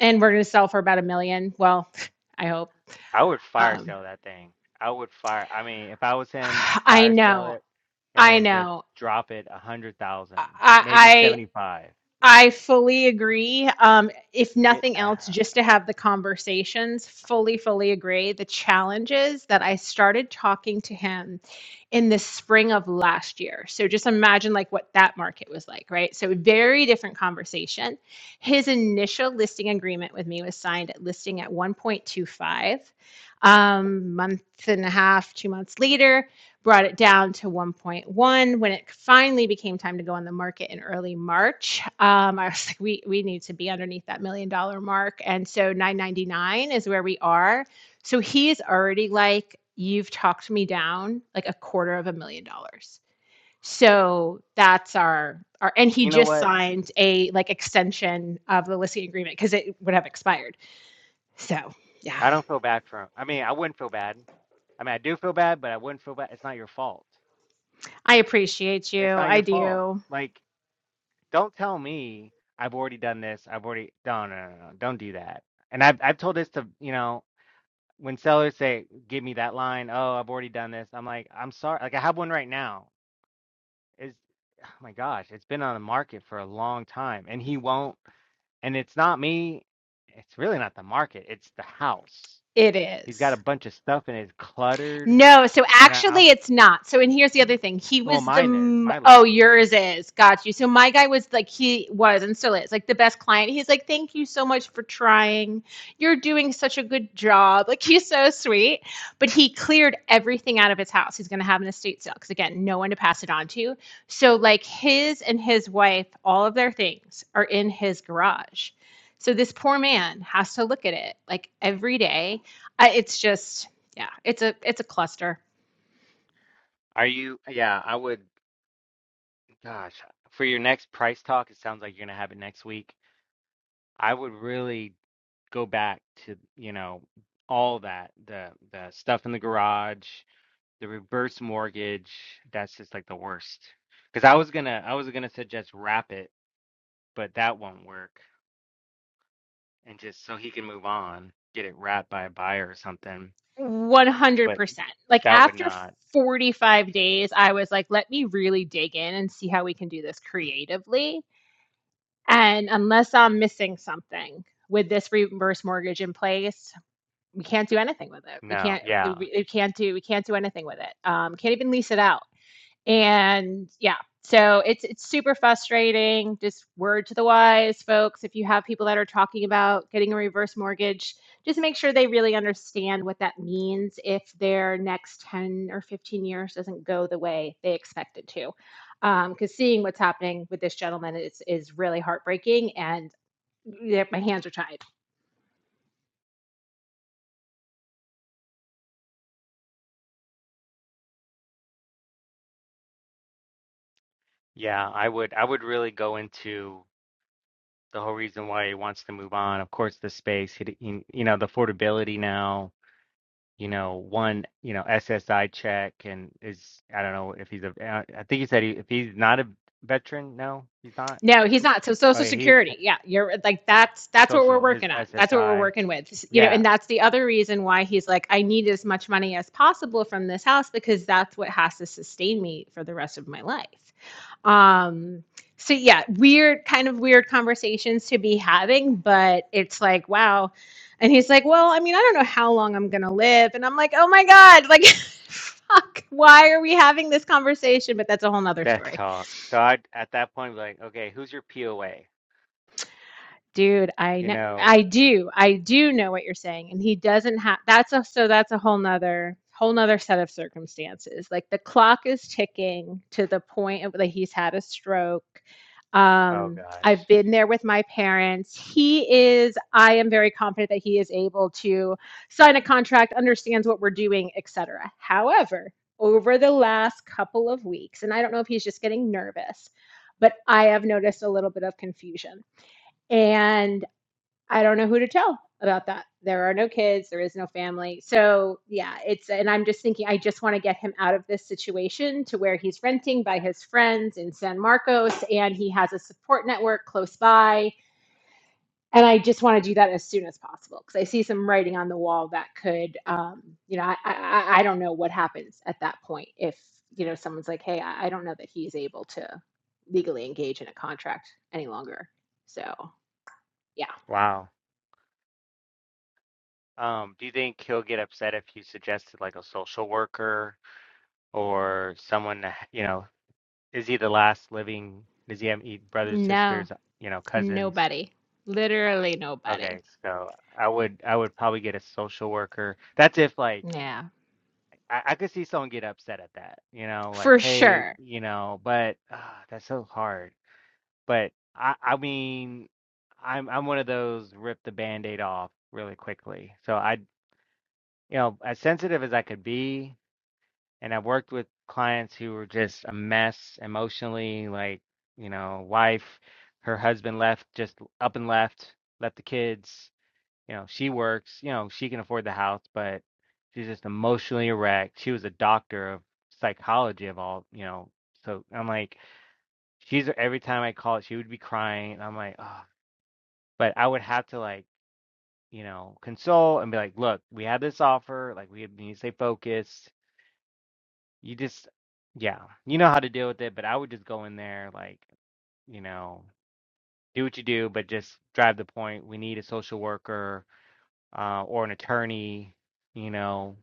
and we're going to sell for about a million. Well, [LAUGHS] I hope.
I would fire
Um,
sale that thing. I would fire I mean if I was
[SIGHS]
him, I'd
I
fire sale
know.
it
I
and just
know.
drop it a hundred thousand, maybe
I,
seventy five.
I fully agree. Um, if
Get
nothing
uh,
else, just to have the conversations, fully, fully agree. The challenges that I started talking to him in the spring of last year. So just imagine like what that market was like, right? So very different conversation. His initial listing agreement with me was signed at listing at 1.25. Um, month and a half, two months later, brought it down to 1.1 when it finally became time to go on the market in early March. Um, I was [LAUGHS] like, we we need to be underneath that million dollar mark, and so 9.99 is where we are. So he is already like, you've talked me down like a quarter of a million dollars. So that's our our, and he
you know
just
what?
signed a like extension of the listing agreement because it would have expired. So yeah,
I don't feel bad for him. I mean, I wouldn't feel bad. I mean, I do feel bad, but I wouldn't feel bad. It's not your fault.
I appreciate you.
It's not
I
your fault.
do.
Like, don't tell me I've already done this. I've already. No, no, no, no. no. Don't do that. And I've I've told this to you know when sellers say, "Give me that line." Oh, I've already done this. I'm like, I'm sorry. Like, I have one right now. Is oh my gosh, it's been on the market for a long time, and he won't. And it's not me. It's really not the market. It's the house.
It
He's
is.
got a bunch of stuff and it's cluttered.
No, so
And I,
actually it's not. So and here's the other thing. He
Well,
was the
mine is.
m-
My
oh,
listing is.
yours is. Got you. So my guy was like he was and still is like the best client. He's like, "Thank you so much for trying. You're doing such a good job." Like he's so sweet, but he cleared everything out of his house. He's going to have an estate sale cuz again, no one to pass it on to. So like his and his wife, all of their things are in his garage. So this poor man has to look at it like every day. I, it's just yeah, it's a it's a cluster.
Are you? Yeah, I would. Gosh, for your next price talk, it sounds like you're gonna have it next week. I would really go back to, you know, all that, the the stuff in the garage, the reverse mortgage. That's just like the worst. Because I was gonna, I was gonna suggest wrap it, but that won't work. And just so he can move on, get it wrapped by a buyer or something. But
100%. Like
that would
after
not.
45 days, I was like, let me really dig in and see how we can do this creatively. And unless I'm missing something with this reverse mortgage in place, we can't do anything with it. We
No.
can't we
Yeah.
can't do we can't do anything with it. Um, can't even lease it out. And yeah, so it's it's super frustrating. Just word to the wise, folks. If you have people that are talking about getting a reverse mortgage, just make sure they really understand what that means if their next 10 or 15 years doesn't go the way they expect it to. Because um, seeing what's happening with this gentleman is is really heartbreaking, and yeah, my hands are tied.
Yeah, I would I would really go into the whole reason why he wants to move on. Of course, the space, you know, the affordability now, you know, one, you know, SSI check and is, I don't know if he's a. uh, I think he said he, if he's not a veteran, no, he's not.
No, he's not. So
Oh
Social
yeah, he's
Security, yeah, you're right. like that's that's what we're
social, his
working on. That's what we're
SSI.
working with. You know,
Yeah,
and that's the other reason why he's like, I need as much money as possible from this house because that's what has to sustain me for the rest of my life. Um, so yeah, weird kind of weird conversations to be having, but it's like, wow. And he's like, Well, I mean, I don't know how long I'm gonna live. And I'm like, Oh my God, like [LAUGHS] fuck, why are we having this conversation? But that's a whole nother
that
story.
talk. So I, at that point, like, okay, who's your POA?
dude i
You
know
know,
i do i do know what you're saying and he doesn't have that's a so that's a whole nother whole nother set of circumstances like the clock is ticking to the point of that he's had a stroke
oh
um
gosh.
i've been there with my parents he is i am very confident that he is able to sign a contract understands what we're doing etc however over the last couple of weeks and i don't know if he's just getting nervous but i have noticed a little bit of confusion and. I don't know who to tell about that. There are no kids, there is no family. So, yeah, it's, and I'm just thinking, I just want to get him out of this situation to where he's renting by his friends in San Marcos and he has a support network close by. And I just want to do that as soon as possible because I see some writing on the wall that could, um, you know, I, I, I don't know what happens at that point if, you know, someone's like, hey, I, I don't know that he's able to legally engage in a contract any longer. So, yeah.
Wow. Um, do you think he'll get upset if you suggested like a social worker or someone, you know? Is he the last living? Does he have any brothers,
No.
sisters, you know, cousins?
Nobody. Literally nobody.
Okay, so I would I would probably get a social worker. That's if like
Yeah.
I, I could see someone get upset at that, you know, like
For
hey,
sure.
you know, but uh, that's so hard. But I I mean, I'm I'm one of those rip the band-aid off really quickly. So I, you know, as sensitive as I could be, and I've worked with clients who were just a mess emotionally, like, you know, wife, her husband left, just up and left, left the kids. You know, she works, you know, she can afford the house, but she's just emotionally wrecked. She was a doctor of psychology of all, you know. So I'm like, she's every time I call it, she would be crying. And I'm like, oh, but I would have to like, you know, console and be like, look, we have this offer, like we need to stay focused You just, yeah, you know how to deal with it, but I would just go in there, like, you know, do what you do, but just drive the point. We need a social worker uh, or an attorney, you know,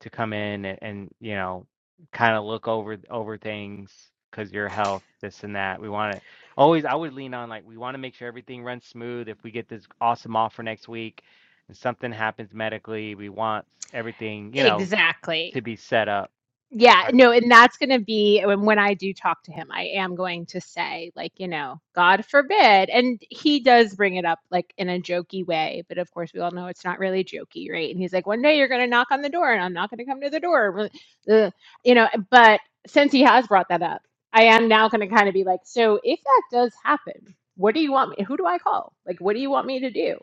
to come in and, and you know, kind of look over over things because your health, this and that. We want to always. I would lean on like we want to make sure everything runs smooth. If we get this awesome offer next week, and something happens medically, we want everything, you know,
Exactly.
to be set up.
Yeah,
Or-
no, and that's going to be when when I do talk to him, I am going to say like, you know, God forbid. And he does bring it up like in a jokey way, but of course we all know it's not really jokey, right? And he's like, one day you're going to knock on the door and I'm not going to come to the door. [LAUGHS] Ugh, You know, but since he has brought that up, I am now going to kind of be like, so if that does happen, what do you want me? Who do I call? Like, what do you want me to do?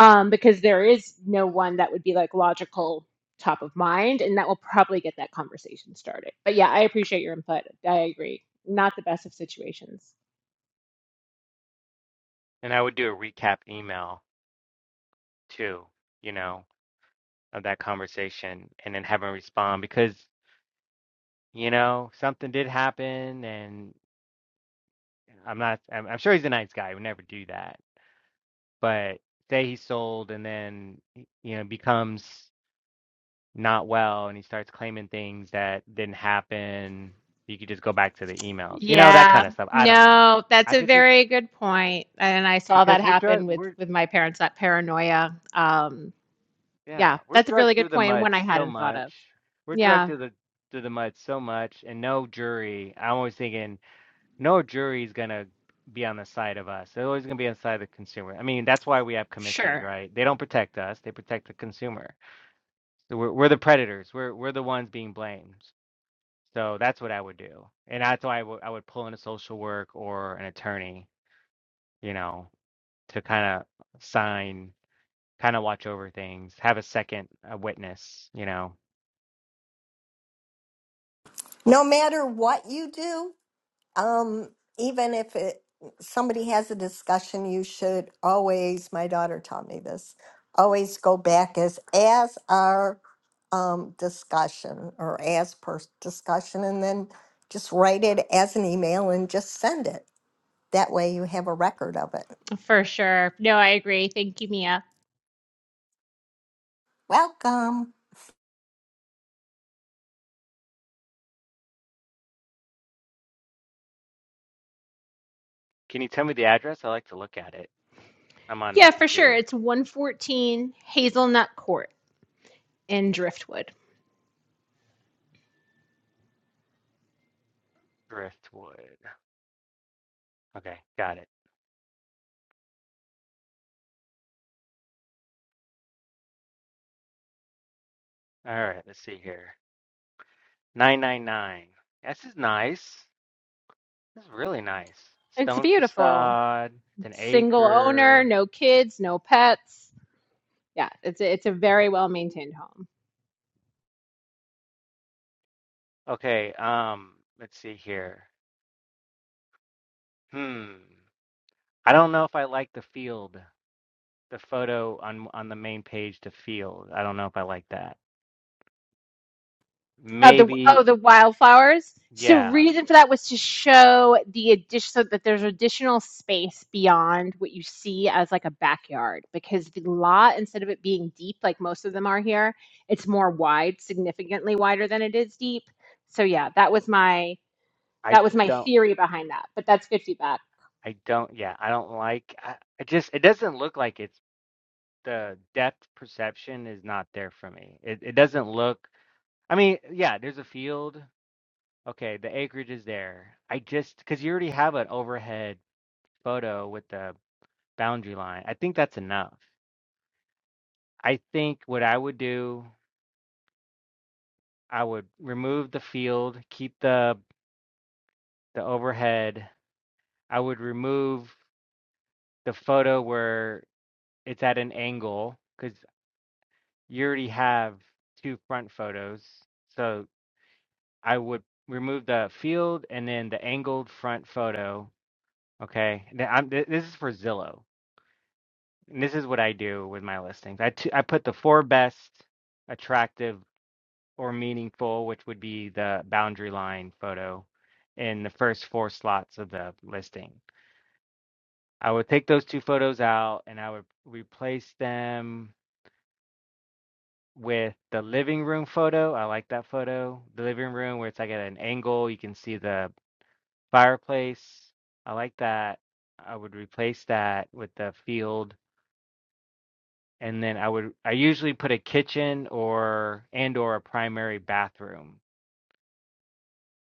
Um, because there is no one that would be like logical top of mind and that will probably get that conversation started. But yeah, I appreciate your input. I agree. Not the best of situations.
And I would do a recap email too, you know, of that conversation and then have him respond because, you know, something did happen and I'm not, I'm, I'm sure he's a nice guy. He would never do that. But say he sold and then, you know, becomes not well and he starts claiming things that didn't happen. You could just go back to the emails, you know, that
Yeah,
kind of stuff. I don't know.
no, that's
I
a
could just,
very good point. And I saw that
because we're drug,
happen with
we're,
with my parents, that paranoia. Um,
Yeah,
yeah,
we're
that's a really
drugged
good
through the
point and
mud
one I
so
hadn't thought
much.
of.
We're drugged
Yeah,
through the through the mud so much, and no jury. I'm always thinking no jury's gonna be on the side of us. They're always gonna be on the side of the consumer. I mean, that's why we have commissions,
sure.
right? They don't protect us; they protect the consumer. So we're we're the predators. We're we're the ones being blamed. So that's what I would do, and that's why I would I would pull in a social work or an attorney, you know, to kind of sign, kind of watch over things, have a second a witness, you know
No matter what you do, Um, even if it somebody has a discussion, you should always, my daughter taught me this, always go back as as our um discussion or as per discussion and then just write it as an email and just send it. That way you have a record of it.
For sure. No, I agree. Thank you, Mia.
Welcome.
Can you tell me the address? I like to look at it. I'm on my
Yeah, for sure.
computer.
It's 114 Hazelnut Court in Driftwood.
Driftwood. Okay, got it. All right, let's see here. 999. This is nice. This is really nice.
It's
Stone
beautiful.
facade. It's an
single owner,
acre.
no kids, no pets. Yeah, it's a, it's a very well maintained home.
Okay, um, let's see here. Hmm. I don't know if I like the field. The photo on on the main page, the field. I don't know if I like that.
Oh, the
Maybe,
oh the wildflowers. So
yeah.
reason for that was to show the addition so that there's additional space beyond what you see as like a backyard because the lot instead of it being deep like most of them are here, it's more wide, significantly wider than it is deep. So yeah, that was my
I
that was my
don't.
theory behind that. But that's good feedback.
I don't yeah, I don't like I, I just it doesn't look like it's the depth perception is not there for me. It it doesn't look I mean, yeah, there's a field. Okay, the acreage is there. I just because you already have an overhead photo with the boundary line. I think that's enough. I think what I would do, I would remove the field, keep the the overhead. I would remove the photo where it's at an angle because. you already have two front photos. So I would remove the field and then the angled front photo. Okay. Now, I'm, th- this is for Zillow. And this is what I do with my listings. I t- I put the four best attractive or meaningful, which would be the boundary line photo in the first four slots of the listing. I would take those two photos out and I would replace them with the living room photo. I like that photo. The living room where it's like at an angle, you can see the fireplace. I like that. I would replace that with the field. And then I would I usually put a kitchen or and or a primary bathroom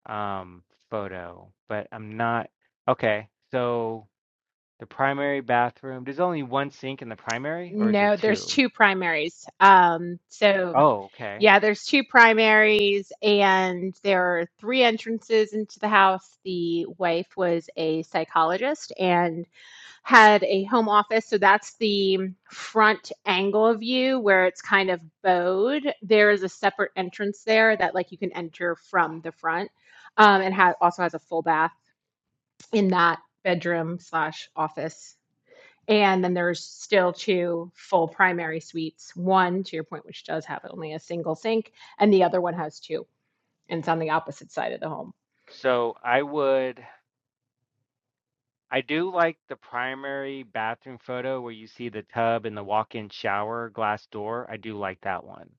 um photo, but I'm not okay. So the primary bathroom, there's only one sink in the primary or is there
No, there's
two?
2 primaries. Um, so
Oh, okay.
yeah, there's 2 primaries, and there are 3 entrances into the house. The wife was a psychologist and had a home office, so that's the front angle of you where it's kind of bowed. There is a separate entrance there that, like, you can enter from the front, um, and ha also has a full bath in that bedroom/office. slash office. And then there's still two full primary suites, one to your point, which does have only a single sink, and the other one has two, and it's on the opposite side of the home.
So I would I do like the primary bathroom photo where you see the tub and the walk-in shower glass door. I do like that one.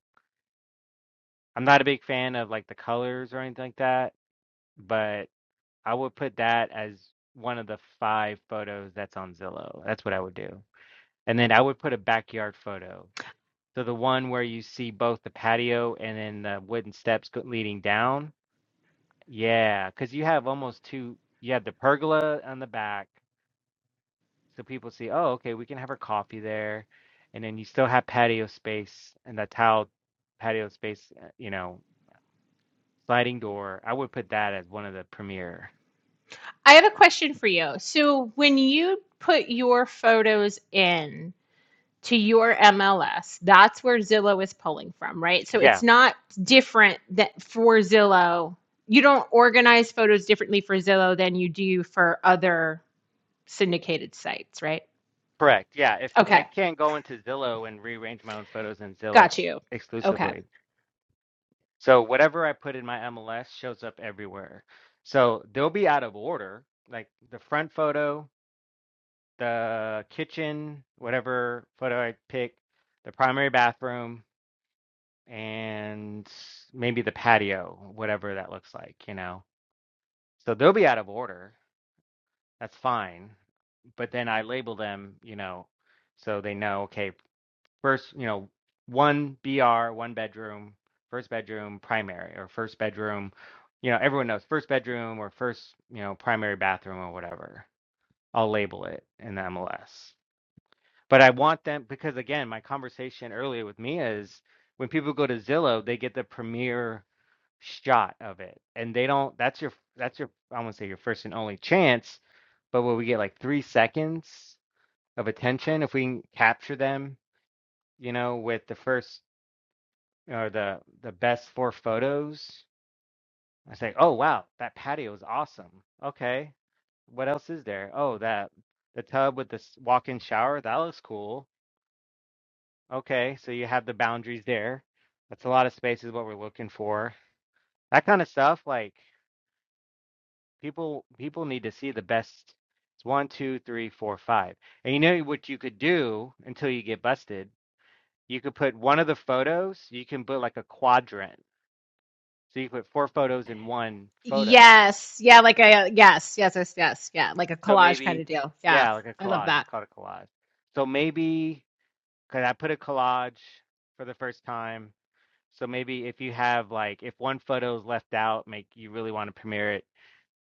I'm not a big fan of like the colors or anything like that, but I would put that as one of the five photos that's on Zillow. That's what I would do. And then I would put a backyard photo. So the one where you see both the patio and then the wooden steps go- leading down. Yeah, because you have almost two, you have the pergola on the back So people see, oh, okay, we can have our coffee there. And then you still have patio space, and that's how patio space, uh, you know, sliding door. I would put that as one of the premier.
I have a question for you. So when you put your photos in, to your MLS. That's where Zillow is pulling from, right? So
Yeah,
it's not different that for Zillow. You don't organize photos differently for Zillow than you do for other syndicated sites, right?
correct. Yeah, if I
Okay.
can't go into Zillow and rearrange my own photos in Zillow
Got
s-
you. Okay.
exclusively. So whatever I put in my MLS shows up everywhere. So they'll be out of order, like the front photo, the kitchen, whatever photo I pick, the primary bathroom. and maybe the patio, whatever that looks like, you know. So they'll be out of order. That's fine. But then I label them, you know, so they know, okay, first, you know, one BR, one bedroom, first bedroom, primary, or first bedroom, you know, everyone knows first bedroom or first, you know, primary bathroom or whatever. I'll label it in the MLS. But I want them because again, my conversation earlier with Mia is when people go to Zillow, they get the premier shot of it, and they don't that's your that's your I wouldn't say your first and only chance, but will we get like three seconds of attention if we can capture them, you know, with the first or the the best four photos? I say, oh wow, that patio is awesome. Okay, what else is there? Oh, that the tub with the s- walk-in shower, that looks cool. Okay, so you have the boundaries there. That's a lot of space is what we're looking for. That kind of stuff, like. People people need to see the best. It's one, two, three, four, five. And you know what you could do until you get busted? You could put one of the photos, you can put like a quadrant. So you put four photos in one photo.
Yes. Yeah, like a yes, yes, yes, yes. Yeah, like a
So
collage kind
maybe,
of deal. Yeah.
yeah, like a
I love
collage. It's
that.
called a collage. So maybe, because I put a collage for the first time. So maybe if you have like, if one photo is left out, make you really want to premiere it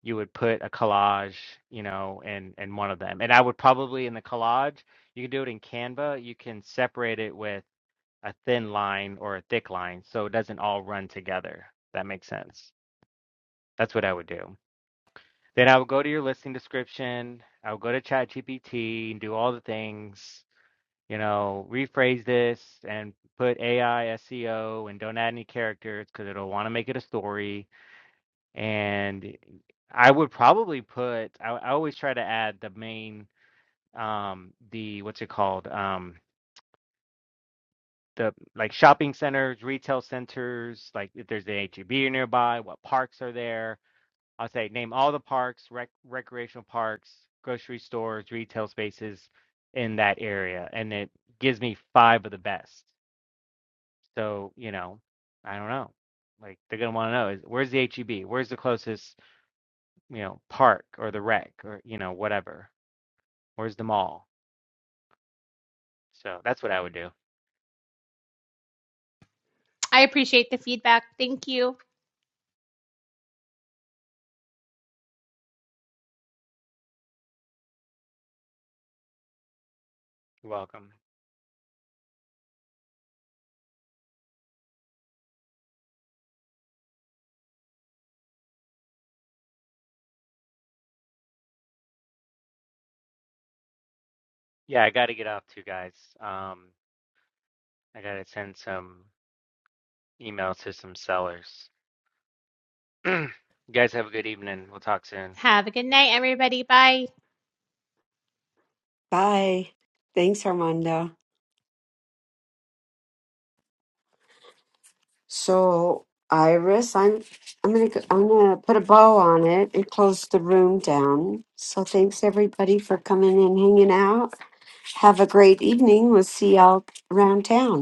you would put a collage, you know, in in one of them. And I would probably in the collage, you can do it in Canva, you can separate it with a thin line or a thick line so it doesn't all run together. That makes sense. That's what I would do. Then I would go to your listing description, I would go to ChatGPT and do all the things, you know, rephrase this and put AI SEO and don't add any characters because it'll want to make it a story and I would probably put I I always try to add the main um the what's it called? Um the like shopping centers, retail centers, like if there's an H-E-B nearby, what parks are there? I'll say name all the parks, rec recreational parks, grocery stores, retail spaces in that area. And it gives me five of the best. So, you know, I don't know. Like they're gonna want to know is where's the H-E-B? Where's the closest you know, park or the rec or, you know, whatever. Where's the mall? So that's what I would do.
I appreciate the feedback. Thank you.
You're welcome. Yeah, I got to get off too, guys. Um, I got to send some emails to some sellers. [CLEARS THROAT] you guys have a good evening. We'll talk soon.
Have a good night, everybody. Bye.
Bye. Thanks, Armando. So, Iris, I'm I'm gonna go, I'm gonna put a bow on it and close the room down. So, thanks everybody for coming and hanging out. Have a great evening. We'll see y'all around town.